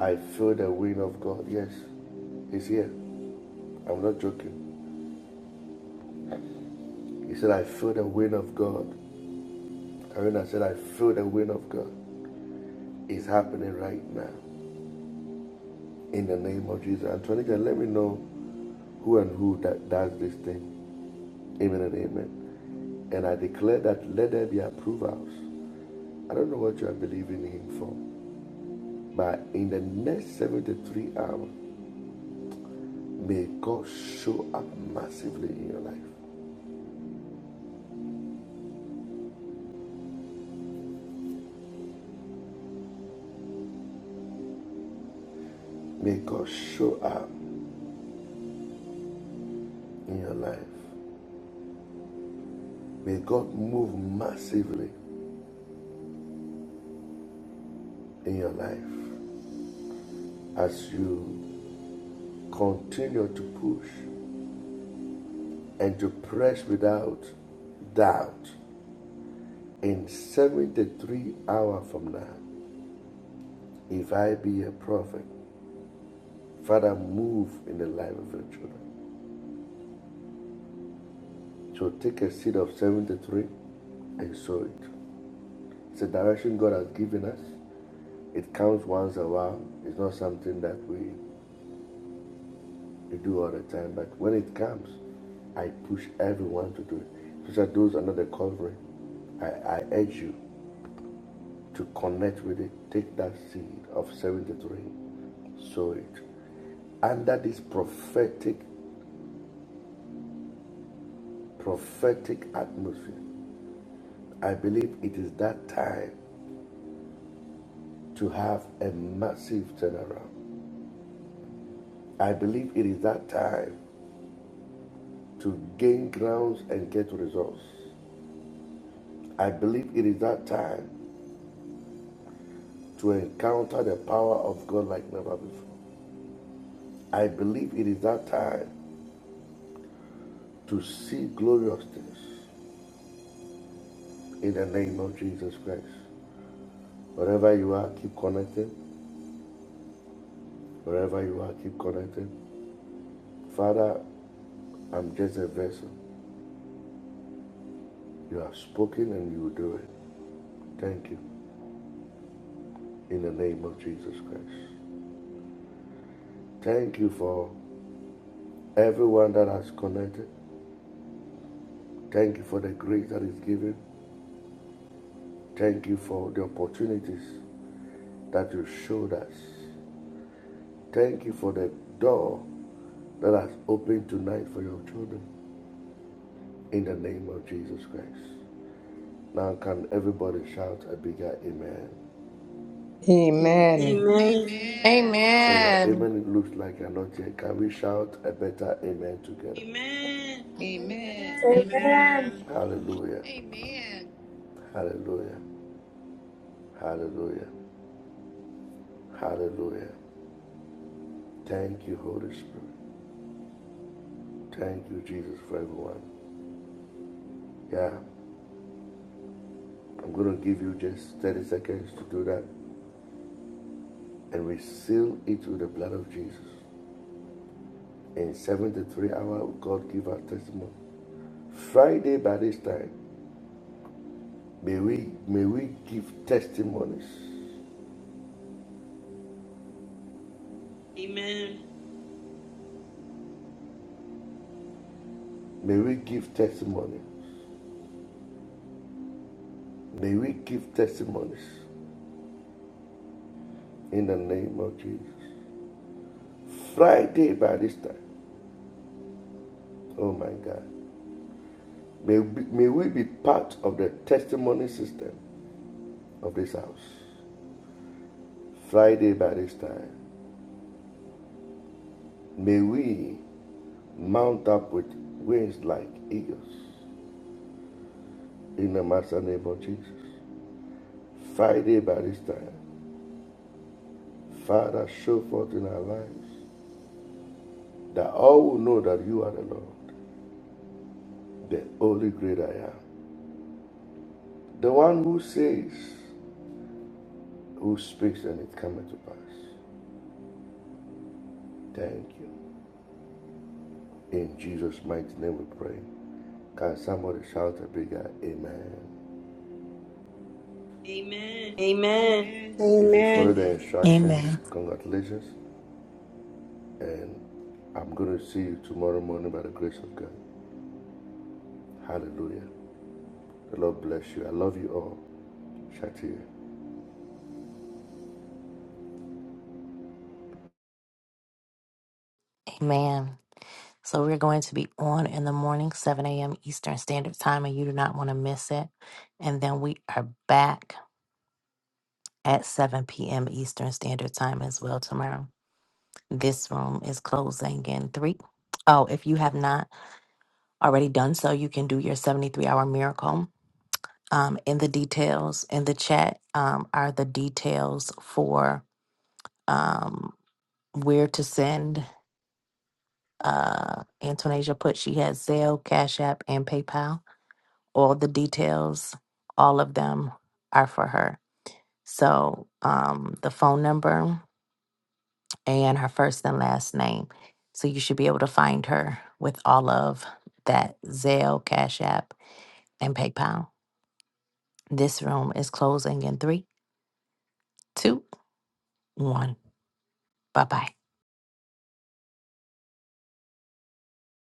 Speaker 3: I feel the wind of God. Yes, He's here. I'm not joking. He said, I feel the wind of God. Karina said, I feel the wind of God. It's happening right now. In the name of Jesus. Antoinette, let me know who and who that does this thing. Amen and amen. And I declare that let there be approvals. I don't know what you are believing him for, but in the next 73 hours, may God show up massively in your life. May God show up in your life. May God move massively in your life as you continue to push and to press without doubt. In 73 hours from now, if I be a prophet, Father, move in the life of your children. So take a seed of 73 and sow it. It's a direction God has given us. It comes once in a while. It's not something that we, we do all the time, but when it comes, I push everyone to do it. Those are those under the covering. I, I urge you to connect with it, take that seed of 73, sow it. Under this prophetic, prophetic atmosphere, I believe it is that time to have a massive turnaround. I believe it is that time to gain grounds and get results. I believe it is that time to encounter the power of God like never before. I believe it is that time to see glorious things in the name of Jesus Christ. Wherever you are, keep connected. Wherever you are, keep connected. Father, I'm just a vessel. You have spoken and you will do it. Thank you in the name of Jesus Christ. Thank you for everyone that has connected. Thank you for the grace that is given. Thank you for the opportunities that you showed us. Thank you for the door that has opened tonight for your children in the name of Jesus Christ. Now, can everybody shout a bigger amen?
Speaker 5: Amen.
Speaker 4: Amen.
Speaker 3: Oh, your
Speaker 11: Amen.
Speaker 3: amen looks like you're not here. Can we shout a better amen together?
Speaker 12: Amen.
Speaker 3: Hallelujah. Amen. Hallelujah. Hallelujah. Hallelujah. Thank you, Holy Spirit. Thank you, Jesus, for everyone. Yeah, I'm going to give you just 30 seconds to do that. And we seal it with the blood of Jesus. In 73 hours, God give our testimony. Friday by this time, may we may we give testimonies. May we give testimony. May we give testimonies in the name of Jesus. Friday by this time, oh my God, may we, may we be part of the testimony system of this house. Friday by this time, may we mount up with wings like eagles in the master name of Jesus. Friday by this time, Father, show forth in our lives that all will know that you are the Lord, the only great I am. The one who says, Who speaks and it cometh to pass? Thank you. In Jesus' mighty name we pray. Can somebody shout a bigger amen?
Speaker 4: Amen.
Speaker 3: If you follow the instructions,
Speaker 14: Amen.
Speaker 3: congratulations. And I'm going to see you tomorrow morning by the grace of God. Hallelujah. The Lord bless you. I love you all. Shatir.
Speaker 1: Amen. So we're going to be on in the morning, 7 a.m. Eastern Standard Time, and you do not want to miss it. And then we are back at 7 p.m. Eastern Standard Time as well tomorrow. This room is closing in three. Oh, if you have not already done so, you can do your 73 hour miracle um, in the details in the chat um, are the details for um, where to send. Uh, Antonasia put she has Zelle, Cash App, and PayPal. All the details, all of them are for her. So um, the phone number and her first and last name. So you should be able to find her with all of that Zelle, Cash App, and PayPal. This room is closing in three, two, one. Bye bye.